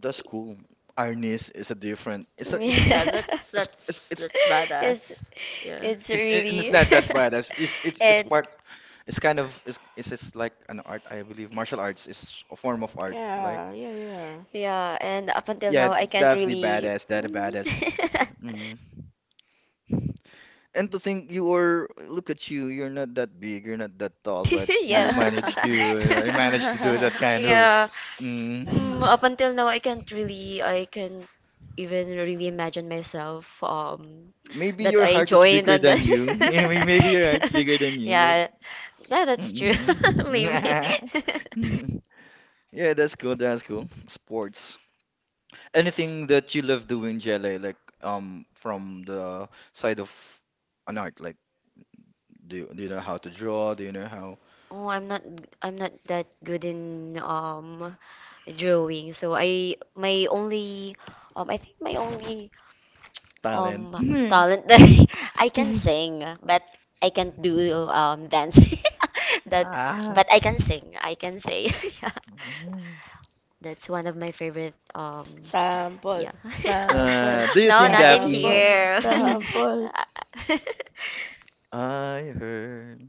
[SPEAKER 1] It's
[SPEAKER 3] cool. Arnis is a different. It's a. Is it?
[SPEAKER 2] Yeah,
[SPEAKER 3] Um.
[SPEAKER 2] that's
[SPEAKER 3] It's. It's.
[SPEAKER 2] that's
[SPEAKER 1] it's
[SPEAKER 3] It's.
[SPEAKER 2] that's
[SPEAKER 4] it's
[SPEAKER 2] badass. Yeah.
[SPEAKER 4] it's
[SPEAKER 3] It's. it- and It's
[SPEAKER 4] really
[SPEAKER 3] not that bad. It's. It's. It's. It's
[SPEAKER 4] and
[SPEAKER 3] part. It's kind of. It's. It's. It's like an art. I
[SPEAKER 1] really.
[SPEAKER 3] believe
[SPEAKER 1] And
[SPEAKER 3] martial arts is a form of art. Like.
[SPEAKER 2] Yeah, yeah,
[SPEAKER 4] yeah, and up until
[SPEAKER 3] Yeah.
[SPEAKER 4] now I can't
[SPEAKER 3] Definitely
[SPEAKER 4] really.
[SPEAKER 3] badass. That a badass. hmm And to think you are. Look at you. You're not that big. You're not that tall. But you
[SPEAKER 4] Yeah.
[SPEAKER 2] yeah.
[SPEAKER 3] managed to. Uh, you managed to do that kind of.
[SPEAKER 4] Yeah. Mm,
[SPEAKER 3] Mm.
[SPEAKER 4] up until now, I can't really, I can't even really imagine myself um
[SPEAKER 3] Maybe
[SPEAKER 4] that
[SPEAKER 3] your
[SPEAKER 4] I
[SPEAKER 3] heart is
[SPEAKER 4] joined
[SPEAKER 3] bigger
[SPEAKER 4] on that.
[SPEAKER 3] than you. Maybe your heart's bigger than you. Like.
[SPEAKER 4] Yeah. Yeah, that's true.
[SPEAKER 3] Mm-mm-mm.
[SPEAKER 4] Maybe.
[SPEAKER 3] Yeah, that's cool. That's cool. Sports. Anything that you love doing, Jelly, like um
[SPEAKER 1] from
[SPEAKER 3] from the
[SPEAKER 1] the side
[SPEAKER 3] side
[SPEAKER 1] of
[SPEAKER 3] of an
[SPEAKER 1] Anaheim.
[SPEAKER 3] art, like do
[SPEAKER 1] The
[SPEAKER 3] you, do you
[SPEAKER 1] Kira
[SPEAKER 3] know how
[SPEAKER 1] House,
[SPEAKER 3] to
[SPEAKER 1] if you all
[SPEAKER 3] draw? Do you know
[SPEAKER 1] there.
[SPEAKER 3] how
[SPEAKER 1] Oh,
[SPEAKER 4] Oh,
[SPEAKER 1] I'm
[SPEAKER 4] I'm
[SPEAKER 1] not,
[SPEAKER 4] not
[SPEAKER 1] I'm not
[SPEAKER 4] I'm
[SPEAKER 1] that
[SPEAKER 4] not
[SPEAKER 1] good
[SPEAKER 4] that good
[SPEAKER 1] in
[SPEAKER 4] in
[SPEAKER 1] um,
[SPEAKER 4] um
[SPEAKER 1] jewelry,
[SPEAKER 4] drawing.
[SPEAKER 1] so
[SPEAKER 4] So
[SPEAKER 1] I
[SPEAKER 4] I
[SPEAKER 1] my
[SPEAKER 4] my
[SPEAKER 1] only
[SPEAKER 4] only um I
[SPEAKER 1] knowledge,
[SPEAKER 4] think
[SPEAKER 1] my
[SPEAKER 4] my
[SPEAKER 1] only
[SPEAKER 4] only
[SPEAKER 1] um,
[SPEAKER 3] talent?
[SPEAKER 4] Um,
[SPEAKER 1] okay, knowledge
[SPEAKER 4] talent.
[SPEAKER 1] that I
[SPEAKER 4] I
[SPEAKER 1] can
[SPEAKER 4] can
[SPEAKER 1] sing,
[SPEAKER 4] sing,
[SPEAKER 1] but
[SPEAKER 4] but
[SPEAKER 1] I
[SPEAKER 4] I
[SPEAKER 1] can
[SPEAKER 4] can't
[SPEAKER 1] do
[SPEAKER 4] do
[SPEAKER 1] um,
[SPEAKER 4] um dance.
[SPEAKER 1] dancing, but
[SPEAKER 4] That,
[SPEAKER 1] but
[SPEAKER 3] Ah.
[SPEAKER 1] I
[SPEAKER 4] but I
[SPEAKER 1] can
[SPEAKER 4] can
[SPEAKER 1] sing,
[SPEAKER 4] sing.
[SPEAKER 1] I
[SPEAKER 4] I
[SPEAKER 1] can
[SPEAKER 4] can
[SPEAKER 1] sing.
[SPEAKER 4] say. Yeah.
[SPEAKER 3] Mm.
[SPEAKER 1] That's
[SPEAKER 4] That's
[SPEAKER 1] one of
[SPEAKER 4] one of
[SPEAKER 1] my
[SPEAKER 4] my
[SPEAKER 1] favorite.
[SPEAKER 4] favorite.
[SPEAKER 1] Um,
[SPEAKER 4] Um,
[SPEAKER 1] Sa
[SPEAKER 2] Sample,
[SPEAKER 1] foot.
[SPEAKER 4] yeah.
[SPEAKER 1] Uh,
[SPEAKER 2] sample,
[SPEAKER 3] Uh, do
[SPEAKER 1] no, this is
[SPEAKER 3] you
[SPEAKER 4] No,
[SPEAKER 3] sing,
[SPEAKER 4] not
[SPEAKER 1] not in
[SPEAKER 4] in
[SPEAKER 1] happening
[SPEAKER 2] sample,
[SPEAKER 3] Daphne?
[SPEAKER 4] here.
[SPEAKER 3] Do you-
[SPEAKER 2] sample.
[SPEAKER 1] here.
[SPEAKER 3] I heard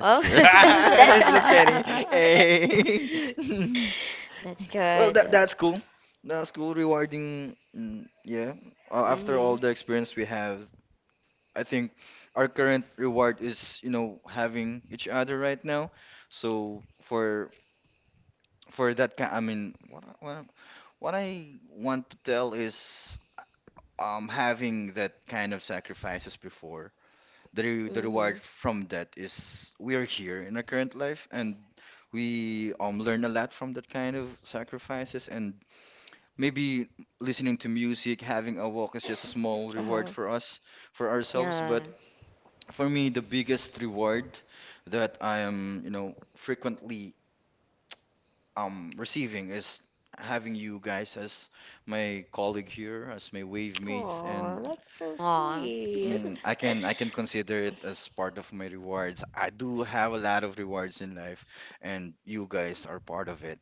[SPEAKER 4] Oh,
[SPEAKER 3] you're.
[SPEAKER 4] that's
[SPEAKER 3] It's just
[SPEAKER 4] that.
[SPEAKER 3] kidding. Hey.
[SPEAKER 4] That's
[SPEAKER 3] Well, that
[SPEAKER 4] good.
[SPEAKER 3] that's cool. That's cool, rewarding. Mm, yeah. Uh, after all
[SPEAKER 2] Mhm,
[SPEAKER 3] the experience we have, I think our current reward is, you know, having each other right now. So for for that kind, I mean, what I- what I- what I want to tell is um having that kind of sacrifices before. The re the reward
[SPEAKER 2] mhm.
[SPEAKER 3] from that is we are here in our
[SPEAKER 1] Okay.
[SPEAKER 3] current
[SPEAKER 1] Good.
[SPEAKER 3] life, and we
[SPEAKER 1] we um,
[SPEAKER 3] um
[SPEAKER 1] learn
[SPEAKER 3] learn a
[SPEAKER 1] a
[SPEAKER 3] lot
[SPEAKER 1] lot from
[SPEAKER 3] from
[SPEAKER 1] the
[SPEAKER 3] that kind of
[SPEAKER 1] parent
[SPEAKER 3] sacrifices.
[SPEAKER 1] sacrifices, and
[SPEAKER 3] And
[SPEAKER 1] maybe
[SPEAKER 3] maybe listening
[SPEAKER 1] listening to
[SPEAKER 3] to
[SPEAKER 1] music,
[SPEAKER 3] music,
[SPEAKER 1] having
[SPEAKER 3] having
[SPEAKER 1] a
[SPEAKER 3] a
[SPEAKER 1] walk
[SPEAKER 3] walk is just a
[SPEAKER 1] is more
[SPEAKER 3] small
[SPEAKER 2] Uh
[SPEAKER 3] reward
[SPEAKER 1] reward
[SPEAKER 2] huh.
[SPEAKER 3] for
[SPEAKER 1] for
[SPEAKER 3] us,
[SPEAKER 1] us, for
[SPEAKER 3] for
[SPEAKER 1] ourselves.
[SPEAKER 3] ourselves.
[SPEAKER 4] Yeah.
[SPEAKER 1] But
[SPEAKER 3] But
[SPEAKER 1] for
[SPEAKER 3] for me,
[SPEAKER 1] me,
[SPEAKER 3] the
[SPEAKER 1] the biggest
[SPEAKER 3] biggest
[SPEAKER 1] reward
[SPEAKER 3] reward
[SPEAKER 1] that
[SPEAKER 3] that
[SPEAKER 1] I
[SPEAKER 3] I
[SPEAKER 1] am
[SPEAKER 3] am, you know,
[SPEAKER 1] you know, frequently
[SPEAKER 3] frequently
[SPEAKER 1] um,
[SPEAKER 3] um
[SPEAKER 1] receiving
[SPEAKER 3] receiving
[SPEAKER 1] is
[SPEAKER 3] is
[SPEAKER 1] having
[SPEAKER 3] having
[SPEAKER 1] you
[SPEAKER 3] you
[SPEAKER 1] guys
[SPEAKER 3] guys
[SPEAKER 1] as
[SPEAKER 3] as
[SPEAKER 1] my
[SPEAKER 3] my
[SPEAKER 1] colleague
[SPEAKER 3] colleague
[SPEAKER 1] here,
[SPEAKER 3] here,
[SPEAKER 1] as
[SPEAKER 3] as
[SPEAKER 1] my
[SPEAKER 3] my wave mates,
[SPEAKER 2] Oh,
[SPEAKER 3] and
[SPEAKER 2] that's
[SPEAKER 1] waymates. And
[SPEAKER 2] so
[SPEAKER 4] Aw.
[SPEAKER 1] mm,
[SPEAKER 2] sweet.
[SPEAKER 3] mm,
[SPEAKER 1] I
[SPEAKER 3] I
[SPEAKER 1] can
[SPEAKER 3] can
[SPEAKER 1] I
[SPEAKER 3] I
[SPEAKER 1] can
[SPEAKER 3] can
[SPEAKER 1] consider
[SPEAKER 3] consider
[SPEAKER 1] it
[SPEAKER 3] it
[SPEAKER 1] as
[SPEAKER 3] as
[SPEAKER 1] part
[SPEAKER 3] part
[SPEAKER 1] of
[SPEAKER 3] of
[SPEAKER 1] my
[SPEAKER 3] my
[SPEAKER 1] rewards.
[SPEAKER 3] rewards.
[SPEAKER 1] I
[SPEAKER 3] I
[SPEAKER 1] do
[SPEAKER 3] do
[SPEAKER 1] have
[SPEAKER 3] have a
[SPEAKER 1] a lot
[SPEAKER 3] lot
[SPEAKER 1] of
[SPEAKER 3] of
[SPEAKER 1] rewards
[SPEAKER 3] rewards
[SPEAKER 1] in
[SPEAKER 3] in
[SPEAKER 1] life,
[SPEAKER 3] life, and
[SPEAKER 1] and you
[SPEAKER 3] you
[SPEAKER 1] guys
[SPEAKER 3] guys
[SPEAKER 1] are
[SPEAKER 3] are part
[SPEAKER 1] part of
[SPEAKER 3] of it.
[SPEAKER 1] it.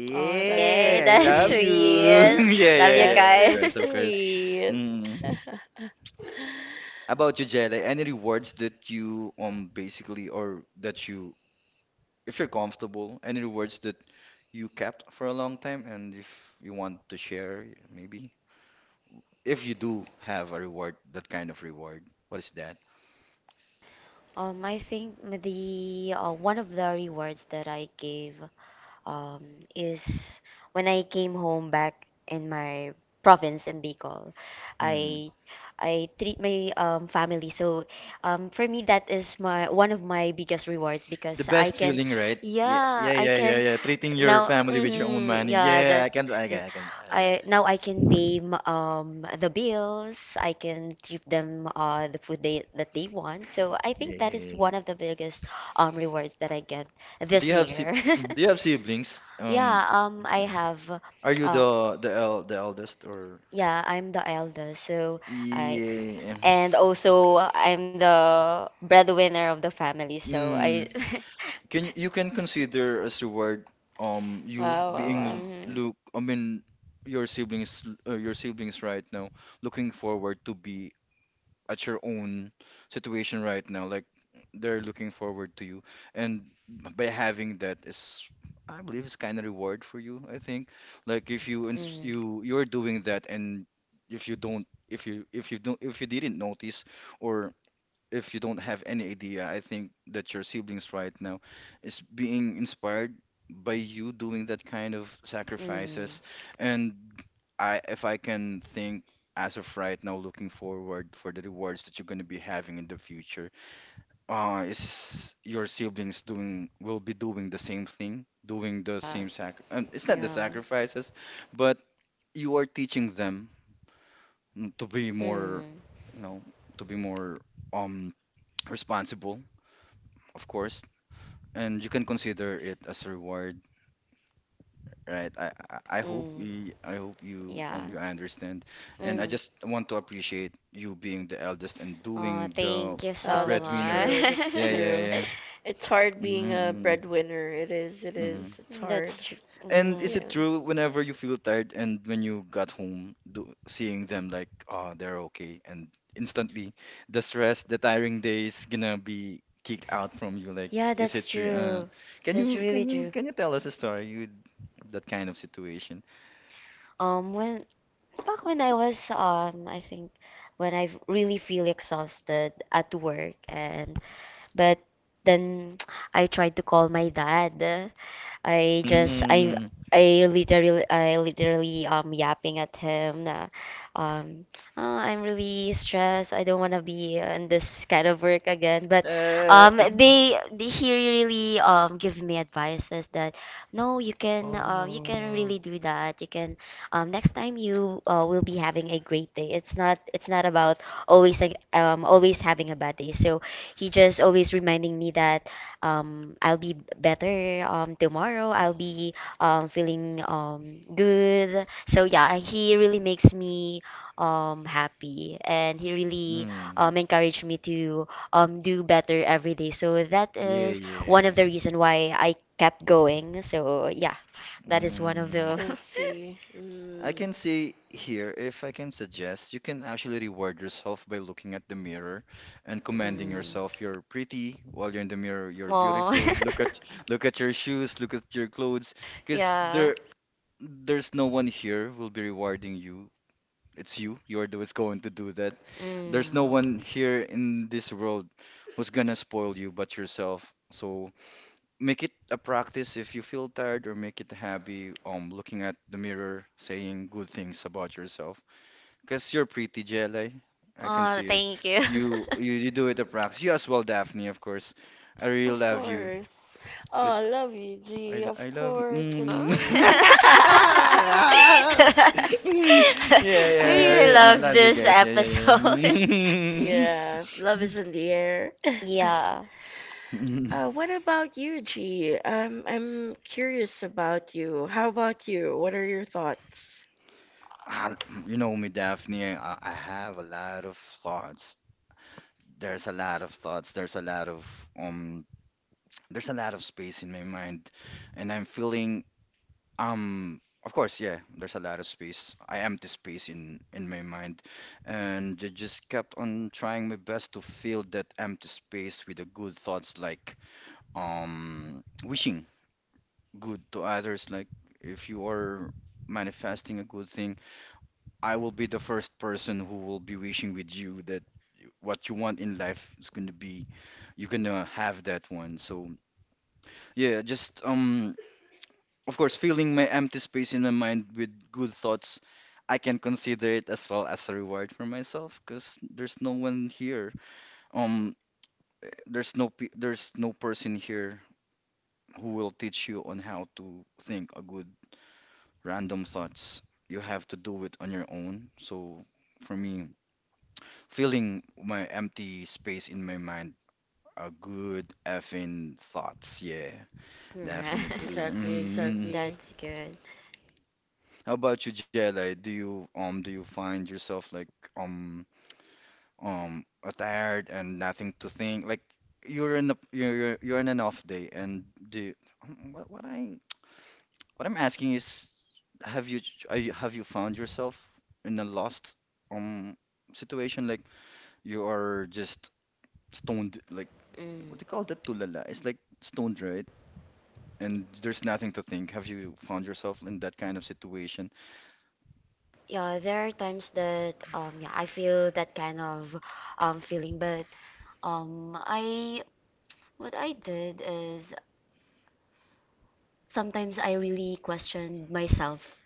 [SPEAKER 1] Yeah,
[SPEAKER 2] Oh, that's
[SPEAKER 4] Yay,
[SPEAKER 2] so
[SPEAKER 3] I
[SPEAKER 4] that's
[SPEAKER 1] that's
[SPEAKER 3] love
[SPEAKER 2] sweet,
[SPEAKER 3] you.
[SPEAKER 1] real.
[SPEAKER 2] G.
[SPEAKER 4] sweet.
[SPEAKER 3] Yeah,
[SPEAKER 4] Love
[SPEAKER 1] Love
[SPEAKER 3] yeah,
[SPEAKER 4] you
[SPEAKER 1] you
[SPEAKER 3] yeah.
[SPEAKER 2] That's
[SPEAKER 3] Of
[SPEAKER 1] guys.
[SPEAKER 4] guys.
[SPEAKER 2] so
[SPEAKER 3] course,
[SPEAKER 1] That's
[SPEAKER 3] of
[SPEAKER 1] just
[SPEAKER 3] course.
[SPEAKER 1] real.
[SPEAKER 2] sweet.
[SPEAKER 1] Um,
[SPEAKER 3] Mm.
[SPEAKER 1] I think the uh, one of
[SPEAKER 3] About you,
[SPEAKER 1] the
[SPEAKER 3] Jelle, any
[SPEAKER 1] rewards
[SPEAKER 3] rewards
[SPEAKER 1] that I
[SPEAKER 3] that
[SPEAKER 1] gave
[SPEAKER 3] you um
[SPEAKER 1] um,
[SPEAKER 3] basically, or
[SPEAKER 1] is
[SPEAKER 3] that you, if you're comfortable, any rewards that you kept for a long time, and if you want to share, maybe. If you do have a reward, that kind of reward, what is that?
[SPEAKER 4] Um, I think m- the uh, one of the rewards that I gave um, is
[SPEAKER 1] when
[SPEAKER 4] when
[SPEAKER 1] I
[SPEAKER 4] I
[SPEAKER 1] came
[SPEAKER 4] came
[SPEAKER 1] home
[SPEAKER 4] home
[SPEAKER 1] back
[SPEAKER 4] back in
[SPEAKER 1] in
[SPEAKER 4] my
[SPEAKER 1] my
[SPEAKER 4] province
[SPEAKER 1] province in
[SPEAKER 4] in
[SPEAKER 1] Bicol.
[SPEAKER 4] Bicol,
[SPEAKER 1] I
[SPEAKER 3] Hmm.
[SPEAKER 4] I
[SPEAKER 1] I
[SPEAKER 4] I
[SPEAKER 1] treat
[SPEAKER 4] treat
[SPEAKER 1] my
[SPEAKER 4] my
[SPEAKER 1] uh,
[SPEAKER 4] um,
[SPEAKER 1] family.
[SPEAKER 4] family.
[SPEAKER 1] So
[SPEAKER 4] So
[SPEAKER 1] um,
[SPEAKER 4] um, for
[SPEAKER 1] for
[SPEAKER 4] me,
[SPEAKER 1] me, that
[SPEAKER 4] that is
[SPEAKER 1] is my
[SPEAKER 4] my
[SPEAKER 1] one
[SPEAKER 4] one
[SPEAKER 1] of
[SPEAKER 4] of
[SPEAKER 1] my
[SPEAKER 4] my biggest
[SPEAKER 1] biggest rewards,
[SPEAKER 4] rewards
[SPEAKER 3] The
[SPEAKER 4] because
[SPEAKER 1] because I
[SPEAKER 4] I
[SPEAKER 3] best
[SPEAKER 1] best get
[SPEAKER 4] can,
[SPEAKER 3] feeling,
[SPEAKER 1] feeling,
[SPEAKER 3] right?
[SPEAKER 1] right? Yeah, yeah,
[SPEAKER 3] Yeah,
[SPEAKER 4] yeah,
[SPEAKER 3] yeah,
[SPEAKER 1] I yeah,
[SPEAKER 4] I
[SPEAKER 3] yeah,
[SPEAKER 1] get, yeah,
[SPEAKER 3] yeah,
[SPEAKER 4] can
[SPEAKER 3] yeah.
[SPEAKER 1] yeah.
[SPEAKER 3] Treating
[SPEAKER 1] Feeding your
[SPEAKER 3] your
[SPEAKER 1] now
[SPEAKER 4] now.
[SPEAKER 3] family
[SPEAKER 1] family
[SPEAKER 3] with
[SPEAKER 1] with
[SPEAKER 3] your
[SPEAKER 1] your
[SPEAKER 3] own
[SPEAKER 1] own
[SPEAKER 4] mhm,
[SPEAKER 1] money.
[SPEAKER 3] money.
[SPEAKER 1] Yeah, Yeah,
[SPEAKER 4] yeah,
[SPEAKER 3] Yeah. I
[SPEAKER 1] I
[SPEAKER 4] that's.
[SPEAKER 3] can,
[SPEAKER 1] can,
[SPEAKER 3] do- I
[SPEAKER 1] I
[SPEAKER 3] can,
[SPEAKER 4] that's-
[SPEAKER 3] I
[SPEAKER 1] can.
[SPEAKER 3] can. uh,
[SPEAKER 1] I
[SPEAKER 3] Yeah,
[SPEAKER 4] I
[SPEAKER 1] now
[SPEAKER 4] now
[SPEAKER 1] I
[SPEAKER 4] I
[SPEAKER 1] can
[SPEAKER 4] can pay
[SPEAKER 1] pay
[SPEAKER 4] m-
[SPEAKER 1] m- um
[SPEAKER 4] um the
[SPEAKER 1] the bills.
[SPEAKER 4] bills.
[SPEAKER 1] I
[SPEAKER 4] I
[SPEAKER 1] can
[SPEAKER 4] can treat
[SPEAKER 1] treat them
[SPEAKER 4] them uh
[SPEAKER 1] uh
[SPEAKER 4] the
[SPEAKER 1] the
[SPEAKER 4] food
[SPEAKER 1] they
[SPEAKER 4] they
[SPEAKER 1] that
[SPEAKER 4] that they
[SPEAKER 1] they
[SPEAKER 4] want.
[SPEAKER 1] want. So
[SPEAKER 4] So
[SPEAKER 1] I
[SPEAKER 4] I
[SPEAKER 1] think
[SPEAKER 4] think
[SPEAKER 1] that
[SPEAKER 4] that is
[SPEAKER 1] is
[SPEAKER 3] yeah.
[SPEAKER 1] one
[SPEAKER 4] one of
[SPEAKER 1] of
[SPEAKER 4] the
[SPEAKER 1] the
[SPEAKER 4] biggest
[SPEAKER 1] biggest
[SPEAKER 4] um
[SPEAKER 1] um
[SPEAKER 4] rewards
[SPEAKER 1] rewards
[SPEAKER 4] that
[SPEAKER 1] that
[SPEAKER 4] I
[SPEAKER 1] I
[SPEAKER 4] get
[SPEAKER 1] get. Do
[SPEAKER 3] Do
[SPEAKER 4] this
[SPEAKER 1] this
[SPEAKER 3] you
[SPEAKER 1] you
[SPEAKER 3] have
[SPEAKER 1] have
[SPEAKER 3] si
[SPEAKER 4] year.
[SPEAKER 1] year.
[SPEAKER 3] mm,
[SPEAKER 1] Si-
[SPEAKER 3] do
[SPEAKER 1] do
[SPEAKER 3] you
[SPEAKER 1] you
[SPEAKER 3] have
[SPEAKER 1] have siblings?
[SPEAKER 3] siblings?
[SPEAKER 1] Um,
[SPEAKER 3] Um,
[SPEAKER 4] Yeah,
[SPEAKER 1] yeah, um
[SPEAKER 4] um, I
[SPEAKER 1] I
[SPEAKER 3] yeah.
[SPEAKER 1] have,
[SPEAKER 4] have.
[SPEAKER 3] Are
[SPEAKER 1] are
[SPEAKER 3] you
[SPEAKER 1] you
[SPEAKER 4] Uh,
[SPEAKER 3] the
[SPEAKER 1] um
[SPEAKER 3] the
[SPEAKER 1] the the
[SPEAKER 3] el
[SPEAKER 1] el
[SPEAKER 3] the
[SPEAKER 1] the eldest?
[SPEAKER 3] eldest or?
[SPEAKER 1] Yeah,
[SPEAKER 4] yeah,
[SPEAKER 1] I'm
[SPEAKER 4] I'm
[SPEAKER 1] the
[SPEAKER 4] the
[SPEAKER 1] eldest.
[SPEAKER 4] eldest,
[SPEAKER 1] So,
[SPEAKER 4] so I
[SPEAKER 3] Yeah.
[SPEAKER 4] and
[SPEAKER 1] and also
[SPEAKER 4] also
[SPEAKER 1] I'm
[SPEAKER 4] I'm
[SPEAKER 1] the
[SPEAKER 4] the
[SPEAKER 1] breadwinner
[SPEAKER 4] breadwinner
[SPEAKER 1] of
[SPEAKER 4] of the
[SPEAKER 1] the family.
[SPEAKER 4] family,
[SPEAKER 1] So,
[SPEAKER 4] so
[SPEAKER 3] Mm,
[SPEAKER 4] I.
[SPEAKER 3] can you can consider as reward um you
[SPEAKER 2] Wow, wow,
[SPEAKER 3] being
[SPEAKER 2] wow.
[SPEAKER 4] mm,
[SPEAKER 3] look I mean your siblings uh, your siblings right now looking forward to be at your own situation right now. Like, they're looking forward to you, and by having that is, I believe, it's kind of reward for you. I think, like, if you ins-
[SPEAKER 4] mm,
[SPEAKER 3] you you're
[SPEAKER 1] I if you
[SPEAKER 3] doing that,
[SPEAKER 1] don't,
[SPEAKER 3] and if you
[SPEAKER 1] if you, if you
[SPEAKER 3] don't, if you if you don't,
[SPEAKER 1] don't,
[SPEAKER 3] if you
[SPEAKER 1] if you
[SPEAKER 3] didn't
[SPEAKER 1] didn't know
[SPEAKER 3] notice,
[SPEAKER 1] this, or if you don't have any, I think that your siblings
[SPEAKER 3] or
[SPEAKER 1] right
[SPEAKER 3] if you
[SPEAKER 1] now
[SPEAKER 3] don't have
[SPEAKER 1] is
[SPEAKER 3] any idea, I think that your siblings right now is being inspired
[SPEAKER 1] inspired
[SPEAKER 3] by
[SPEAKER 1] by
[SPEAKER 3] you
[SPEAKER 1] you to
[SPEAKER 3] doing that
[SPEAKER 1] that
[SPEAKER 3] kind
[SPEAKER 1] kind of
[SPEAKER 3] of
[SPEAKER 4] mm,
[SPEAKER 1] sacrifices,
[SPEAKER 3] sacrifices. And
[SPEAKER 1] and I
[SPEAKER 3] I, if I can
[SPEAKER 1] have
[SPEAKER 3] think
[SPEAKER 1] been
[SPEAKER 3] as of
[SPEAKER 1] asked for
[SPEAKER 3] right
[SPEAKER 1] right
[SPEAKER 3] now,
[SPEAKER 1] now,
[SPEAKER 3] looking
[SPEAKER 1] looking forward for
[SPEAKER 3] forward for the
[SPEAKER 1] the
[SPEAKER 3] rewards
[SPEAKER 1] reports
[SPEAKER 3] that
[SPEAKER 1] that
[SPEAKER 3] you're
[SPEAKER 1] you're
[SPEAKER 3] going to
[SPEAKER 1] going
[SPEAKER 3] be
[SPEAKER 1] to be
[SPEAKER 3] having
[SPEAKER 1] having
[SPEAKER 3] in
[SPEAKER 1] in
[SPEAKER 3] the
[SPEAKER 1] the
[SPEAKER 3] future,
[SPEAKER 1] future.
[SPEAKER 3] uh,
[SPEAKER 1] Uh,
[SPEAKER 3] is
[SPEAKER 1] is
[SPEAKER 3] your
[SPEAKER 1] your
[SPEAKER 3] siblings
[SPEAKER 1] siblings
[SPEAKER 3] doing
[SPEAKER 1] doing
[SPEAKER 3] will
[SPEAKER 1] will
[SPEAKER 3] be
[SPEAKER 1] be doing
[SPEAKER 3] doing the
[SPEAKER 1] the
[SPEAKER 3] same
[SPEAKER 1] same thing,
[SPEAKER 3] thing,
[SPEAKER 1] doing,
[SPEAKER 3] doing the
[SPEAKER 1] yeah, the
[SPEAKER 4] yeah,
[SPEAKER 3] same
[SPEAKER 1] same, sac-
[SPEAKER 3] sac, and
[SPEAKER 1] um,
[SPEAKER 3] it's
[SPEAKER 1] it's
[SPEAKER 3] not the
[SPEAKER 1] not the
[SPEAKER 4] yeah,
[SPEAKER 3] sacrifices,
[SPEAKER 1] sacrifices,
[SPEAKER 3] but
[SPEAKER 1] but
[SPEAKER 3] you
[SPEAKER 1] you
[SPEAKER 3] are
[SPEAKER 1] are
[SPEAKER 3] teaching
[SPEAKER 1] teaching them
[SPEAKER 3] them mm, to
[SPEAKER 1] will be
[SPEAKER 3] be
[SPEAKER 1] more,
[SPEAKER 3] more,
[SPEAKER 4] mm,
[SPEAKER 3] you know, to be
[SPEAKER 1] be more
[SPEAKER 3] more
[SPEAKER 1] um,
[SPEAKER 3] um responsible,
[SPEAKER 1] responsible,
[SPEAKER 3] of
[SPEAKER 1] of
[SPEAKER 3] course,
[SPEAKER 1] course.
[SPEAKER 3] and
[SPEAKER 1] And
[SPEAKER 3] you
[SPEAKER 1] you
[SPEAKER 3] can
[SPEAKER 1] can
[SPEAKER 3] consider
[SPEAKER 1] consider
[SPEAKER 3] it
[SPEAKER 1] it
[SPEAKER 3] as
[SPEAKER 1] as
[SPEAKER 3] a
[SPEAKER 1] a war,
[SPEAKER 3] reward, right? I I I
[SPEAKER 1] right? I, I
[SPEAKER 3] hope
[SPEAKER 4] mm,
[SPEAKER 3] you,
[SPEAKER 1] I
[SPEAKER 3] I hope you
[SPEAKER 4] yeah.
[SPEAKER 3] um you
[SPEAKER 1] um, understand.
[SPEAKER 3] understand,
[SPEAKER 1] And
[SPEAKER 3] and I
[SPEAKER 1] I
[SPEAKER 4] Mm.
[SPEAKER 1] just
[SPEAKER 3] just want to appreciate
[SPEAKER 1] appreciate
[SPEAKER 3] you being the eldest and
[SPEAKER 1] so
[SPEAKER 4] Oh,
[SPEAKER 1] uh,
[SPEAKER 3] doing the
[SPEAKER 4] thank you
[SPEAKER 3] the
[SPEAKER 2] Oh,
[SPEAKER 4] so
[SPEAKER 2] that's
[SPEAKER 1] yeah,
[SPEAKER 3] breadwinner.
[SPEAKER 2] true.
[SPEAKER 1] yeah,
[SPEAKER 2] That's
[SPEAKER 3] Yeah, yeah,
[SPEAKER 4] much.
[SPEAKER 2] true.
[SPEAKER 3] yeah.
[SPEAKER 1] yeah.
[SPEAKER 2] It's
[SPEAKER 1] It's hard
[SPEAKER 2] hard
[SPEAKER 3] Mm-hmm,
[SPEAKER 2] being
[SPEAKER 1] being a
[SPEAKER 2] a
[SPEAKER 3] mm-hmm,
[SPEAKER 1] breadwinner.
[SPEAKER 2] breadwinner.
[SPEAKER 1] It
[SPEAKER 2] It is, it
[SPEAKER 1] is.
[SPEAKER 3] mm-hmm.
[SPEAKER 2] is. It's
[SPEAKER 1] It is
[SPEAKER 4] That's
[SPEAKER 2] hard.
[SPEAKER 4] true.
[SPEAKER 1] hard.
[SPEAKER 3] And
[SPEAKER 4] Mm.
[SPEAKER 3] is it
[SPEAKER 2] Yeah,
[SPEAKER 3] true, whenever you feel tired and when you got home, do,
[SPEAKER 1] See
[SPEAKER 3] seeing
[SPEAKER 1] like,
[SPEAKER 3] them like,
[SPEAKER 1] oh,
[SPEAKER 3] oh, they're
[SPEAKER 1] they're
[SPEAKER 3] okay,
[SPEAKER 1] okay.
[SPEAKER 3] and
[SPEAKER 1] Instantly,
[SPEAKER 3] instantly the
[SPEAKER 1] the
[SPEAKER 3] stress,
[SPEAKER 1] stress,
[SPEAKER 3] the
[SPEAKER 1] the
[SPEAKER 3] tiring days
[SPEAKER 1] days,
[SPEAKER 3] gonna
[SPEAKER 1] going
[SPEAKER 3] be
[SPEAKER 1] be,
[SPEAKER 3] kicked out from you? Like,
[SPEAKER 4] Yeah,
[SPEAKER 1] yeah,
[SPEAKER 3] is
[SPEAKER 4] that's
[SPEAKER 1] that's
[SPEAKER 3] it true?
[SPEAKER 1] true.
[SPEAKER 3] Uh,
[SPEAKER 4] true.
[SPEAKER 3] can
[SPEAKER 1] That's
[SPEAKER 4] That's
[SPEAKER 3] you
[SPEAKER 4] really
[SPEAKER 3] can
[SPEAKER 1] really
[SPEAKER 3] you
[SPEAKER 4] true.
[SPEAKER 3] can you tell us a story with that
[SPEAKER 1] true.
[SPEAKER 3] kind of situation?
[SPEAKER 1] Um,
[SPEAKER 4] Um,
[SPEAKER 1] when
[SPEAKER 4] when
[SPEAKER 1] back
[SPEAKER 4] back
[SPEAKER 1] when
[SPEAKER 4] when
[SPEAKER 1] I
[SPEAKER 4] I was
[SPEAKER 1] was um,
[SPEAKER 4] um, I think
[SPEAKER 1] I think
[SPEAKER 4] when
[SPEAKER 1] when I
[SPEAKER 4] I really
[SPEAKER 1] really feel
[SPEAKER 4] feel exhausted
[SPEAKER 1] exhausted at
[SPEAKER 4] at
[SPEAKER 1] work,
[SPEAKER 4] work
[SPEAKER 1] and
[SPEAKER 4] and
[SPEAKER 1] then
[SPEAKER 4] but
[SPEAKER 1] then
[SPEAKER 4] then I
[SPEAKER 1] I tried
[SPEAKER 4] tried to
[SPEAKER 1] to call
[SPEAKER 4] call
[SPEAKER 1] my
[SPEAKER 4] my
[SPEAKER 1] dad, and
[SPEAKER 4] dad. I
[SPEAKER 1] I
[SPEAKER 4] just
[SPEAKER 1] just I
[SPEAKER 4] I
[SPEAKER 3] Mm-mm-mm.
[SPEAKER 4] I
[SPEAKER 1] I
[SPEAKER 4] literally
[SPEAKER 1] literally I
[SPEAKER 4] I
[SPEAKER 1] literally
[SPEAKER 4] literally
[SPEAKER 1] um
[SPEAKER 4] um yapping
[SPEAKER 1] yapping
[SPEAKER 4] at
[SPEAKER 1] at them
[SPEAKER 4] him na
[SPEAKER 1] that um
[SPEAKER 4] um
[SPEAKER 1] oh,
[SPEAKER 4] oh, I'm
[SPEAKER 1] I'm really
[SPEAKER 4] really stressed.
[SPEAKER 1] stressed. I
[SPEAKER 4] I
[SPEAKER 1] don't
[SPEAKER 4] don't want
[SPEAKER 1] want
[SPEAKER 4] to
[SPEAKER 1] to be
[SPEAKER 4] be
[SPEAKER 1] in
[SPEAKER 4] in this
[SPEAKER 1] this
[SPEAKER 4] kind
[SPEAKER 1] kind of
[SPEAKER 4] of
[SPEAKER 1] work
[SPEAKER 4] work
[SPEAKER 1] again.
[SPEAKER 4] again.
[SPEAKER 1] But
[SPEAKER 4] But
[SPEAKER 3] Uh,
[SPEAKER 4] um
[SPEAKER 1] um
[SPEAKER 3] eh,
[SPEAKER 1] they
[SPEAKER 4] they, they
[SPEAKER 1] he
[SPEAKER 4] he really
[SPEAKER 1] really um
[SPEAKER 4] um
[SPEAKER 1] give
[SPEAKER 4] give
[SPEAKER 1] me
[SPEAKER 4] me
[SPEAKER 1] advice as
[SPEAKER 4] advices
[SPEAKER 1] that
[SPEAKER 4] that
[SPEAKER 1] no,
[SPEAKER 4] no, you
[SPEAKER 1] you can
[SPEAKER 4] can uh,
[SPEAKER 1] um you
[SPEAKER 4] you
[SPEAKER 1] can
[SPEAKER 4] can
[SPEAKER 3] oh,
[SPEAKER 4] really
[SPEAKER 1] really
[SPEAKER 4] do
[SPEAKER 1] do that.
[SPEAKER 4] that.
[SPEAKER 1] You
[SPEAKER 4] You
[SPEAKER 1] can
[SPEAKER 4] can
[SPEAKER 1] um
[SPEAKER 4] um next
[SPEAKER 1] next time
[SPEAKER 4] time
[SPEAKER 1] you
[SPEAKER 4] you uh,
[SPEAKER 1] uh,
[SPEAKER 4] will
[SPEAKER 1] will
[SPEAKER 4] be
[SPEAKER 1] be having
[SPEAKER 4] having a
[SPEAKER 1] a great
[SPEAKER 4] great day.
[SPEAKER 1] day.
[SPEAKER 4] It's
[SPEAKER 1] It's not,
[SPEAKER 4] not it's
[SPEAKER 1] it's not
[SPEAKER 4] not about
[SPEAKER 1] about
[SPEAKER 4] always
[SPEAKER 1] always
[SPEAKER 4] like
[SPEAKER 1] like, um
[SPEAKER 4] um always
[SPEAKER 1] always having
[SPEAKER 4] having a
[SPEAKER 1] a bad
[SPEAKER 4] bad
[SPEAKER 1] day.
[SPEAKER 4] day.
[SPEAKER 1] So
[SPEAKER 4] So
[SPEAKER 1] he
[SPEAKER 4] he just
[SPEAKER 1] just always
[SPEAKER 4] always
[SPEAKER 1] reminding
[SPEAKER 4] reminding
[SPEAKER 1] me
[SPEAKER 4] me
[SPEAKER 1] that
[SPEAKER 4] that
[SPEAKER 1] um
[SPEAKER 4] um I'll
[SPEAKER 1] I'll
[SPEAKER 4] be
[SPEAKER 1] be better
[SPEAKER 4] better
[SPEAKER 1] um,
[SPEAKER 4] um
[SPEAKER 1] tomorrow.
[SPEAKER 4] tomorrow. I'll
[SPEAKER 1] I'll
[SPEAKER 4] be
[SPEAKER 1] be um,
[SPEAKER 4] um
[SPEAKER 1] feeling
[SPEAKER 4] feeling
[SPEAKER 1] um,
[SPEAKER 4] um
[SPEAKER 1] good.
[SPEAKER 4] good. So
[SPEAKER 1] So
[SPEAKER 4] yeah,
[SPEAKER 1] yeah,
[SPEAKER 4] he
[SPEAKER 1] he
[SPEAKER 4] really
[SPEAKER 1] really
[SPEAKER 4] makes
[SPEAKER 1] makes me
[SPEAKER 4] me
[SPEAKER 1] um,
[SPEAKER 4] um
[SPEAKER 1] happy,
[SPEAKER 4] happy and
[SPEAKER 1] and
[SPEAKER 4] he
[SPEAKER 1] he
[SPEAKER 4] really
[SPEAKER 1] really um,
[SPEAKER 3] Mm.
[SPEAKER 4] um encouraged
[SPEAKER 1] encouraged
[SPEAKER 4] me
[SPEAKER 1] me to
[SPEAKER 4] to
[SPEAKER 1] um,
[SPEAKER 4] um
[SPEAKER 1] do
[SPEAKER 4] do
[SPEAKER 1] better
[SPEAKER 4] better every
[SPEAKER 1] every
[SPEAKER 4] day.
[SPEAKER 1] day. So
[SPEAKER 4] So
[SPEAKER 1] that
[SPEAKER 4] that
[SPEAKER 3] Yeah,
[SPEAKER 4] is
[SPEAKER 1] is one
[SPEAKER 3] yeah.
[SPEAKER 4] one
[SPEAKER 1] of
[SPEAKER 4] of the
[SPEAKER 1] the reasons
[SPEAKER 4] reason
[SPEAKER 1] why
[SPEAKER 4] why I
[SPEAKER 1] I kept
[SPEAKER 4] kept
[SPEAKER 1] going.
[SPEAKER 4] going.
[SPEAKER 1] So
[SPEAKER 4] So
[SPEAKER 1] yeah,
[SPEAKER 4] yeah,
[SPEAKER 1] that
[SPEAKER 4] that
[SPEAKER 1] is
[SPEAKER 4] is one
[SPEAKER 1] one of the.
[SPEAKER 4] of
[SPEAKER 3] Mm.
[SPEAKER 4] the
[SPEAKER 2] I see.
[SPEAKER 3] I
[SPEAKER 2] Mm.
[SPEAKER 3] can say here, if I can suggest, you can actually reward yourself by looking at the mirror and commending
[SPEAKER 4] mm.
[SPEAKER 3] yourself. You're pretty while you're in the mirror. You're
[SPEAKER 4] Aw.
[SPEAKER 3] beautiful. Look at look at your shoes. Look at your clothes. Because
[SPEAKER 4] Yeah.
[SPEAKER 3] there there's no one here who will be rewarding you. It's you. You're the one's going to do that. There's
[SPEAKER 4] Mm.
[SPEAKER 3] no one here in this world who's gonna spoil you but yourself. So make it a practice, if you feel tired, or make it a hobby, um looking at the mirror, saying good things about yourself, because you're pretty. Jelly, I can
[SPEAKER 4] Oh,
[SPEAKER 3] see it.
[SPEAKER 4] thank you.
[SPEAKER 3] You, you you do it
[SPEAKER 1] Oh,
[SPEAKER 3] a practice. You as well, Daphne. Of
[SPEAKER 1] thank
[SPEAKER 3] course, I
[SPEAKER 1] you.
[SPEAKER 3] really
[SPEAKER 2] Of
[SPEAKER 3] love you.
[SPEAKER 2] course. Oh,
[SPEAKER 3] I,
[SPEAKER 2] I love
[SPEAKER 1] We
[SPEAKER 2] you,
[SPEAKER 3] I,
[SPEAKER 2] G.
[SPEAKER 3] lo- I
[SPEAKER 2] Of
[SPEAKER 3] love you.
[SPEAKER 2] course, of
[SPEAKER 3] Mm.
[SPEAKER 4] Oh.
[SPEAKER 2] course.
[SPEAKER 3] Yeah,
[SPEAKER 4] I
[SPEAKER 3] yeah, yeah. I
[SPEAKER 4] really
[SPEAKER 3] really-
[SPEAKER 1] love
[SPEAKER 3] I
[SPEAKER 4] love
[SPEAKER 3] love you
[SPEAKER 1] this
[SPEAKER 4] this
[SPEAKER 3] guys. Yeah,
[SPEAKER 1] atmosphere.
[SPEAKER 3] yeah,
[SPEAKER 1] Yeah.
[SPEAKER 3] yeah.
[SPEAKER 4] episode.
[SPEAKER 1] What about
[SPEAKER 2] Yeah,
[SPEAKER 1] you, Chi?
[SPEAKER 2] love
[SPEAKER 3] Yeah.
[SPEAKER 2] is in
[SPEAKER 1] I'm
[SPEAKER 2] the air.
[SPEAKER 1] curious
[SPEAKER 4] Yeah.
[SPEAKER 3] Yeah.
[SPEAKER 2] Uh, what about you, G? Um, I'm
[SPEAKER 1] about you.
[SPEAKER 2] curious about you. How
[SPEAKER 1] How about
[SPEAKER 2] about
[SPEAKER 1] you?
[SPEAKER 2] you? What are
[SPEAKER 1] Order
[SPEAKER 2] your
[SPEAKER 1] your thoughts.
[SPEAKER 2] thoughts?
[SPEAKER 3] Ah, you
[SPEAKER 1] You know
[SPEAKER 3] know me,
[SPEAKER 1] me, definitely.
[SPEAKER 3] Daphne.
[SPEAKER 1] I
[SPEAKER 3] I, I have a
[SPEAKER 1] have
[SPEAKER 3] lot
[SPEAKER 1] a
[SPEAKER 3] of
[SPEAKER 1] lot
[SPEAKER 3] thoughts. there's a lot of thoughts there's a lot of um there's a lot of space in my mind,
[SPEAKER 1] of
[SPEAKER 3] and I'm
[SPEAKER 1] thoughts.
[SPEAKER 3] feeling
[SPEAKER 1] Um,
[SPEAKER 3] um of
[SPEAKER 1] of course,
[SPEAKER 3] course, yeah,
[SPEAKER 1] yeah, it's
[SPEAKER 3] there's a
[SPEAKER 1] a
[SPEAKER 3] lot
[SPEAKER 1] lot
[SPEAKER 3] of space
[SPEAKER 1] space.
[SPEAKER 3] I
[SPEAKER 1] I have
[SPEAKER 3] empty
[SPEAKER 1] the
[SPEAKER 3] space
[SPEAKER 1] space in in
[SPEAKER 3] in in my
[SPEAKER 1] my
[SPEAKER 3] mind,
[SPEAKER 1] mind. And
[SPEAKER 3] and I
[SPEAKER 1] you
[SPEAKER 3] just
[SPEAKER 1] just got
[SPEAKER 3] kept
[SPEAKER 1] to
[SPEAKER 3] on
[SPEAKER 1] find
[SPEAKER 3] trying my
[SPEAKER 1] the
[SPEAKER 3] best
[SPEAKER 1] best
[SPEAKER 3] to
[SPEAKER 1] to fit
[SPEAKER 3] fill
[SPEAKER 1] with
[SPEAKER 3] that
[SPEAKER 1] the kind of
[SPEAKER 3] empty
[SPEAKER 1] space
[SPEAKER 3] space with
[SPEAKER 1] for
[SPEAKER 3] the
[SPEAKER 1] your
[SPEAKER 3] good
[SPEAKER 1] good
[SPEAKER 3] thoughts.
[SPEAKER 1] thoughts, like,
[SPEAKER 3] Like,
[SPEAKER 1] um,
[SPEAKER 3] um wishing good
[SPEAKER 1] machines,
[SPEAKER 3] to
[SPEAKER 1] ladders,
[SPEAKER 3] others. Like, if you
[SPEAKER 1] stuff,
[SPEAKER 3] are
[SPEAKER 1] I will be the first
[SPEAKER 3] manifesting a good
[SPEAKER 1] person
[SPEAKER 3] thing,
[SPEAKER 1] who
[SPEAKER 3] I will be the first person who will
[SPEAKER 1] will be
[SPEAKER 3] be wishing
[SPEAKER 1] wishing it
[SPEAKER 3] with
[SPEAKER 1] to
[SPEAKER 3] you that
[SPEAKER 1] you
[SPEAKER 3] you-
[SPEAKER 1] that what
[SPEAKER 3] what you
[SPEAKER 1] you
[SPEAKER 3] want
[SPEAKER 1] want
[SPEAKER 3] in
[SPEAKER 1] in life is
[SPEAKER 3] life is going to be you're
[SPEAKER 1] you
[SPEAKER 3] going to
[SPEAKER 1] don't
[SPEAKER 3] have
[SPEAKER 1] have that
[SPEAKER 3] that
[SPEAKER 1] one.
[SPEAKER 3] one. So,
[SPEAKER 1] So yeah,
[SPEAKER 3] yeah,
[SPEAKER 1] just
[SPEAKER 3] just
[SPEAKER 1] um, of
[SPEAKER 3] um of course,
[SPEAKER 1] course, for me,
[SPEAKER 3] filling my
[SPEAKER 1] my mind
[SPEAKER 3] empty
[SPEAKER 1] is,
[SPEAKER 3] space in my mind with good thoughts, I can consider it as well as a reward for myself, because there's no one here. Um there's no pe there's no person here who will teach you on how to think a good random thoughts. You have to do it on your own. So, for me, filling my empty space in my mind a good effing thoughts. Yeah, definitely.
[SPEAKER 2] Exactly,
[SPEAKER 3] mm
[SPEAKER 2] exactly.
[SPEAKER 4] That's good.
[SPEAKER 3] How about you, Jedi? Do you um do you find yourself, like, um um uh,
[SPEAKER 1] yeah, there
[SPEAKER 3] tired and
[SPEAKER 1] are
[SPEAKER 3] nothing to think? Like, you're in a you're you're you're in an off day, and do um, what what I what I'm asking is, have you ch- are you- have you found yourself in a lost um situation? Like, you are just stoned, like,
[SPEAKER 4] Mm.
[SPEAKER 3] what do you call that, tulala? It's like stoned, right? And there's nothing to think. Have you found yourself in that kind of situation?
[SPEAKER 4] Yeah, there are
[SPEAKER 1] times
[SPEAKER 4] times
[SPEAKER 1] that
[SPEAKER 4] that
[SPEAKER 1] um,
[SPEAKER 4] um yeah,
[SPEAKER 1] I
[SPEAKER 4] I feel
[SPEAKER 1] feel that
[SPEAKER 4] that
[SPEAKER 1] kind
[SPEAKER 4] kind
[SPEAKER 1] of
[SPEAKER 4] of
[SPEAKER 1] um,
[SPEAKER 4] um feeling,
[SPEAKER 1] feeling,
[SPEAKER 4] but
[SPEAKER 1] but um,
[SPEAKER 4] um
[SPEAKER 1] I,
[SPEAKER 4] I what I did
[SPEAKER 1] mm,
[SPEAKER 4] is sometimes I really questioned myself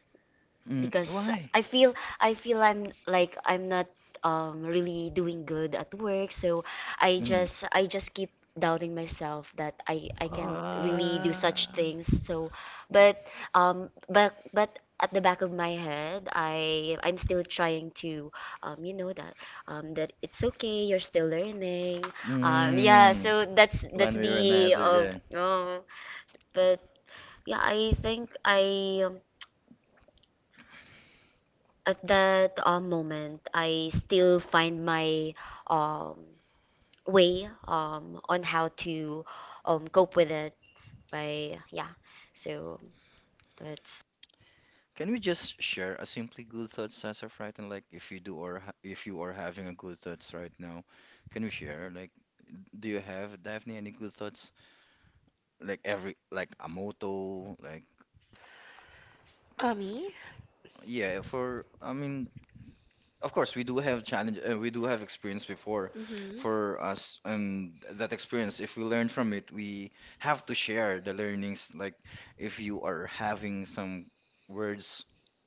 [SPEAKER 3] Mm,
[SPEAKER 4] because
[SPEAKER 3] why?
[SPEAKER 4] I feel I feel I'm like I'm not um really doing good at work, so I
[SPEAKER 3] Mm,
[SPEAKER 4] just I just keep doubting myself that I I can really do such
[SPEAKER 3] ah,
[SPEAKER 4] things. So but um but but at the back of my head I I'm still trying to um you know that um that it's okay, you're still learning um yeah,
[SPEAKER 3] mm,
[SPEAKER 4] so that's
[SPEAKER 3] One
[SPEAKER 4] that's
[SPEAKER 3] way or
[SPEAKER 4] the
[SPEAKER 3] another,
[SPEAKER 4] uh,
[SPEAKER 3] yeah.
[SPEAKER 4] uh,
[SPEAKER 1] right, right, yeah.
[SPEAKER 4] but
[SPEAKER 1] Yeah,
[SPEAKER 4] yeah,
[SPEAKER 1] I
[SPEAKER 4] I
[SPEAKER 1] think
[SPEAKER 4] think I
[SPEAKER 1] I
[SPEAKER 4] um,
[SPEAKER 1] um, at
[SPEAKER 4] at
[SPEAKER 1] that
[SPEAKER 4] that
[SPEAKER 1] uh,
[SPEAKER 4] um,
[SPEAKER 1] moment
[SPEAKER 4] moment, I
[SPEAKER 1] I still
[SPEAKER 4] still
[SPEAKER 1] find
[SPEAKER 4] find
[SPEAKER 1] my
[SPEAKER 4] my
[SPEAKER 1] uh,
[SPEAKER 4] um, way
[SPEAKER 1] way um,
[SPEAKER 4] um,
[SPEAKER 1] on
[SPEAKER 4] on
[SPEAKER 1] how
[SPEAKER 4] how
[SPEAKER 1] to
[SPEAKER 4] to
[SPEAKER 1] um,
[SPEAKER 4] um,
[SPEAKER 1] cope
[SPEAKER 4] cope
[SPEAKER 1] with
[SPEAKER 4] with
[SPEAKER 1] it.
[SPEAKER 4] it.
[SPEAKER 1] I,
[SPEAKER 4] By yeah, so that's
[SPEAKER 3] Can we just share a simply good thoughts as of right? And, like, if you do or ha if you are having a good thoughts right now, can we share? Like, do you have, Daphne, any good thoughts? Like, every, like a motto, like,
[SPEAKER 2] Uh, me?
[SPEAKER 3] yeah. For I mean, of course, we do have
[SPEAKER 1] yeah,
[SPEAKER 3] challenge,
[SPEAKER 1] so
[SPEAKER 3] uh,
[SPEAKER 1] that's,
[SPEAKER 3] we do have experience before
[SPEAKER 2] Mm-hmm.
[SPEAKER 3] for us, and that experience, if we learn from it, we have to share the learnings. Like, if you are having some words,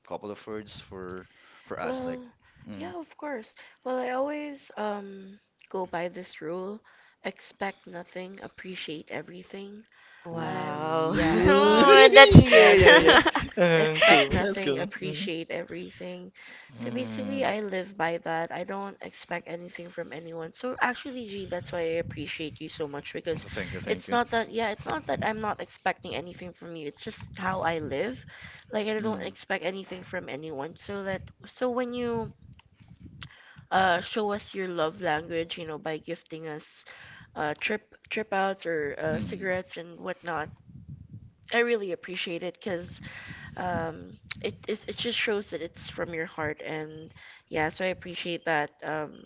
[SPEAKER 3] couple of words for for us, like,
[SPEAKER 2] Well,
[SPEAKER 3] mm,
[SPEAKER 2] yeah, of course. Well, I always um go by this rule: expect nothing, appreciate everything. I've,
[SPEAKER 4] wow.
[SPEAKER 3] who,
[SPEAKER 2] yeah, I've
[SPEAKER 4] Oh,
[SPEAKER 2] always,
[SPEAKER 4] that's
[SPEAKER 3] yeah,
[SPEAKER 2] yeah,
[SPEAKER 3] yeah,
[SPEAKER 2] there,
[SPEAKER 3] yeah, um,
[SPEAKER 2] expect
[SPEAKER 3] cool, that's
[SPEAKER 2] nothing,
[SPEAKER 3] cool. Mm.
[SPEAKER 2] appreciate everything. So basically,
[SPEAKER 3] Mm.
[SPEAKER 2] I live by that. I don't expect anything from anyone. So actually, G, that's why I appreciate you so much, because
[SPEAKER 3] Thank you, thank
[SPEAKER 2] it's
[SPEAKER 3] you.
[SPEAKER 2] not that, yeah, it's not that I'm not expecting anything from you. It's just how I live. Like, I don't
[SPEAKER 3] Mm.
[SPEAKER 2] expect anything from anyone. So that, so when you uh show us your love language, you know, by gifting us uh trip trip outs or uh
[SPEAKER 3] Mm.
[SPEAKER 1] oh, that's
[SPEAKER 2] cigarettes and
[SPEAKER 1] cute.
[SPEAKER 2] whatnot, I
[SPEAKER 1] I really
[SPEAKER 2] really appreciate
[SPEAKER 1] appreciate
[SPEAKER 2] it,
[SPEAKER 1] it
[SPEAKER 2] because
[SPEAKER 1] because um,
[SPEAKER 2] um
[SPEAKER 1] it,
[SPEAKER 2] it
[SPEAKER 1] it,
[SPEAKER 2] is it
[SPEAKER 1] it
[SPEAKER 2] just
[SPEAKER 1] just
[SPEAKER 2] shows
[SPEAKER 1] shows
[SPEAKER 2] that
[SPEAKER 1] that
[SPEAKER 2] it's
[SPEAKER 1] it's
[SPEAKER 2] from
[SPEAKER 1] from
[SPEAKER 2] your
[SPEAKER 1] your
[SPEAKER 2] heart.
[SPEAKER 1] heart. And
[SPEAKER 2] And yeah,
[SPEAKER 1] yeah,
[SPEAKER 2] so I
[SPEAKER 1] so I
[SPEAKER 2] appreciate
[SPEAKER 1] appreciate
[SPEAKER 2] that.
[SPEAKER 1] that. Um,
[SPEAKER 2] um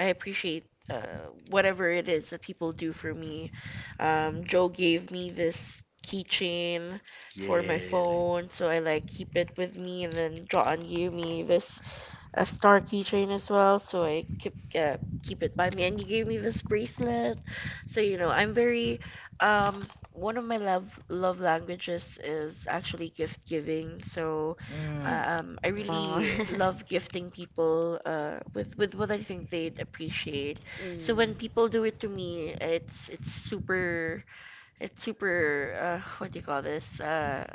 [SPEAKER 2] I
[SPEAKER 1] I
[SPEAKER 2] appreciate
[SPEAKER 1] appreciate
[SPEAKER 2] uh
[SPEAKER 1] uh, whatever
[SPEAKER 2] whatever it
[SPEAKER 1] it
[SPEAKER 2] is
[SPEAKER 1] is
[SPEAKER 2] that
[SPEAKER 1] that
[SPEAKER 2] people
[SPEAKER 1] people
[SPEAKER 2] do
[SPEAKER 1] do
[SPEAKER 2] for
[SPEAKER 1] for
[SPEAKER 2] me.
[SPEAKER 1] me. Um,
[SPEAKER 2] Um joe
[SPEAKER 1] Joe gave
[SPEAKER 2] gave me
[SPEAKER 1] me
[SPEAKER 2] this
[SPEAKER 1] this
[SPEAKER 2] keychain
[SPEAKER 1] keychain for
[SPEAKER 2] for my
[SPEAKER 1] my
[SPEAKER 3] Yeah.
[SPEAKER 2] phone,
[SPEAKER 1] phone,
[SPEAKER 2] so
[SPEAKER 1] so
[SPEAKER 2] I
[SPEAKER 1] I
[SPEAKER 2] like
[SPEAKER 1] like
[SPEAKER 2] keep
[SPEAKER 1] keep
[SPEAKER 2] it
[SPEAKER 1] it
[SPEAKER 2] with
[SPEAKER 1] with
[SPEAKER 2] me.
[SPEAKER 1] me.
[SPEAKER 2] And
[SPEAKER 1] And then
[SPEAKER 2] then John
[SPEAKER 1] John
[SPEAKER 2] gave
[SPEAKER 1] gave
[SPEAKER 2] me
[SPEAKER 1] me
[SPEAKER 2] this
[SPEAKER 1] this
[SPEAKER 2] a
[SPEAKER 1] a
[SPEAKER 2] star
[SPEAKER 1] star
[SPEAKER 2] keychain
[SPEAKER 1] keychain
[SPEAKER 2] as
[SPEAKER 1] as
[SPEAKER 2] well,
[SPEAKER 1] well,
[SPEAKER 2] so
[SPEAKER 1] so I
[SPEAKER 2] I
[SPEAKER 1] keep,
[SPEAKER 2] kept uh,
[SPEAKER 1] uh,
[SPEAKER 2] keep
[SPEAKER 1] keep
[SPEAKER 2] it
[SPEAKER 1] it.
[SPEAKER 2] by
[SPEAKER 1] My
[SPEAKER 2] me.
[SPEAKER 1] dad
[SPEAKER 2] And you gave me
[SPEAKER 1] gave
[SPEAKER 2] this
[SPEAKER 1] me this
[SPEAKER 2] bracelet,
[SPEAKER 1] bracelet.
[SPEAKER 2] so
[SPEAKER 1] So,
[SPEAKER 2] you
[SPEAKER 1] you
[SPEAKER 2] know
[SPEAKER 1] know,
[SPEAKER 2] I'm
[SPEAKER 1] I'm very,
[SPEAKER 2] very
[SPEAKER 1] um,
[SPEAKER 2] um one
[SPEAKER 1] one
[SPEAKER 2] of
[SPEAKER 1] of
[SPEAKER 2] my
[SPEAKER 1] my
[SPEAKER 2] love
[SPEAKER 1] love,
[SPEAKER 2] love
[SPEAKER 1] love
[SPEAKER 2] languages
[SPEAKER 1] languages is
[SPEAKER 2] is actually
[SPEAKER 1] actually
[SPEAKER 2] gift
[SPEAKER 1] gift giving.
[SPEAKER 2] giving.
[SPEAKER 1] So,
[SPEAKER 2] So
[SPEAKER 3] Mm.
[SPEAKER 1] um,
[SPEAKER 2] um I
[SPEAKER 1] I
[SPEAKER 3] Yeah.
[SPEAKER 4] wow.
[SPEAKER 2] really
[SPEAKER 1] really
[SPEAKER 2] love
[SPEAKER 1] love gifting
[SPEAKER 2] gifting people
[SPEAKER 1] people uh,
[SPEAKER 2] uh with with
[SPEAKER 1] with
[SPEAKER 2] what
[SPEAKER 1] what
[SPEAKER 2] I
[SPEAKER 1] I
[SPEAKER 2] think
[SPEAKER 1] think they
[SPEAKER 2] they'd appreciate.
[SPEAKER 1] appreciate.
[SPEAKER 2] So
[SPEAKER 1] So
[SPEAKER 4] Mm.
[SPEAKER 1] when
[SPEAKER 2] when
[SPEAKER 1] people
[SPEAKER 2] people do
[SPEAKER 1] do
[SPEAKER 2] it
[SPEAKER 1] it
[SPEAKER 2] to
[SPEAKER 1] to
[SPEAKER 2] me,
[SPEAKER 1] me,
[SPEAKER 2] it's
[SPEAKER 1] it's
[SPEAKER 2] it's super
[SPEAKER 1] super,
[SPEAKER 2] it's
[SPEAKER 1] it's
[SPEAKER 2] super
[SPEAKER 1] super,
[SPEAKER 2] uh
[SPEAKER 1] uh, what
[SPEAKER 2] what
[SPEAKER 1] do
[SPEAKER 2] do
[SPEAKER 1] you
[SPEAKER 2] you call
[SPEAKER 1] call
[SPEAKER 2] this,
[SPEAKER 1] this?
[SPEAKER 2] uh
[SPEAKER 1] Uh,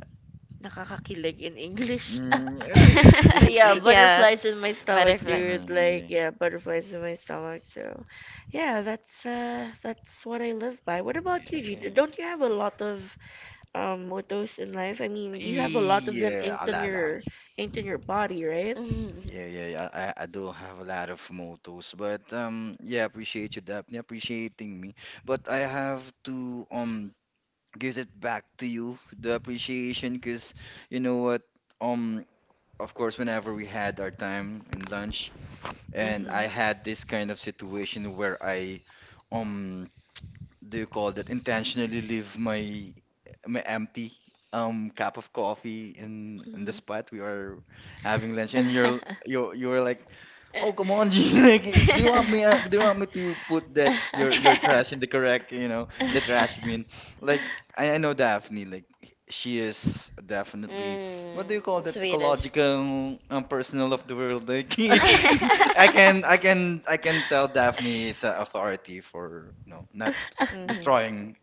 [SPEAKER 2] Nakakakilig
[SPEAKER 1] feeling
[SPEAKER 2] in
[SPEAKER 1] in
[SPEAKER 2] English.
[SPEAKER 1] English.
[SPEAKER 3] Mm. It's a, it's a,
[SPEAKER 1] So
[SPEAKER 3] it's a,
[SPEAKER 2] But
[SPEAKER 3] it's
[SPEAKER 1] yeah,
[SPEAKER 2] yeah,
[SPEAKER 3] a
[SPEAKER 4] Yeah,
[SPEAKER 2] butterflies
[SPEAKER 1] butterflies
[SPEAKER 2] in my
[SPEAKER 1] in my
[SPEAKER 2] stomach,
[SPEAKER 1] stomach.
[SPEAKER 4] butterfly.
[SPEAKER 1] We're
[SPEAKER 2] dude. Like,
[SPEAKER 3] Mm,
[SPEAKER 1] like
[SPEAKER 2] yeah,
[SPEAKER 1] uh,
[SPEAKER 2] butterflies in
[SPEAKER 1] butterflies in
[SPEAKER 2] my
[SPEAKER 1] my
[SPEAKER 2] stomach.
[SPEAKER 1] stomach.
[SPEAKER 2] So,
[SPEAKER 1] So yeah,
[SPEAKER 2] yeah,
[SPEAKER 1] that's
[SPEAKER 2] that's
[SPEAKER 1] uh,
[SPEAKER 2] uh
[SPEAKER 1] that's
[SPEAKER 2] that's what
[SPEAKER 1] what I
[SPEAKER 2] I live
[SPEAKER 1] live by.
[SPEAKER 2] by. What
[SPEAKER 1] What
[SPEAKER 2] about
[SPEAKER 1] about
[SPEAKER 2] you,
[SPEAKER 1] you?
[SPEAKER 2] G?
[SPEAKER 3] yeah,
[SPEAKER 2] Don't
[SPEAKER 1] Don't
[SPEAKER 2] you
[SPEAKER 1] you
[SPEAKER 2] have a
[SPEAKER 1] have a
[SPEAKER 2] lot
[SPEAKER 1] lot of
[SPEAKER 2] of
[SPEAKER 1] um
[SPEAKER 2] um
[SPEAKER 1] with
[SPEAKER 2] mottos
[SPEAKER 1] those in
[SPEAKER 2] in
[SPEAKER 1] life?
[SPEAKER 2] life? I
[SPEAKER 1] I
[SPEAKER 2] mean, you have a
[SPEAKER 1] mean,
[SPEAKER 2] lot
[SPEAKER 3] yeah,
[SPEAKER 1] like
[SPEAKER 2] of
[SPEAKER 1] you
[SPEAKER 2] them
[SPEAKER 1] have
[SPEAKER 3] yeah. A
[SPEAKER 2] inked
[SPEAKER 1] a
[SPEAKER 2] on
[SPEAKER 1] lot
[SPEAKER 3] lot, a
[SPEAKER 1] of that into your
[SPEAKER 3] lot.
[SPEAKER 2] your inked
[SPEAKER 1] into
[SPEAKER 2] on your
[SPEAKER 1] your body,
[SPEAKER 2] body, right?
[SPEAKER 1] right?
[SPEAKER 3] Yeah, yeah, yeah. I, I do have a lot of mottos, but um, yeah, appreciate you, Daphne, appreciating me. But I have to um give it back to you, the appreciation, because, you know what? Um, of course, whenever we had our time in lunch, and I
[SPEAKER 2] Mm-hmm.
[SPEAKER 3] had this kind of situation where I um do you call that, intentionally leave my my empty um cup of coffee in in the spot we are having lunch, and you're
[SPEAKER 2] Hmm.
[SPEAKER 3] you you were like,
[SPEAKER 4] Mm.
[SPEAKER 3] oh, come on, G. Like, do you want me? Uh, do you want me to put that your your trash in the correct, you know, in the trash bin? Like, I, I know Daphne. Like, she is definitely,
[SPEAKER 4] Mm,
[SPEAKER 3] what do you call that?
[SPEAKER 4] sweetest.
[SPEAKER 3] Ecological, um, personal of the world. Like, I can I can I can tell Daphne is an authority for you know not
[SPEAKER 4] Mhm.
[SPEAKER 3] destroying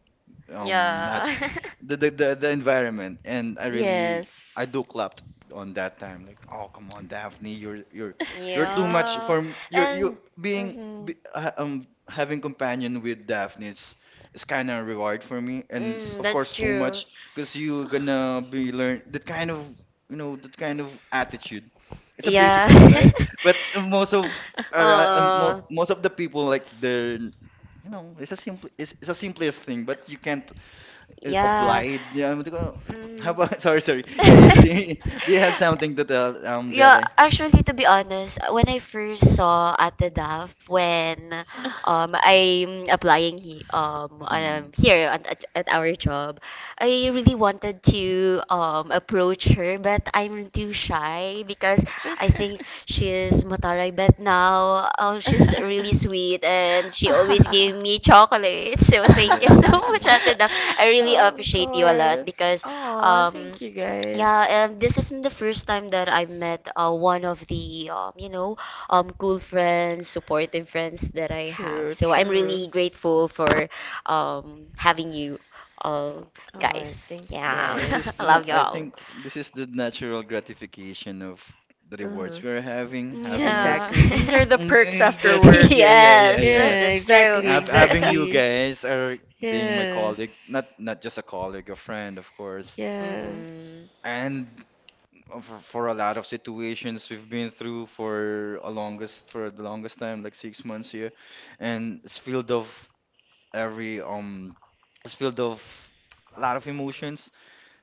[SPEAKER 3] um nat
[SPEAKER 4] Yeah.
[SPEAKER 3] the, the the the environment.
[SPEAKER 1] Yeah.
[SPEAKER 3] And I really I
[SPEAKER 2] Yes.
[SPEAKER 3] do clapped on that time, like, oh, come on, Daphne, you're you're you're too much
[SPEAKER 4] Yeah.
[SPEAKER 3] for m- you're you
[SPEAKER 4] And
[SPEAKER 3] being
[SPEAKER 4] mhm.
[SPEAKER 3] be, ha- um having companion with Daphne is, is kind of reward for me, and it's,
[SPEAKER 4] Mm,
[SPEAKER 3] of
[SPEAKER 4] that's
[SPEAKER 3] course, too
[SPEAKER 4] true.
[SPEAKER 3] much because you're gonna be learn that kind of, you know, that kind of attitude. It's a basic
[SPEAKER 4] Yeah.
[SPEAKER 3] one, right? But uh, most of uh, uh, mo
[SPEAKER 4] Oh.
[SPEAKER 3] most of the people, like, they're, you know, it's a simple, it's, it's a simplest thing, but you can't uh,
[SPEAKER 1] Yeah.
[SPEAKER 4] Yeah.
[SPEAKER 3] obliged. Yeah, what do you call- how
[SPEAKER 4] Mm.
[SPEAKER 3] about, sorry, sorry. Yeah, eh, do you, do you have something to tell, um,
[SPEAKER 1] Yeah,
[SPEAKER 4] Yeah,
[SPEAKER 3] Jelly?
[SPEAKER 4] actually,
[SPEAKER 1] actually,
[SPEAKER 4] to
[SPEAKER 1] to
[SPEAKER 4] be
[SPEAKER 1] be
[SPEAKER 4] honest,
[SPEAKER 1] honest,
[SPEAKER 4] when
[SPEAKER 1] when
[SPEAKER 4] I
[SPEAKER 1] I
[SPEAKER 4] first
[SPEAKER 1] first saw
[SPEAKER 4] saw Ate
[SPEAKER 1] Ate Love
[SPEAKER 4] Daf,
[SPEAKER 1] when
[SPEAKER 4] when
[SPEAKER 1] um,
[SPEAKER 4] um I'm
[SPEAKER 1] I'm
[SPEAKER 4] applying
[SPEAKER 1] applying
[SPEAKER 4] he,
[SPEAKER 1] um,
[SPEAKER 4] um
[SPEAKER 1] um,
[SPEAKER 3] Hmm.
[SPEAKER 4] um
[SPEAKER 1] here
[SPEAKER 4] here at,
[SPEAKER 1] at,
[SPEAKER 4] at at
[SPEAKER 1] at at our
[SPEAKER 4] our
[SPEAKER 1] job,
[SPEAKER 4] job,
[SPEAKER 1] I
[SPEAKER 4] I really
[SPEAKER 1] really wanted
[SPEAKER 4] wanted
[SPEAKER 1] to
[SPEAKER 4] to
[SPEAKER 1] um,
[SPEAKER 4] um approach
[SPEAKER 1] approach
[SPEAKER 4] her,
[SPEAKER 1] her, but
[SPEAKER 4] but
[SPEAKER 1] I'm
[SPEAKER 4] I'm too
[SPEAKER 1] too
[SPEAKER 4] shy
[SPEAKER 1] shy
[SPEAKER 4] because
[SPEAKER 1] because
[SPEAKER 4] I
[SPEAKER 1] I
[SPEAKER 4] think
[SPEAKER 1] think
[SPEAKER 4] she is
[SPEAKER 1] she's
[SPEAKER 4] Mataray
[SPEAKER 1] Mataray. But now,
[SPEAKER 4] now. Oh,
[SPEAKER 1] oh, she's
[SPEAKER 4] she's
[SPEAKER 1] really
[SPEAKER 4] really sweet
[SPEAKER 1] sweet and
[SPEAKER 4] and she
[SPEAKER 1] she
[SPEAKER 4] always
[SPEAKER 1] always
[SPEAKER 4] gave
[SPEAKER 1] gave
[SPEAKER 4] me
[SPEAKER 1] me chocolate.
[SPEAKER 4] chocolate. So
[SPEAKER 1] So thank
[SPEAKER 4] thank you
[SPEAKER 1] you
[SPEAKER 4] so
[SPEAKER 1] so
[SPEAKER 4] much,
[SPEAKER 1] much, Ate,
[SPEAKER 3] Yeah,
[SPEAKER 4] Ate Dam.
[SPEAKER 1] I
[SPEAKER 4] I really
[SPEAKER 1] really
[SPEAKER 2] Of
[SPEAKER 4] appreciate
[SPEAKER 1] appreciate
[SPEAKER 4] you
[SPEAKER 1] you
[SPEAKER 4] a
[SPEAKER 1] a
[SPEAKER 4] lot
[SPEAKER 1] lot
[SPEAKER 2] course.
[SPEAKER 1] because,
[SPEAKER 4] because
[SPEAKER 2] Oh,
[SPEAKER 4] um
[SPEAKER 1] um,
[SPEAKER 2] thank you
[SPEAKER 1] yeah,
[SPEAKER 2] guys.
[SPEAKER 4] yeah,
[SPEAKER 1] uh,
[SPEAKER 4] um, this
[SPEAKER 1] this
[SPEAKER 4] is
[SPEAKER 1] is
[SPEAKER 4] the
[SPEAKER 1] the first
[SPEAKER 4] first
[SPEAKER 1] time
[SPEAKER 4] time
[SPEAKER 1] that
[SPEAKER 4] that
[SPEAKER 1] I
[SPEAKER 4] I
[SPEAKER 1] met
[SPEAKER 4] met uh,
[SPEAKER 1] uh, one
[SPEAKER 4] one
[SPEAKER 1] of
[SPEAKER 4] of
[SPEAKER 1] the,
[SPEAKER 4] the um,
[SPEAKER 1] um,
[SPEAKER 4] you
[SPEAKER 1] you know,
[SPEAKER 4] know
[SPEAKER 1] um,
[SPEAKER 4] um cool
[SPEAKER 1] good friends,
[SPEAKER 4] friends,
[SPEAKER 1] supportive
[SPEAKER 4] supportive friends
[SPEAKER 1] friends
[SPEAKER 4] that
[SPEAKER 1] that I
[SPEAKER 4] I
[SPEAKER 1] have.
[SPEAKER 4] have.
[SPEAKER 2] True,
[SPEAKER 4] So
[SPEAKER 1] So
[SPEAKER 4] I'm
[SPEAKER 1] I'm
[SPEAKER 2] true.
[SPEAKER 4] really
[SPEAKER 1] really
[SPEAKER 4] grateful
[SPEAKER 1] grateful for
[SPEAKER 4] for
[SPEAKER 1] um,
[SPEAKER 4] um
[SPEAKER 1] having
[SPEAKER 4] having
[SPEAKER 1] you,
[SPEAKER 4] you
[SPEAKER 1] um,
[SPEAKER 4] all guys.
[SPEAKER 1] guys.
[SPEAKER 2] Oh, thanks
[SPEAKER 1] Yeah,
[SPEAKER 4] Yeah.
[SPEAKER 3] this is
[SPEAKER 4] I
[SPEAKER 3] the
[SPEAKER 2] guys.
[SPEAKER 1] love
[SPEAKER 3] na-
[SPEAKER 4] love
[SPEAKER 1] you
[SPEAKER 3] I
[SPEAKER 1] all.
[SPEAKER 4] y'all.
[SPEAKER 3] think
[SPEAKER 1] Yeah.
[SPEAKER 3] this is the natural gratification of the rewards
[SPEAKER 2] Mhm.
[SPEAKER 3] we're having, having
[SPEAKER 4] Yeah.
[SPEAKER 3] ours.
[SPEAKER 2] Exactly. These are the
[SPEAKER 3] Mm,
[SPEAKER 2] perks
[SPEAKER 3] eh,
[SPEAKER 2] after
[SPEAKER 3] this i-
[SPEAKER 2] work.
[SPEAKER 3] Yeah, yeah, yeah,
[SPEAKER 4] Yes,
[SPEAKER 3] yeah.
[SPEAKER 2] Yeah,
[SPEAKER 4] that's true.
[SPEAKER 2] exactly,
[SPEAKER 3] Hav-
[SPEAKER 1] Yes,
[SPEAKER 3] Having you
[SPEAKER 2] exactly.
[SPEAKER 3] guys
[SPEAKER 1] it's true.
[SPEAKER 3] are being my
[SPEAKER 2] Yeah.
[SPEAKER 3] colleague, not not just a colleague, a friend, of course.
[SPEAKER 2] Yeah.
[SPEAKER 4] Mhm.
[SPEAKER 3] And uh, for, for a lot of situations we've been through for a longest for the longest time, like six months here, and it's filled of every um, it's filled of a lot of emotions.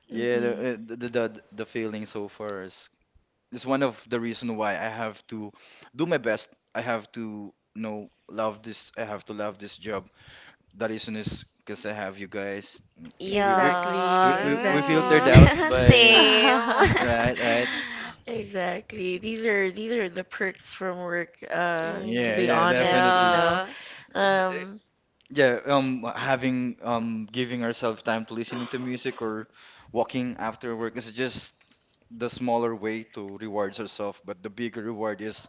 [SPEAKER 3] Yeah, the
[SPEAKER 2] Mhm.
[SPEAKER 3] uh, the the the the feeling so far is is one of the reason why I have to do my best. I have to, you know, love this. I have to love this job. The reason is because I have you
[SPEAKER 1] Yeah.
[SPEAKER 3] guys. Mm. We we
[SPEAKER 2] Exactly,
[SPEAKER 3] we we, we filtered
[SPEAKER 4] Yeah.
[SPEAKER 2] exactly.
[SPEAKER 3] out
[SPEAKER 4] Mm,
[SPEAKER 3] by
[SPEAKER 4] same.
[SPEAKER 3] right, right.
[SPEAKER 2] Exactly. These are these are the perks from work, uh, to
[SPEAKER 3] Yeah,
[SPEAKER 2] be
[SPEAKER 3] yeah,
[SPEAKER 4] Mhm.
[SPEAKER 2] honest, you
[SPEAKER 3] definitely.
[SPEAKER 2] know.
[SPEAKER 4] Yeah.
[SPEAKER 3] D- eh,
[SPEAKER 2] Um,
[SPEAKER 3] Yeah, um, having um, giving ourselves time to listening to music or walking after work is just the smaller way to reward ourselves, but the bigger
[SPEAKER 1] Yeah. Yeah,
[SPEAKER 3] reward is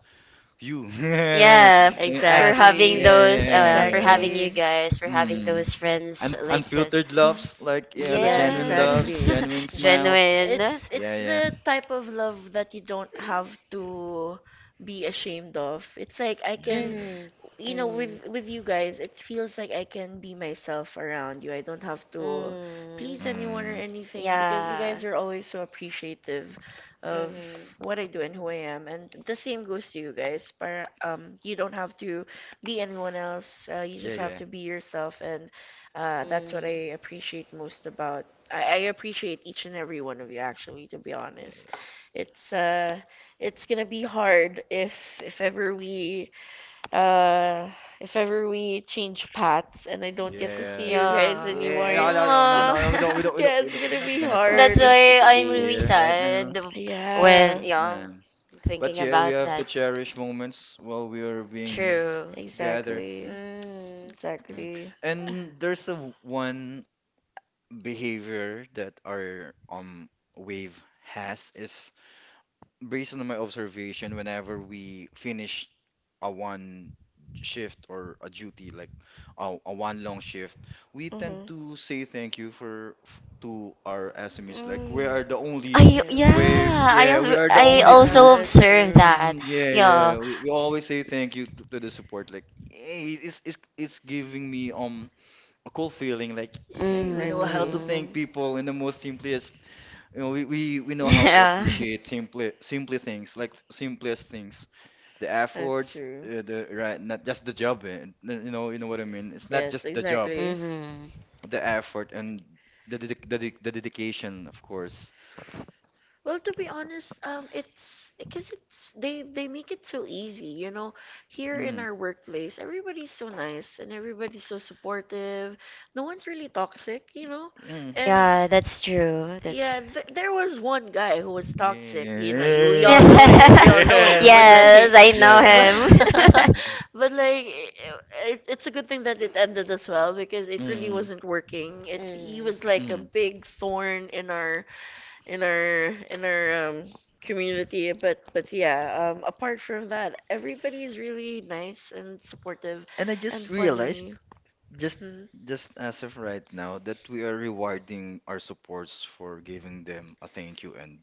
[SPEAKER 3] you.
[SPEAKER 1] thanks
[SPEAKER 4] Yeah, f-
[SPEAKER 1] uh, for
[SPEAKER 4] for
[SPEAKER 1] yes,
[SPEAKER 3] Ass.
[SPEAKER 1] hugging
[SPEAKER 4] having
[SPEAKER 3] Yeah,
[SPEAKER 2] exactly.
[SPEAKER 1] those,
[SPEAKER 4] those,
[SPEAKER 1] uh,
[SPEAKER 3] yeah,
[SPEAKER 4] uh,
[SPEAKER 1] for
[SPEAKER 4] for
[SPEAKER 1] yeah,
[SPEAKER 3] yeah.
[SPEAKER 4] having
[SPEAKER 1] having
[SPEAKER 4] you
[SPEAKER 2] Exactly.
[SPEAKER 1] you guys,
[SPEAKER 4] guys, for
[SPEAKER 1] for
[SPEAKER 4] having
[SPEAKER 1] having
[SPEAKER 3] Mm.
[SPEAKER 1] those
[SPEAKER 4] those
[SPEAKER 1] friends.
[SPEAKER 3] Un
[SPEAKER 4] friends
[SPEAKER 1] Un-
[SPEAKER 4] like
[SPEAKER 1] Like,
[SPEAKER 4] this.
[SPEAKER 3] unfiltered
[SPEAKER 1] unfiltered
[SPEAKER 3] loves,
[SPEAKER 1] loves,
[SPEAKER 3] like,
[SPEAKER 1] like, you
[SPEAKER 3] yeah,
[SPEAKER 1] know,
[SPEAKER 3] the
[SPEAKER 2] Yeah,
[SPEAKER 1] genuine,
[SPEAKER 3] genuine
[SPEAKER 1] yeah,
[SPEAKER 3] loves,
[SPEAKER 1] loves,
[SPEAKER 4] Yes,
[SPEAKER 2] exactly.
[SPEAKER 3] genuine
[SPEAKER 1] genuine smiles,
[SPEAKER 3] smiles.
[SPEAKER 1] genuine.
[SPEAKER 4] genuine.
[SPEAKER 2] It's
[SPEAKER 3] Yeah,
[SPEAKER 2] it's
[SPEAKER 1] Yeah.
[SPEAKER 3] yeah,
[SPEAKER 2] the type of love that you don't
[SPEAKER 1] Yeah,
[SPEAKER 2] have
[SPEAKER 1] yeah.
[SPEAKER 2] to be ashamed of. It's like I
[SPEAKER 3] yeah,
[SPEAKER 2] can,
[SPEAKER 3] yeah.
[SPEAKER 4] Mm,
[SPEAKER 2] you know,
[SPEAKER 4] mm,
[SPEAKER 2] with with you guys it feels like I can be myself around you. I don't have to
[SPEAKER 4] mm,
[SPEAKER 2] please anyone or
[SPEAKER 3] Mm.
[SPEAKER 2] anything because you
[SPEAKER 1] Mm, mm,
[SPEAKER 4] yeah.
[SPEAKER 2] guys are always so
[SPEAKER 1] yeah,
[SPEAKER 2] appreciative of
[SPEAKER 1] um,
[SPEAKER 4] Mm-hmm.
[SPEAKER 2] what
[SPEAKER 1] what
[SPEAKER 2] I
[SPEAKER 1] I
[SPEAKER 2] do
[SPEAKER 1] do
[SPEAKER 2] and
[SPEAKER 1] at
[SPEAKER 2] who I
[SPEAKER 1] Hoyan.
[SPEAKER 2] am, and
[SPEAKER 1] And
[SPEAKER 2] the
[SPEAKER 1] the
[SPEAKER 2] same
[SPEAKER 1] same
[SPEAKER 2] goes
[SPEAKER 1] goes
[SPEAKER 2] to
[SPEAKER 1] to
[SPEAKER 2] you
[SPEAKER 1] you
[SPEAKER 2] guys.
[SPEAKER 1] guys,
[SPEAKER 2] But
[SPEAKER 1] um,
[SPEAKER 2] um you
[SPEAKER 1] you
[SPEAKER 2] don't
[SPEAKER 1] don't
[SPEAKER 2] have
[SPEAKER 1] have to
[SPEAKER 2] to
[SPEAKER 1] be
[SPEAKER 2] be anyone
[SPEAKER 1] anyone
[SPEAKER 2] else,
[SPEAKER 1] else.
[SPEAKER 2] uh,
[SPEAKER 1] Uh,
[SPEAKER 2] you
[SPEAKER 1] you
[SPEAKER 3] Yeah,
[SPEAKER 2] just
[SPEAKER 1] just, yeah,
[SPEAKER 2] have
[SPEAKER 3] yeah,
[SPEAKER 2] to
[SPEAKER 1] have to
[SPEAKER 2] be
[SPEAKER 1] be
[SPEAKER 2] yourself,
[SPEAKER 1] yourself,
[SPEAKER 2] and
[SPEAKER 1] and
[SPEAKER 2] uh
[SPEAKER 1] uh,
[SPEAKER 2] that's
[SPEAKER 1] that's
[SPEAKER 4] Mm,
[SPEAKER 2] what
[SPEAKER 1] what I
[SPEAKER 2] I appreciate
[SPEAKER 1] appreciate
[SPEAKER 2] most
[SPEAKER 1] most
[SPEAKER 2] about
[SPEAKER 1] about.
[SPEAKER 2] I, I
[SPEAKER 1] I
[SPEAKER 2] appreciate
[SPEAKER 1] appreciate
[SPEAKER 2] each and
[SPEAKER 1] each and
[SPEAKER 2] every
[SPEAKER 1] every
[SPEAKER 2] one
[SPEAKER 1] one
[SPEAKER 2] of
[SPEAKER 1] of
[SPEAKER 2] you.
[SPEAKER 1] you,
[SPEAKER 2] Actually,
[SPEAKER 1] actually, to
[SPEAKER 2] to be
[SPEAKER 1] be honest.
[SPEAKER 2] honest,
[SPEAKER 3] yeah.
[SPEAKER 2] it's
[SPEAKER 1] It's uh,
[SPEAKER 2] uh it's
[SPEAKER 1] it's
[SPEAKER 2] gonna
[SPEAKER 1] gonna
[SPEAKER 2] be
[SPEAKER 1] be
[SPEAKER 2] hard
[SPEAKER 1] hard
[SPEAKER 2] if
[SPEAKER 1] if
[SPEAKER 2] if
[SPEAKER 1] if
[SPEAKER 2] ever
[SPEAKER 1] ever
[SPEAKER 2] we,
[SPEAKER 1] we
[SPEAKER 2] uh,
[SPEAKER 1] uh,
[SPEAKER 2] if
[SPEAKER 1] whenever
[SPEAKER 2] ever
[SPEAKER 1] we
[SPEAKER 2] we change
[SPEAKER 1] change
[SPEAKER 2] paths
[SPEAKER 1] paths
[SPEAKER 2] and
[SPEAKER 1] and
[SPEAKER 2] I
[SPEAKER 1] I
[SPEAKER 2] don't
[SPEAKER 1] don't
[SPEAKER 2] get
[SPEAKER 1] get
[SPEAKER 2] to
[SPEAKER 1] to
[SPEAKER 2] see
[SPEAKER 1] see
[SPEAKER 3] Yeah,
[SPEAKER 1] you
[SPEAKER 2] you
[SPEAKER 1] Yeah.
[SPEAKER 3] yeah,
[SPEAKER 2] guys
[SPEAKER 1] guys,
[SPEAKER 4] yeah.
[SPEAKER 1] yeah, anymore,
[SPEAKER 3] yeah.
[SPEAKER 4] Mm,
[SPEAKER 1] yeah. No,
[SPEAKER 3] No,
[SPEAKER 2] anymore,
[SPEAKER 3] no, no, no,
[SPEAKER 2] it's,
[SPEAKER 3] no, no. We
[SPEAKER 1] we
[SPEAKER 3] don't, we
[SPEAKER 1] don't.
[SPEAKER 4] uh,
[SPEAKER 3] don't, we
[SPEAKER 1] We don't. We
[SPEAKER 3] don't,
[SPEAKER 2] yeah,
[SPEAKER 3] we
[SPEAKER 2] it's
[SPEAKER 1] that
[SPEAKER 3] don't. We're
[SPEAKER 2] gonna
[SPEAKER 3] not
[SPEAKER 2] be
[SPEAKER 3] gonna
[SPEAKER 1] don't. We
[SPEAKER 3] talk
[SPEAKER 4] that's
[SPEAKER 2] hard.
[SPEAKER 1] That's are,
[SPEAKER 3] that
[SPEAKER 2] It's
[SPEAKER 4] why
[SPEAKER 1] why
[SPEAKER 2] gonna
[SPEAKER 4] I'm
[SPEAKER 1] I'm
[SPEAKER 2] be,
[SPEAKER 4] really
[SPEAKER 1] really,
[SPEAKER 3] here
[SPEAKER 1] yeah, sad
[SPEAKER 3] right now.
[SPEAKER 4] sad
[SPEAKER 1] when, yeah,
[SPEAKER 2] yeah,
[SPEAKER 4] when,
[SPEAKER 1] I'm
[SPEAKER 4] yeah,
[SPEAKER 1] young,
[SPEAKER 3] Um,
[SPEAKER 1] yeah.
[SPEAKER 3] but
[SPEAKER 1] But
[SPEAKER 4] thinking
[SPEAKER 1] thinking,
[SPEAKER 3] yeah,
[SPEAKER 1] yeah,
[SPEAKER 3] we
[SPEAKER 1] about we
[SPEAKER 4] about
[SPEAKER 3] have
[SPEAKER 1] have to
[SPEAKER 4] that.
[SPEAKER 3] to
[SPEAKER 1] that
[SPEAKER 3] cherish
[SPEAKER 1] cherish moments
[SPEAKER 3] moments while
[SPEAKER 1] while
[SPEAKER 3] we
[SPEAKER 1] we
[SPEAKER 3] are
[SPEAKER 1] were being,
[SPEAKER 3] being
[SPEAKER 4] True.
[SPEAKER 1] true,
[SPEAKER 3] together.
[SPEAKER 1] gathered.
[SPEAKER 2] exactly,
[SPEAKER 4] Mm.
[SPEAKER 3] Mm.
[SPEAKER 1] Exactly.
[SPEAKER 2] exactly.
[SPEAKER 3] And
[SPEAKER 1] And
[SPEAKER 3] there's a
[SPEAKER 1] there's a
[SPEAKER 3] w-
[SPEAKER 1] one
[SPEAKER 3] one
[SPEAKER 1] behavior
[SPEAKER 3] behavior that
[SPEAKER 1] that our
[SPEAKER 3] our
[SPEAKER 1] um
[SPEAKER 3] um wave
[SPEAKER 1] wave has
[SPEAKER 3] has is
[SPEAKER 1] is
[SPEAKER 3] based
[SPEAKER 1] based
[SPEAKER 3] on my
[SPEAKER 1] on my
[SPEAKER 3] observation.
[SPEAKER 1] observation whenever
[SPEAKER 3] Whenever
[SPEAKER 1] we
[SPEAKER 3] we finish
[SPEAKER 1] finish
[SPEAKER 3] a
[SPEAKER 1] a one
[SPEAKER 3] one shift
[SPEAKER 1] shift or a
[SPEAKER 3] or a
[SPEAKER 1] duty
[SPEAKER 3] duty, like
[SPEAKER 1] Jupiter
[SPEAKER 3] a, a
[SPEAKER 1] a one
[SPEAKER 3] one long
[SPEAKER 1] long
[SPEAKER 3] shift,
[SPEAKER 1] shift,
[SPEAKER 3] we
[SPEAKER 1] we
[SPEAKER 3] tend
[SPEAKER 1] tend
[SPEAKER 2] Mm-hmm.
[SPEAKER 1] to
[SPEAKER 3] to
[SPEAKER 1] say
[SPEAKER 3] say thank
[SPEAKER 1] thank
[SPEAKER 3] you
[SPEAKER 1] you for
[SPEAKER 3] for f-
[SPEAKER 1] to
[SPEAKER 3] to our
[SPEAKER 1] our S M Es.
[SPEAKER 3] S M Es,
[SPEAKER 1] Like
[SPEAKER 3] like,
[SPEAKER 4] Mm.
[SPEAKER 3] we
[SPEAKER 1] we are
[SPEAKER 3] are the
[SPEAKER 1] the only
[SPEAKER 3] only
[SPEAKER 1] I,
[SPEAKER 4] I,
[SPEAKER 1] yeah,
[SPEAKER 4] yeah,
[SPEAKER 2] Yes.
[SPEAKER 1] wave. Yeah,
[SPEAKER 3] wave.
[SPEAKER 4] I,
[SPEAKER 3] Yeah, we
[SPEAKER 4] al-
[SPEAKER 1] we
[SPEAKER 3] are
[SPEAKER 1] are the
[SPEAKER 3] the
[SPEAKER 1] I
[SPEAKER 4] I
[SPEAKER 1] only
[SPEAKER 3] only
[SPEAKER 1] also
[SPEAKER 2] Yeah,
[SPEAKER 4] also
[SPEAKER 3] group.
[SPEAKER 1] group
[SPEAKER 2] that's
[SPEAKER 4] observed
[SPEAKER 1] observed
[SPEAKER 2] true.
[SPEAKER 1] that.
[SPEAKER 4] that.
[SPEAKER 1] Mm,
[SPEAKER 3] Mm, yeah,
[SPEAKER 1] yeah,
[SPEAKER 4] Yeah.
[SPEAKER 3] yeah,
[SPEAKER 1] yeah,
[SPEAKER 3] we,
[SPEAKER 1] we
[SPEAKER 3] we always
[SPEAKER 1] always
[SPEAKER 3] say
[SPEAKER 1] say
[SPEAKER 3] thank
[SPEAKER 1] thank
[SPEAKER 3] you
[SPEAKER 1] you
[SPEAKER 3] to, to
[SPEAKER 1] to
[SPEAKER 3] the
[SPEAKER 1] the
[SPEAKER 3] support,
[SPEAKER 1] support.
[SPEAKER 3] like,
[SPEAKER 1] Like
[SPEAKER 3] hey,
[SPEAKER 1] hey,
[SPEAKER 3] it's,
[SPEAKER 1] it's,
[SPEAKER 3] it's
[SPEAKER 1] it's,
[SPEAKER 3] it's
[SPEAKER 1] it's giving
[SPEAKER 3] giving me
[SPEAKER 1] me um
[SPEAKER 3] um a cool
[SPEAKER 1] cool
[SPEAKER 3] feeling,
[SPEAKER 1] feeling.
[SPEAKER 3] like,
[SPEAKER 1] Like
[SPEAKER 3] hey,
[SPEAKER 1] hey,
[SPEAKER 3] we
[SPEAKER 1] you
[SPEAKER 3] know
[SPEAKER 1] know
[SPEAKER 3] how
[SPEAKER 1] how
[SPEAKER 3] to
[SPEAKER 1] to
[SPEAKER 2] Exactly.
[SPEAKER 3] thank
[SPEAKER 4] Mm.
[SPEAKER 1] thank people.
[SPEAKER 3] people in the most
[SPEAKER 1] Let
[SPEAKER 3] simplest,
[SPEAKER 1] this.
[SPEAKER 3] you know, we, we,
[SPEAKER 1] You
[SPEAKER 3] we know
[SPEAKER 1] know how,
[SPEAKER 3] how to
[SPEAKER 1] yeah. to Yeah.
[SPEAKER 4] Yeah.
[SPEAKER 3] appreciate
[SPEAKER 1] appreciate
[SPEAKER 3] simple,
[SPEAKER 1] simple,
[SPEAKER 3] simple
[SPEAKER 1] simple
[SPEAKER 3] things,
[SPEAKER 1] things,
[SPEAKER 3] like
[SPEAKER 1] like
[SPEAKER 3] simplest
[SPEAKER 1] simplest
[SPEAKER 3] things,
[SPEAKER 1] things.
[SPEAKER 3] the
[SPEAKER 2] That's
[SPEAKER 3] efforts,
[SPEAKER 1] Afterwards,
[SPEAKER 2] true.
[SPEAKER 3] uh, the right,
[SPEAKER 1] right,
[SPEAKER 3] not
[SPEAKER 1] no,
[SPEAKER 3] just the job. eh, You know, you know
[SPEAKER 1] it's
[SPEAKER 3] what I mean. It's
[SPEAKER 1] not
[SPEAKER 3] not
[SPEAKER 2] Yes,
[SPEAKER 3] just
[SPEAKER 1] just
[SPEAKER 3] the
[SPEAKER 1] the
[SPEAKER 3] job,
[SPEAKER 2] exactly.
[SPEAKER 1] job,
[SPEAKER 4] Mm-hmm.
[SPEAKER 3] the
[SPEAKER 1] the
[SPEAKER 3] effort
[SPEAKER 1] effort and
[SPEAKER 3] and the
[SPEAKER 1] the,
[SPEAKER 3] dedic
[SPEAKER 1] the
[SPEAKER 3] the, dedic- the
[SPEAKER 1] dedication,
[SPEAKER 3] dedication,
[SPEAKER 1] of
[SPEAKER 3] of course.
[SPEAKER 1] course.
[SPEAKER 2] Well, to be honest, um, it's because it's they they make it so easy, you know. Here in
[SPEAKER 3] Mm.
[SPEAKER 2] our workplace, everybody's so nice and everybody's so supportive. No one's really toxic, you know.
[SPEAKER 3] Mm.
[SPEAKER 2] And
[SPEAKER 4] Yeah, that's true. That's.
[SPEAKER 2] yeah, th there was one guy who was toxic. You know, you, we
[SPEAKER 3] Yeah,
[SPEAKER 2] all know him. We all
[SPEAKER 3] yeah,
[SPEAKER 2] know him. But
[SPEAKER 3] yeah,
[SPEAKER 4] Yes,
[SPEAKER 2] like,
[SPEAKER 1] Yes, I
[SPEAKER 4] I
[SPEAKER 3] yeah,
[SPEAKER 4] know
[SPEAKER 1] know
[SPEAKER 2] but
[SPEAKER 1] him.
[SPEAKER 3] yeah. Uh,
[SPEAKER 4] him.
[SPEAKER 2] but
[SPEAKER 1] But I,
[SPEAKER 2] like, it's
[SPEAKER 1] it,
[SPEAKER 2] it's a
[SPEAKER 1] it's
[SPEAKER 2] good
[SPEAKER 1] a
[SPEAKER 2] thing
[SPEAKER 1] good thing
[SPEAKER 2] that
[SPEAKER 1] that it's
[SPEAKER 2] it
[SPEAKER 1] ended
[SPEAKER 2] ended as
[SPEAKER 1] as
[SPEAKER 2] well
[SPEAKER 1] well
[SPEAKER 2] because
[SPEAKER 1] because
[SPEAKER 2] it
[SPEAKER 1] it
[SPEAKER 2] really
[SPEAKER 1] really
[SPEAKER 3] Mm.
[SPEAKER 2] wasn't
[SPEAKER 1] wasn't working,
[SPEAKER 2] working. It
[SPEAKER 1] and
[SPEAKER 4] Mm.
[SPEAKER 2] He
[SPEAKER 1] he
[SPEAKER 2] was
[SPEAKER 1] was
[SPEAKER 2] like
[SPEAKER 1] like
[SPEAKER 2] a
[SPEAKER 1] a
[SPEAKER 3] Mm.
[SPEAKER 2] big
[SPEAKER 1] big thorn
[SPEAKER 2] thorn
[SPEAKER 1] in
[SPEAKER 2] in
[SPEAKER 1] our
[SPEAKER 2] our, in
[SPEAKER 1] in our
[SPEAKER 2] our
[SPEAKER 1] in
[SPEAKER 2] in
[SPEAKER 1] our
[SPEAKER 2] our um
[SPEAKER 1] um,
[SPEAKER 2] community.
[SPEAKER 1] community. But
[SPEAKER 2] But
[SPEAKER 1] but
[SPEAKER 2] but
[SPEAKER 1] yeah,
[SPEAKER 2] yeah,
[SPEAKER 1] um,
[SPEAKER 2] um apart
[SPEAKER 1] apart from
[SPEAKER 2] from
[SPEAKER 1] that,
[SPEAKER 2] that,
[SPEAKER 1] everybody
[SPEAKER 2] everybody's
[SPEAKER 1] is really
[SPEAKER 2] really nice
[SPEAKER 1] nice
[SPEAKER 2] and
[SPEAKER 1] and supportive.
[SPEAKER 2] supportive
[SPEAKER 3] And
[SPEAKER 1] And
[SPEAKER 3] I
[SPEAKER 1] I
[SPEAKER 2] and
[SPEAKER 1] just
[SPEAKER 3] just realized,
[SPEAKER 1] realized
[SPEAKER 2] funny.
[SPEAKER 3] just
[SPEAKER 1] just as of
[SPEAKER 2] Mhm.
[SPEAKER 1] right now
[SPEAKER 3] just as of right now,
[SPEAKER 1] that
[SPEAKER 3] that we are
[SPEAKER 1] we're rewarding
[SPEAKER 3] rewarding
[SPEAKER 1] our
[SPEAKER 3] our supports
[SPEAKER 1] supporters for
[SPEAKER 3] for
[SPEAKER 1] giving them a
[SPEAKER 3] giving
[SPEAKER 1] thank
[SPEAKER 3] them a
[SPEAKER 1] you.
[SPEAKER 3] thank you, and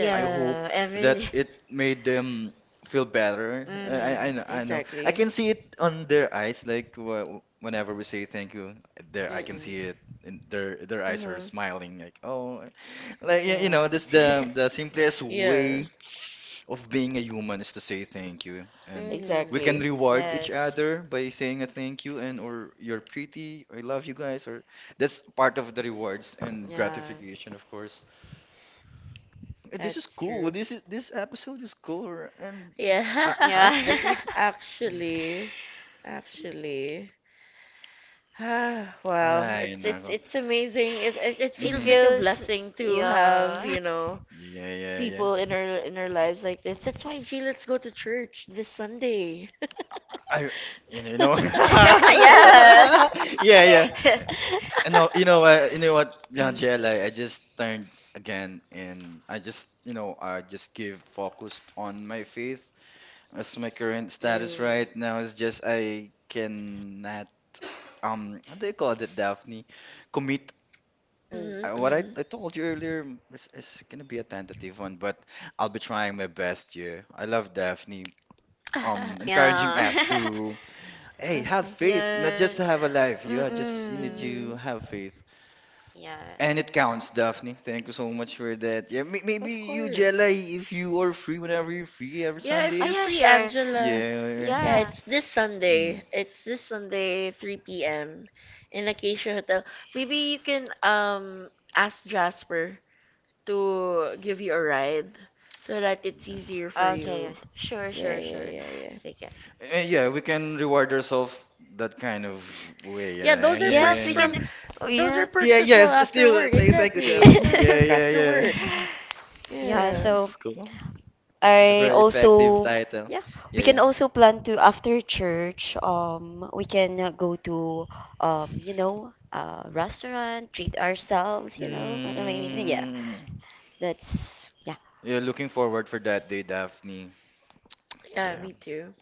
[SPEAKER 1] Yeah,
[SPEAKER 3] I hope
[SPEAKER 1] and that
[SPEAKER 3] that
[SPEAKER 4] every.
[SPEAKER 1] really,
[SPEAKER 3] it
[SPEAKER 1] it
[SPEAKER 3] made
[SPEAKER 1] made them
[SPEAKER 3] them feel
[SPEAKER 1] feel better.
[SPEAKER 3] better. I,
[SPEAKER 1] I,
[SPEAKER 3] I,
[SPEAKER 1] I,
[SPEAKER 4] Mm-hmm.
[SPEAKER 3] I kn-
[SPEAKER 1] I
[SPEAKER 3] I know.
[SPEAKER 1] know.
[SPEAKER 3] I
[SPEAKER 1] I
[SPEAKER 2] exactly.
[SPEAKER 3] can
[SPEAKER 1] can
[SPEAKER 3] see
[SPEAKER 1] see
[SPEAKER 3] it
[SPEAKER 1] it on
[SPEAKER 3] on their
[SPEAKER 1] their eyes,
[SPEAKER 3] eyes,
[SPEAKER 1] yeah.
[SPEAKER 3] like, wh- whenever we say thank you, there I can
[SPEAKER 4] Mm-mm.
[SPEAKER 3] see it in their their eyes are
[SPEAKER 2] Uh-huh.
[SPEAKER 3] smiling, like, oh, like, y- you know,
[SPEAKER 4] Yeah.
[SPEAKER 3] this the the simplest
[SPEAKER 2] Yeah,
[SPEAKER 3] way of being a human is to say thank you, and we can
[SPEAKER 2] exactly.
[SPEAKER 4] Mm-hmm.
[SPEAKER 3] reward each
[SPEAKER 4] Yes.
[SPEAKER 3] other by saying a thank you, and or you're pretty, I love you guys, or that's part of the rewards and
[SPEAKER 4] Yeah.
[SPEAKER 3] gratification, of course. This is
[SPEAKER 2] That's
[SPEAKER 3] cool.
[SPEAKER 2] true.
[SPEAKER 3] This is this episode is cooler, and I I,
[SPEAKER 4] Yeah.
[SPEAKER 2] Yeah,
[SPEAKER 3] I think
[SPEAKER 2] actually, actually, ah,
[SPEAKER 1] Wow,
[SPEAKER 2] wow,
[SPEAKER 1] right,
[SPEAKER 3] I
[SPEAKER 2] it's
[SPEAKER 1] it's
[SPEAKER 2] it's
[SPEAKER 3] know.
[SPEAKER 1] it's
[SPEAKER 2] it's
[SPEAKER 1] it's
[SPEAKER 2] amazing.
[SPEAKER 1] amazing.
[SPEAKER 2] It,
[SPEAKER 1] It
[SPEAKER 2] it
[SPEAKER 1] and
[SPEAKER 2] it
[SPEAKER 1] it's
[SPEAKER 4] It
[SPEAKER 1] it's,
[SPEAKER 2] feels
[SPEAKER 3] Mm,
[SPEAKER 1] mhm,
[SPEAKER 2] like a
[SPEAKER 1] a
[SPEAKER 4] feels.
[SPEAKER 1] blessing
[SPEAKER 2] blessing
[SPEAKER 1] to
[SPEAKER 2] to
[SPEAKER 1] have,
[SPEAKER 2] have,
[SPEAKER 4] Yeah.
[SPEAKER 2] you
[SPEAKER 1] you know,
[SPEAKER 2] know,
[SPEAKER 3] yeah,
[SPEAKER 1] yeah, yeah,
[SPEAKER 3] yeah,
[SPEAKER 1] yeah,
[SPEAKER 3] yeah.
[SPEAKER 2] people
[SPEAKER 1] people
[SPEAKER 2] in
[SPEAKER 1] in our
[SPEAKER 2] our, in
[SPEAKER 1] in
[SPEAKER 2] our
[SPEAKER 1] our
[SPEAKER 2] lives
[SPEAKER 1] lives
[SPEAKER 2] like
[SPEAKER 1] like
[SPEAKER 2] this.
[SPEAKER 1] this.
[SPEAKER 2] That's
[SPEAKER 1] That's why
[SPEAKER 2] why, G, let's
[SPEAKER 1] Gina's
[SPEAKER 2] go
[SPEAKER 1] go
[SPEAKER 2] to
[SPEAKER 1] to church
[SPEAKER 2] church this
[SPEAKER 1] this Sunday.
[SPEAKER 2] Sunday.
[SPEAKER 1] I,
[SPEAKER 3] I you know, you
[SPEAKER 1] you know,
[SPEAKER 3] know
[SPEAKER 1] yeah,
[SPEAKER 4] Yeah.
[SPEAKER 3] yeah,
[SPEAKER 1] yeah,
[SPEAKER 3] yeah.
[SPEAKER 1] yeah.
[SPEAKER 3] And
[SPEAKER 1] And
[SPEAKER 3] no,
[SPEAKER 1] know,
[SPEAKER 3] you
[SPEAKER 1] you
[SPEAKER 3] know,
[SPEAKER 1] know what,
[SPEAKER 3] uh, you
[SPEAKER 1] you
[SPEAKER 3] know
[SPEAKER 1] know
[SPEAKER 3] what,
[SPEAKER 1] what,
[SPEAKER 3] John
[SPEAKER 1] uh,
[SPEAKER 3] Jell,
[SPEAKER 1] Jared,
[SPEAKER 3] I,
[SPEAKER 1] like
[SPEAKER 3] I
[SPEAKER 1] I
[SPEAKER 3] just
[SPEAKER 1] just
[SPEAKER 3] turned
[SPEAKER 1] learned again,
[SPEAKER 3] again, and
[SPEAKER 1] and
[SPEAKER 3] I
[SPEAKER 1] I
[SPEAKER 3] just,
[SPEAKER 1] just,
[SPEAKER 3] you
[SPEAKER 1] you
[SPEAKER 3] know,
[SPEAKER 1] know,
[SPEAKER 3] I
[SPEAKER 1] I
[SPEAKER 3] just
[SPEAKER 1] just give
[SPEAKER 3] give
[SPEAKER 1] focus
[SPEAKER 3] focused
[SPEAKER 1] on my
[SPEAKER 3] on my
[SPEAKER 1] faith.
[SPEAKER 3] faith as
[SPEAKER 1] That's
[SPEAKER 3] my
[SPEAKER 1] my
[SPEAKER 3] current
[SPEAKER 1] current
[SPEAKER 3] status
[SPEAKER 1] status
[SPEAKER 4] Mm.
[SPEAKER 3] right
[SPEAKER 1] right now.
[SPEAKER 3] now
[SPEAKER 1] As
[SPEAKER 3] is just
[SPEAKER 1] Jared
[SPEAKER 3] I
[SPEAKER 1] can,
[SPEAKER 3] cannot,
[SPEAKER 1] um,
[SPEAKER 3] um how do
[SPEAKER 1] they
[SPEAKER 3] you call
[SPEAKER 1] call it
[SPEAKER 3] it,
[SPEAKER 1] that.
[SPEAKER 3] Daphne? Commit.
[SPEAKER 4] Mm.
[SPEAKER 1] Yeah.
[SPEAKER 2] Mhm,
[SPEAKER 3] I-
[SPEAKER 1] Yeah.
[SPEAKER 3] What I,
[SPEAKER 2] mhm.
[SPEAKER 3] I told you earlier is, is gonna be a tentative one, but I'll be trying my best. Yeah, I love Daphne.
[SPEAKER 2] Uh-huh.
[SPEAKER 3] Um, encouraging
[SPEAKER 4] Yeah.
[SPEAKER 3] us to, hey, have faith, not
[SPEAKER 4] Yeah.
[SPEAKER 3] just to have a life. Yeah, just you
[SPEAKER 4] Mm-mm.
[SPEAKER 3] need
[SPEAKER 2] Mhm.
[SPEAKER 3] to have faith,
[SPEAKER 4] Yeah.
[SPEAKER 3] and it counts, Daphne. Thank you so much for that. Yeah, may
[SPEAKER 1] Mhm.
[SPEAKER 3] maybe
[SPEAKER 2] Of
[SPEAKER 3] you, Jella,
[SPEAKER 2] course.
[SPEAKER 3] if you are free whenever you're free every
[SPEAKER 2] Yeah, if
[SPEAKER 4] Oh,
[SPEAKER 2] you're
[SPEAKER 3] Sunday.
[SPEAKER 4] yeah,
[SPEAKER 2] free,
[SPEAKER 4] sure.
[SPEAKER 2] Angela.
[SPEAKER 3] Yeah.
[SPEAKER 2] Yeah,
[SPEAKER 4] Yeah.
[SPEAKER 2] it's this
[SPEAKER 3] Mm,
[SPEAKER 2] Sunday. It's this Sunday, three p m in Acacia Hotel. Maybe you can um ask
[SPEAKER 1] Yes.
[SPEAKER 2] Jasper to
[SPEAKER 1] Okay.
[SPEAKER 2] give you a ride so that it's
[SPEAKER 3] yeah.
[SPEAKER 2] easier for
[SPEAKER 4] Okay,
[SPEAKER 2] you.
[SPEAKER 4] yes.
[SPEAKER 1] Sure,
[SPEAKER 4] Sure,
[SPEAKER 2] Yeah,
[SPEAKER 1] sure,
[SPEAKER 4] sure,
[SPEAKER 2] yeah,
[SPEAKER 1] sure.
[SPEAKER 4] sure.
[SPEAKER 2] yeah,
[SPEAKER 3] Mm.
[SPEAKER 2] yeah.
[SPEAKER 4] Sige.
[SPEAKER 3] Eh, yeah,
[SPEAKER 1] Yes,
[SPEAKER 3] we
[SPEAKER 1] we can.
[SPEAKER 3] can
[SPEAKER 1] Yeah.
[SPEAKER 3] reward
[SPEAKER 1] Yeah. So
[SPEAKER 3] ourselves that kind of way,
[SPEAKER 2] Yeah,
[SPEAKER 3] right?
[SPEAKER 2] those are
[SPEAKER 3] Yeah,
[SPEAKER 2] perks
[SPEAKER 4] Yes,
[SPEAKER 3] yeah,
[SPEAKER 4] we
[SPEAKER 3] yeah.
[SPEAKER 4] can.
[SPEAKER 2] from
[SPEAKER 4] Oh,
[SPEAKER 2] those are
[SPEAKER 4] yeah.
[SPEAKER 2] perks
[SPEAKER 3] Yeah,
[SPEAKER 2] as well
[SPEAKER 3] yes,
[SPEAKER 2] after
[SPEAKER 3] still
[SPEAKER 2] work.
[SPEAKER 3] thank, thank you,
[SPEAKER 2] Exactly. It's
[SPEAKER 3] Gemini.
[SPEAKER 2] still a
[SPEAKER 3] Yeah,
[SPEAKER 2] perk
[SPEAKER 3] yeah,
[SPEAKER 2] after
[SPEAKER 3] yeah.
[SPEAKER 2] work.
[SPEAKER 4] Yeah,
[SPEAKER 2] Yeah.
[SPEAKER 4] so
[SPEAKER 3] That's cool. A
[SPEAKER 1] I
[SPEAKER 4] I
[SPEAKER 3] very
[SPEAKER 1] also
[SPEAKER 3] effective
[SPEAKER 4] also,
[SPEAKER 3] title.
[SPEAKER 4] yeah,
[SPEAKER 1] we
[SPEAKER 3] Yeah,
[SPEAKER 4] we
[SPEAKER 1] can
[SPEAKER 4] can
[SPEAKER 3] yeah.
[SPEAKER 1] also
[SPEAKER 4] also
[SPEAKER 1] plan
[SPEAKER 4] plan
[SPEAKER 1] to
[SPEAKER 4] to
[SPEAKER 1] after
[SPEAKER 4] after
[SPEAKER 1] church.
[SPEAKER 4] church,
[SPEAKER 1] Um,
[SPEAKER 4] um,
[SPEAKER 1] we
[SPEAKER 4] we
[SPEAKER 1] can
[SPEAKER 4] can
[SPEAKER 1] uh,
[SPEAKER 4] uh,
[SPEAKER 1] go
[SPEAKER 4] go
[SPEAKER 1] to
[SPEAKER 4] to,
[SPEAKER 1] um,
[SPEAKER 4] um, you
[SPEAKER 1] you know,
[SPEAKER 4] know,
[SPEAKER 1] um,
[SPEAKER 4] uh,
[SPEAKER 1] restaurant,
[SPEAKER 4] restaurant,
[SPEAKER 1] treat
[SPEAKER 4] treat
[SPEAKER 1] ourselves.
[SPEAKER 4] ourselves, you know what I mean? Yeah,
[SPEAKER 1] Yeah.
[SPEAKER 3] Mm,
[SPEAKER 1] That's
[SPEAKER 4] that's, yeah.
[SPEAKER 1] yeah,
[SPEAKER 3] you're looking
[SPEAKER 1] looking
[SPEAKER 3] forward
[SPEAKER 1] forward
[SPEAKER 3] for
[SPEAKER 1] to that
[SPEAKER 3] that day,
[SPEAKER 1] day, Daphne.
[SPEAKER 3] Daphne.
[SPEAKER 2] Yeah,
[SPEAKER 3] Yeah.
[SPEAKER 2] me too.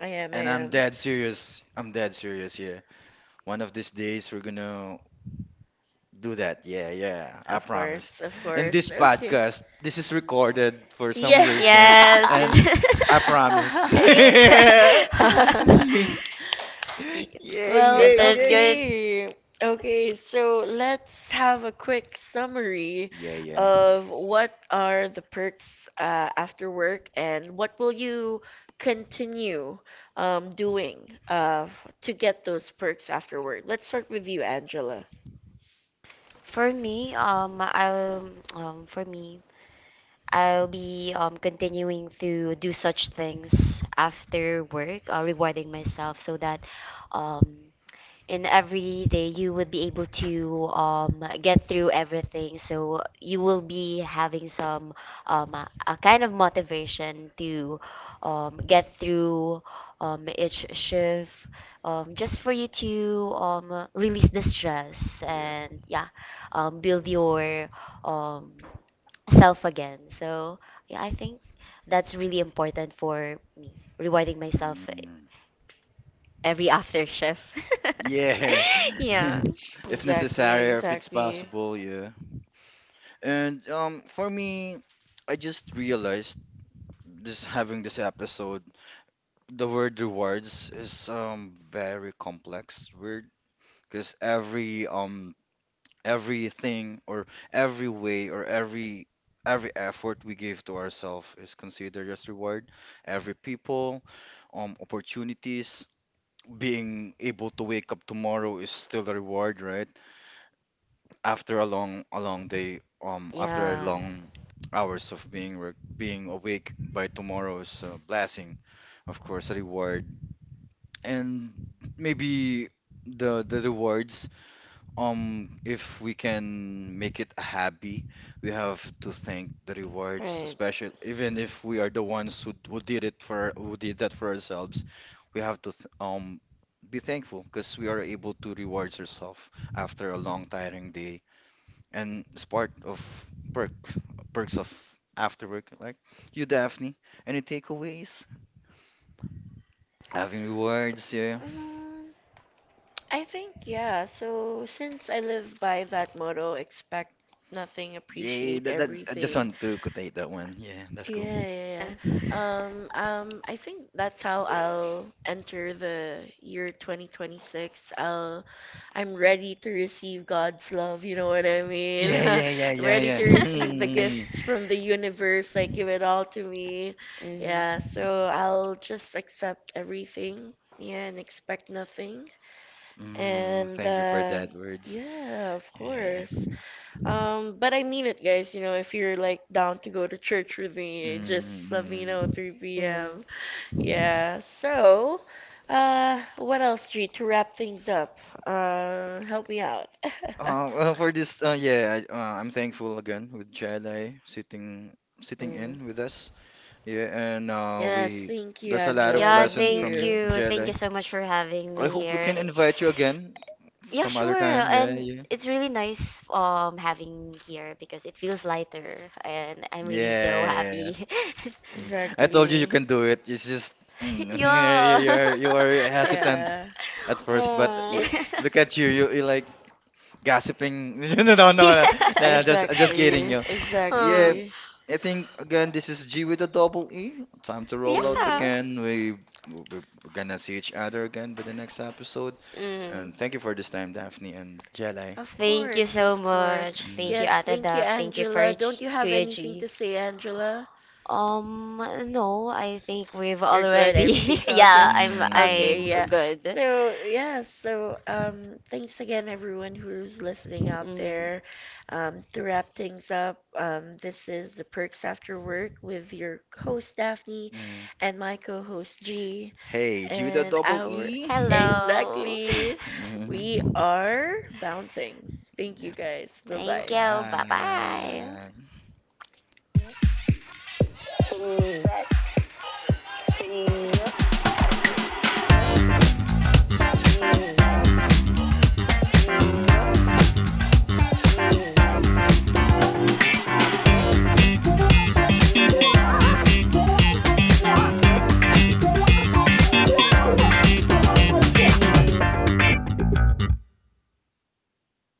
[SPEAKER 2] I am, I
[SPEAKER 1] And
[SPEAKER 3] And I'm
[SPEAKER 1] I'm
[SPEAKER 2] am.
[SPEAKER 1] dead
[SPEAKER 3] dead serious.
[SPEAKER 1] serious. I'm
[SPEAKER 3] I'm
[SPEAKER 1] dead
[SPEAKER 3] dead
[SPEAKER 1] serious
[SPEAKER 3] serious,
[SPEAKER 1] here.
[SPEAKER 3] yeah.
[SPEAKER 1] One of these days, we're gonna come
[SPEAKER 3] One
[SPEAKER 1] to
[SPEAKER 3] of
[SPEAKER 1] that day.
[SPEAKER 3] these days we're gonna do that. Yeah, yeah.
[SPEAKER 1] I
[SPEAKER 3] I
[SPEAKER 2] Of
[SPEAKER 1] promise.
[SPEAKER 3] promise.
[SPEAKER 2] course, of
[SPEAKER 1] In
[SPEAKER 3] And
[SPEAKER 2] course.
[SPEAKER 3] this
[SPEAKER 1] this
[SPEAKER 2] Okay.
[SPEAKER 1] podcast,
[SPEAKER 3] podcast,
[SPEAKER 1] this
[SPEAKER 3] this is
[SPEAKER 1] is recorded
[SPEAKER 3] recorded
[SPEAKER 1] for
[SPEAKER 3] for some
[SPEAKER 1] some
[SPEAKER 2] Yes.
[SPEAKER 3] reason,
[SPEAKER 4] Yes.
[SPEAKER 3] and
[SPEAKER 1] reason. And
[SPEAKER 3] I
[SPEAKER 1] I
[SPEAKER 4] this-
[SPEAKER 1] promise.
[SPEAKER 3] promised.
[SPEAKER 1] For me,
[SPEAKER 3] Yeah,
[SPEAKER 1] um, I
[SPEAKER 2] Well,
[SPEAKER 3] yeah,
[SPEAKER 4] This is
[SPEAKER 3] yeah.
[SPEAKER 4] good.
[SPEAKER 1] um,
[SPEAKER 2] okay. Okay, so let's have a quick summary
[SPEAKER 3] Yeah, yeah.
[SPEAKER 2] of what are the perks, uh, after work, and what will you
[SPEAKER 1] for me,
[SPEAKER 2] continue,
[SPEAKER 1] I'll
[SPEAKER 2] um,
[SPEAKER 1] be
[SPEAKER 2] doing, uh,
[SPEAKER 1] um,
[SPEAKER 2] f- to get those perks after work. Let's start with you, Angela.
[SPEAKER 4] For me, um, I'll um, for me, I'll be um
[SPEAKER 1] continuing
[SPEAKER 4] continuing
[SPEAKER 1] to
[SPEAKER 4] to
[SPEAKER 1] do
[SPEAKER 4] do such
[SPEAKER 1] such
[SPEAKER 4] things
[SPEAKER 1] things after
[SPEAKER 4] after
[SPEAKER 1] work,
[SPEAKER 4] work,
[SPEAKER 1] uh,
[SPEAKER 4] uh,
[SPEAKER 1] rewarding
[SPEAKER 4] rewarding
[SPEAKER 1] myself,
[SPEAKER 4] myself
[SPEAKER 1] so
[SPEAKER 4] so
[SPEAKER 1] that
[SPEAKER 4] that
[SPEAKER 1] um
[SPEAKER 4] um
[SPEAKER 1] in
[SPEAKER 4] in
[SPEAKER 1] every
[SPEAKER 4] every
[SPEAKER 1] day
[SPEAKER 4] day
[SPEAKER 1] you
[SPEAKER 4] you
[SPEAKER 1] will
[SPEAKER 4] would
[SPEAKER 1] be
[SPEAKER 4] be able
[SPEAKER 1] able to
[SPEAKER 4] to
[SPEAKER 1] um,
[SPEAKER 4] um,
[SPEAKER 1] get
[SPEAKER 4] get
[SPEAKER 1] through
[SPEAKER 4] through
[SPEAKER 1] everything.
[SPEAKER 4] everything,
[SPEAKER 1] So
[SPEAKER 4] so
[SPEAKER 1] you
[SPEAKER 4] you
[SPEAKER 1] will
[SPEAKER 4] will
[SPEAKER 1] be
[SPEAKER 4] be
[SPEAKER 1] having
[SPEAKER 4] having
[SPEAKER 1] some
[SPEAKER 4] some
[SPEAKER 1] um,
[SPEAKER 4] um, a,
[SPEAKER 1] a
[SPEAKER 4] a
[SPEAKER 1] kind
[SPEAKER 4] kind
[SPEAKER 1] of
[SPEAKER 4] of
[SPEAKER 1] motivation
[SPEAKER 4] motivation
[SPEAKER 1] to
[SPEAKER 4] to
[SPEAKER 1] um,
[SPEAKER 4] um,
[SPEAKER 1] get
[SPEAKER 4] get
[SPEAKER 1] through
[SPEAKER 4] through
[SPEAKER 1] um,
[SPEAKER 4] um,
[SPEAKER 1] each
[SPEAKER 4] each shift
[SPEAKER 1] shift, um,
[SPEAKER 4] um,
[SPEAKER 1] just
[SPEAKER 4] just for
[SPEAKER 1] for
[SPEAKER 4] you
[SPEAKER 1] you to
[SPEAKER 4] to
[SPEAKER 1] um,
[SPEAKER 4] um, release
[SPEAKER 1] release the
[SPEAKER 4] the
[SPEAKER 1] stress
[SPEAKER 4] stress
[SPEAKER 3] Yeah.
[SPEAKER 1] and
[SPEAKER 4] and
[SPEAKER 1] yeah,
[SPEAKER 4] yeah
[SPEAKER 1] um,
[SPEAKER 4] um,
[SPEAKER 1] build
[SPEAKER 4] build
[SPEAKER 1] your
[SPEAKER 4] your
[SPEAKER 1] um,
[SPEAKER 4] um,
[SPEAKER 1] self
[SPEAKER 4] self
[SPEAKER 1] again.
[SPEAKER 4] again.
[SPEAKER 1] So yeah,
[SPEAKER 4] So yeah, I
[SPEAKER 1] I
[SPEAKER 4] think
[SPEAKER 1] think that's
[SPEAKER 4] that's
[SPEAKER 1] really
[SPEAKER 4] really
[SPEAKER 1] important
[SPEAKER 4] important
[SPEAKER 1] for
[SPEAKER 4] for me,
[SPEAKER 1] providing
[SPEAKER 4] rewarding
[SPEAKER 1] yourself
[SPEAKER 4] myself
[SPEAKER 1] with
[SPEAKER 3] Mm.
[SPEAKER 1] every
[SPEAKER 4] every
[SPEAKER 1] after
[SPEAKER 4] after shift.
[SPEAKER 1] shift.
[SPEAKER 3] Yeah,
[SPEAKER 4] Yeah.
[SPEAKER 3] if
[SPEAKER 2] Exactly,
[SPEAKER 3] necessary or if it's
[SPEAKER 2] exactly.
[SPEAKER 3] possible, yeah. And um, for me, I just realized this having this episode, the word rewards is um very complex word because every um everything or every way or every every effort we give to ourselves is considered as reward. Every people, um, opportunities, being able to wake up tomorrow is still a reward, right?
[SPEAKER 1] After
[SPEAKER 3] After a
[SPEAKER 1] a long,
[SPEAKER 3] long a
[SPEAKER 1] a long
[SPEAKER 3] long day,
[SPEAKER 1] day, um,
[SPEAKER 3] um
[SPEAKER 1] after
[SPEAKER 3] after a
[SPEAKER 4] Yeah.
[SPEAKER 1] long
[SPEAKER 3] long
[SPEAKER 1] hours
[SPEAKER 3] hours of
[SPEAKER 1] of
[SPEAKER 3] being re-
[SPEAKER 1] being
[SPEAKER 3] being
[SPEAKER 1] being
[SPEAKER 3] awake by
[SPEAKER 1] awake by tomorrow's
[SPEAKER 3] tomorrow's uh,
[SPEAKER 1] task,
[SPEAKER 3] blessing, of
[SPEAKER 1] I
[SPEAKER 3] course
[SPEAKER 1] was
[SPEAKER 3] a
[SPEAKER 1] really
[SPEAKER 3] reward.
[SPEAKER 1] bored. And
[SPEAKER 3] And
[SPEAKER 1] maybe
[SPEAKER 3] maybe
[SPEAKER 1] the
[SPEAKER 3] the the
[SPEAKER 1] the, the
[SPEAKER 3] rewards,
[SPEAKER 1] words, um,
[SPEAKER 3] um
[SPEAKER 1] if
[SPEAKER 3] if
[SPEAKER 1] we
[SPEAKER 3] we
[SPEAKER 1] can
[SPEAKER 3] can
[SPEAKER 1] make
[SPEAKER 3] make it
[SPEAKER 1] it
[SPEAKER 3] a
[SPEAKER 1] happy,
[SPEAKER 3] hobby, we
[SPEAKER 1] we have
[SPEAKER 3] have
[SPEAKER 1] to
[SPEAKER 3] to
[SPEAKER 1] thank
[SPEAKER 3] thank
[SPEAKER 1] the
[SPEAKER 3] the
[SPEAKER 1] rewards,
[SPEAKER 3] rewards,
[SPEAKER 2] Right.
[SPEAKER 3] especially
[SPEAKER 1] especially even
[SPEAKER 3] even
[SPEAKER 1] if
[SPEAKER 3] if we
[SPEAKER 1] we are
[SPEAKER 3] are the
[SPEAKER 1] the
[SPEAKER 3] ones
[SPEAKER 1] ones
[SPEAKER 3] who, who
[SPEAKER 1] who, who did
[SPEAKER 3] did
[SPEAKER 1] it
[SPEAKER 3] it
[SPEAKER 1] for
[SPEAKER 3] for
[SPEAKER 1] who
[SPEAKER 3] who
[SPEAKER 1] did
[SPEAKER 3] did that
[SPEAKER 1] that
[SPEAKER 3] for
[SPEAKER 1] for
[SPEAKER 3] ourselves.
[SPEAKER 1] ourselves, we
[SPEAKER 3] We have
[SPEAKER 1] have
[SPEAKER 3] to
[SPEAKER 1] to
[SPEAKER 3] th
[SPEAKER 1] um
[SPEAKER 3] um be
[SPEAKER 1] be thankful
[SPEAKER 3] thankful
[SPEAKER 1] because
[SPEAKER 3] because we
[SPEAKER 1] we
[SPEAKER 3] are
[SPEAKER 1] are
[SPEAKER 3] able
[SPEAKER 1] able to
[SPEAKER 3] to
[SPEAKER 1] reward
[SPEAKER 3] reward
[SPEAKER 1] ourselves
[SPEAKER 3] ourselves after
[SPEAKER 1] after
[SPEAKER 3] a
[SPEAKER 1] a long
[SPEAKER 3] long
[SPEAKER 1] tiring
[SPEAKER 3] tiring
[SPEAKER 1] day,
[SPEAKER 3] day,
[SPEAKER 1] and
[SPEAKER 3] and it's
[SPEAKER 1] it's
[SPEAKER 3] part
[SPEAKER 1] part of
[SPEAKER 3] of
[SPEAKER 1] work
[SPEAKER 3] perk
[SPEAKER 1] for
[SPEAKER 3] perks of
[SPEAKER 1] yourself
[SPEAKER 3] after work.
[SPEAKER 1] afterwards.
[SPEAKER 3] Like, you, Daphne, any takeaways having rewards? Yeah,
[SPEAKER 2] Mm, I think, yeah. So, since I live by that motto, expect nothing,
[SPEAKER 3] yeah,
[SPEAKER 2] appreciate
[SPEAKER 3] that, that's I just
[SPEAKER 2] everything,
[SPEAKER 3] want to quotate that one. Yeah, that's cool.
[SPEAKER 2] yeah, yeah, yeah, Um, um, I think that's how I'll enter the year twenty twenty-six. I'll, I'm ready to receive God's love, you know what I mean?
[SPEAKER 3] Yeah,
[SPEAKER 2] I'm
[SPEAKER 3] yeah, yeah, yeah,
[SPEAKER 2] ready
[SPEAKER 3] yeah.
[SPEAKER 2] to receive the
[SPEAKER 3] Mm,
[SPEAKER 2] gifts from the universe, like give it all to me.
[SPEAKER 4] Mm,
[SPEAKER 2] Yeah, so I'll just accept everything, yeah, and expect nothing.
[SPEAKER 3] mm,
[SPEAKER 2] And
[SPEAKER 3] thank you for
[SPEAKER 2] uh,
[SPEAKER 3] that words.
[SPEAKER 2] yeah, of
[SPEAKER 3] Yeah.
[SPEAKER 2] course. Um, but I mean it, guys. You know, if you're like down to go to church with me,
[SPEAKER 3] Mm,
[SPEAKER 2] just let me know at
[SPEAKER 3] mm.
[SPEAKER 2] 3
[SPEAKER 1] Yeah.
[SPEAKER 4] mm,
[SPEAKER 2] p.m.
[SPEAKER 1] Yeah.
[SPEAKER 2] Yeah.
[SPEAKER 1] So,
[SPEAKER 2] So,
[SPEAKER 1] uh,
[SPEAKER 2] uh,
[SPEAKER 1] what
[SPEAKER 2] what
[SPEAKER 1] else,
[SPEAKER 2] else, G,
[SPEAKER 1] G, to
[SPEAKER 2] to
[SPEAKER 1] wrap
[SPEAKER 2] wrap
[SPEAKER 1] things
[SPEAKER 2] things
[SPEAKER 1] up?
[SPEAKER 2] up?
[SPEAKER 1] Uh,
[SPEAKER 2] Uh,
[SPEAKER 1] help
[SPEAKER 2] help
[SPEAKER 1] me
[SPEAKER 2] me
[SPEAKER 1] out.
[SPEAKER 2] out.
[SPEAKER 3] Uh, well, for
[SPEAKER 1] Yes,
[SPEAKER 3] this uh,
[SPEAKER 1] thank you.
[SPEAKER 3] yeah, I,
[SPEAKER 1] Yeah,
[SPEAKER 3] uh, I'm
[SPEAKER 1] thank
[SPEAKER 3] thankful
[SPEAKER 1] you.
[SPEAKER 3] again with Chadai sitting sitting in
[SPEAKER 4] mm.
[SPEAKER 3] with us. Yeah. And uh,
[SPEAKER 2] Yes,
[SPEAKER 3] we
[SPEAKER 2] thank you,
[SPEAKER 3] there's a lot of
[SPEAKER 2] Angela.
[SPEAKER 4] Yeah,
[SPEAKER 2] Thank
[SPEAKER 3] lesson from
[SPEAKER 4] thank
[SPEAKER 3] you,
[SPEAKER 2] you.
[SPEAKER 4] you.
[SPEAKER 1] Thank you
[SPEAKER 4] Thank
[SPEAKER 3] Jedi.
[SPEAKER 4] you
[SPEAKER 1] so
[SPEAKER 4] so
[SPEAKER 1] much
[SPEAKER 4] much
[SPEAKER 1] for
[SPEAKER 4] for
[SPEAKER 1] having
[SPEAKER 4] having
[SPEAKER 1] me
[SPEAKER 3] I
[SPEAKER 4] me
[SPEAKER 3] hope we can
[SPEAKER 4] here.
[SPEAKER 3] invite you
[SPEAKER 1] here.
[SPEAKER 3] again
[SPEAKER 1] Yeah,
[SPEAKER 4] Yeah,
[SPEAKER 3] some
[SPEAKER 1] sure.
[SPEAKER 3] other
[SPEAKER 4] sure.
[SPEAKER 3] time.
[SPEAKER 1] And
[SPEAKER 3] Yeah,
[SPEAKER 4] And
[SPEAKER 3] yeah.
[SPEAKER 1] it's
[SPEAKER 4] it's
[SPEAKER 1] really
[SPEAKER 4] really
[SPEAKER 1] nice
[SPEAKER 4] nice
[SPEAKER 1] um
[SPEAKER 4] um
[SPEAKER 1] having you
[SPEAKER 4] having
[SPEAKER 1] here
[SPEAKER 4] here
[SPEAKER 1] because
[SPEAKER 4] because
[SPEAKER 1] it
[SPEAKER 4] it
[SPEAKER 1] feels
[SPEAKER 4] feels
[SPEAKER 1] like
[SPEAKER 4] lighter
[SPEAKER 1] you're and I'm
[SPEAKER 4] and I'm really so
[SPEAKER 3] Yeah, yeah,
[SPEAKER 1] so
[SPEAKER 3] yeah.
[SPEAKER 4] happy.
[SPEAKER 3] Mm. I
[SPEAKER 1] happy.
[SPEAKER 3] told you you
[SPEAKER 2] Exactly.
[SPEAKER 3] can do it. It's
[SPEAKER 1] Yeah,
[SPEAKER 3] just mm,
[SPEAKER 1] you were
[SPEAKER 3] you you
[SPEAKER 4] Yeah.
[SPEAKER 3] are
[SPEAKER 1] you
[SPEAKER 3] you
[SPEAKER 1] were
[SPEAKER 3] are
[SPEAKER 1] at at
[SPEAKER 3] hesitant
[SPEAKER 2] Yeah.
[SPEAKER 1] at
[SPEAKER 3] at
[SPEAKER 1] first
[SPEAKER 3] first, but
[SPEAKER 4] Oh.
[SPEAKER 3] you,
[SPEAKER 1] like,
[SPEAKER 2] It's
[SPEAKER 1] look
[SPEAKER 3] look
[SPEAKER 1] at
[SPEAKER 3] at
[SPEAKER 1] you,
[SPEAKER 3] you. You
[SPEAKER 1] you'll be
[SPEAKER 3] you
[SPEAKER 1] like
[SPEAKER 3] like gossiping.
[SPEAKER 1] no,
[SPEAKER 3] No,
[SPEAKER 1] no,
[SPEAKER 3] no, no,
[SPEAKER 1] no, no,
[SPEAKER 3] no, no,
[SPEAKER 1] uh,
[SPEAKER 4] Yes.
[SPEAKER 1] just
[SPEAKER 3] just I'm
[SPEAKER 1] just
[SPEAKER 3] just
[SPEAKER 1] kidding,
[SPEAKER 3] kidding
[SPEAKER 1] you
[SPEAKER 2] exactly,
[SPEAKER 3] you.
[SPEAKER 1] know.
[SPEAKER 3] Yeah,
[SPEAKER 4] Oh.
[SPEAKER 2] exactly.
[SPEAKER 1] Yeah, I
[SPEAKER 3] I think
[SPEAKER 1] think
[SPEAKER 3] again this
[SPEAKER 1] there's
[SPEAKER 3] is G with a
[SPEAKER 1] Gmail
[SPEAKER 3] double E. Time to roll out
[SPEAKER 2] Mm-hmm.
[SPEAKER 4] Yeah.
[SPEAKER 3] again.
[SPEAKER 1] talking
[SPEAKER 3] We we- we're
[SPEAKER 1] and
[SPEAKER 3] gonna
[SPEAKER 1] message
[SPEAKER 3] see
[SPEAKER 1] each
[SPEAKER 3] each
[SPEAKER 1] other
[SPEAKER 3] other again by the next
[SPEAKER 1] during
[SPEAKER 3] episode.
[SPEAKER 1] during
[SPEAKER 4] Mm.
[SPEAKER 3] And thank you for
[SPEAKER 1] this
[SPEAKER 3] this time,
[SPEAKER 1] time,
[SPEAKER 3] Daphne and
[SPEAKER 1] so
[SPEAKER 3] Jelly.
[SPEAKER 1] yeah.
[SPEAKER 2] Of
[SPEAKER 1] Thank
[SPEAKER 4] Thank
[SPEAKER 1] you
[SPEAKER 4] you
[SPEAKER 2] course,
[SPEAKER 1] so
[SPEAKER 4] so
[SPEAKER 2] of
[SPEAKER 1] much.
[SPEAKER 2] course.
[SPEAKER 4] much.
[SPEAKER 1] Thank
[SPEAKER 4] Thank
[SPEAKER 1] you,
[SPEAKER 4] you,
[SPEAKER 2] Yes,
[SPEAKER 1] Ate
[SPEAKER 4] Ate
[SPEAKER 2] thank
[SPEAKER 1] Dab.
[SPEAKER 2] you,
[SPEAKER 4] Dab. Thank
[SPEAKER 1] Thank
[SPEAKER 4] you
[SPEAKER 1] you
[SPEAKER 4] for
[SPEAKER 2] Angela.
[SPEAKER 1] for
[SPEAKER 2] Don't
[SPEAKER 4] G-
[SPEAKER 2] you have
[SPEAKER 1] Kuya
[SPEAKER 4] Kuya
[SPEAKER 1] G.
[SPEAKER 2] anything
[SPEAKER 4] G.
[SPEAKER 2] to say, Angela?
[SPEAKER 1] Um,
[SPEAKER 4] Um,
[SPEAKER 1] no,
[SPEAKER 4] no,
[SPEAKER 1] I
[SPEAKER 4] I
[SPEAKER 1] think
[SPEAKER 4] think
[SPEAKER 1] we've
[SPEAKER 4] we've
[SPEAKER 2] You're good.
[SPEAKER 1] already,
[SPEAKER 4] already.
[SPEAKER 2] Everything's
[SPEAKER 1] yeah,
[SPEAKER 2] all
[SPEAKER 4] Yeah,
[SPEAKER 2] good.
[SPEAKER 1] I'm,
[SPEAKER 4] I'm
[SPEAKER 1] I
[SPEAKER 3] Hmm.
[SPEAKER 2] Okay,
[SPEAKER 4] I'm
[SPEAKER 2] yeah.
[SPEAKER 1] good.
[SPEAKER 4] good.
[SPEAKER 2] So, yeah, so um thanks again everyone who's listening out
[SPEAKER 4] Mm.
[SPEAKER 2] there. Um, to wrap things up, um this is The Perks After Work with your host Daphne
[SPEAKER 3] Mm.
[SPEAKER 2] and my co-host G
[SPEAKER 3] Hey, G with a
[SPEAKER 2] and
[SPEAKER 1] Hello. We
[SPEAKER 3] double
[SPEAKER 2] our
[SPEAKER 1] are
[SPEAKER 3] E.
[SPEAKER 4] Hello.
[SPEAKER 2] exactly we
[SPEAKER 3] Mhm.
[SPEAKER 2] are
[SPEAKER 1] counting.
[SPEAKER 2] bouncing.
[SPEAKER 1] Thank
[SPEAKER 2] Thank you
[SPEAKER 3] Yeah.
[SPEAKER 1] you guys. Bye,
[SPEAKER 2] guys.
[SPEAKER 4] Thank
[SPEAKER 2] Bye-bye.
[SPEAKER 4] you.
[SPEAKER 1] thank,
[SPEAKER 4] Bye
[SPEAKER 1] bye, you.
[SPEAKER 4] bye.
[SPEAKER 3] Bye-bye.
[SPEAKER 1] Wala, wala, di ba? Di ba? Cute. Ang saya pala, no? Dapat tayo pumunta. Ang saya pala. Kala sa akin, ako sila Coach Sheila eh. Coach Abby, Uwe Abby. Sila yung kausap ko. Nag-feature ako dyan, ah. Pag Kaya, nal- kaya. Nalubat kasi ako.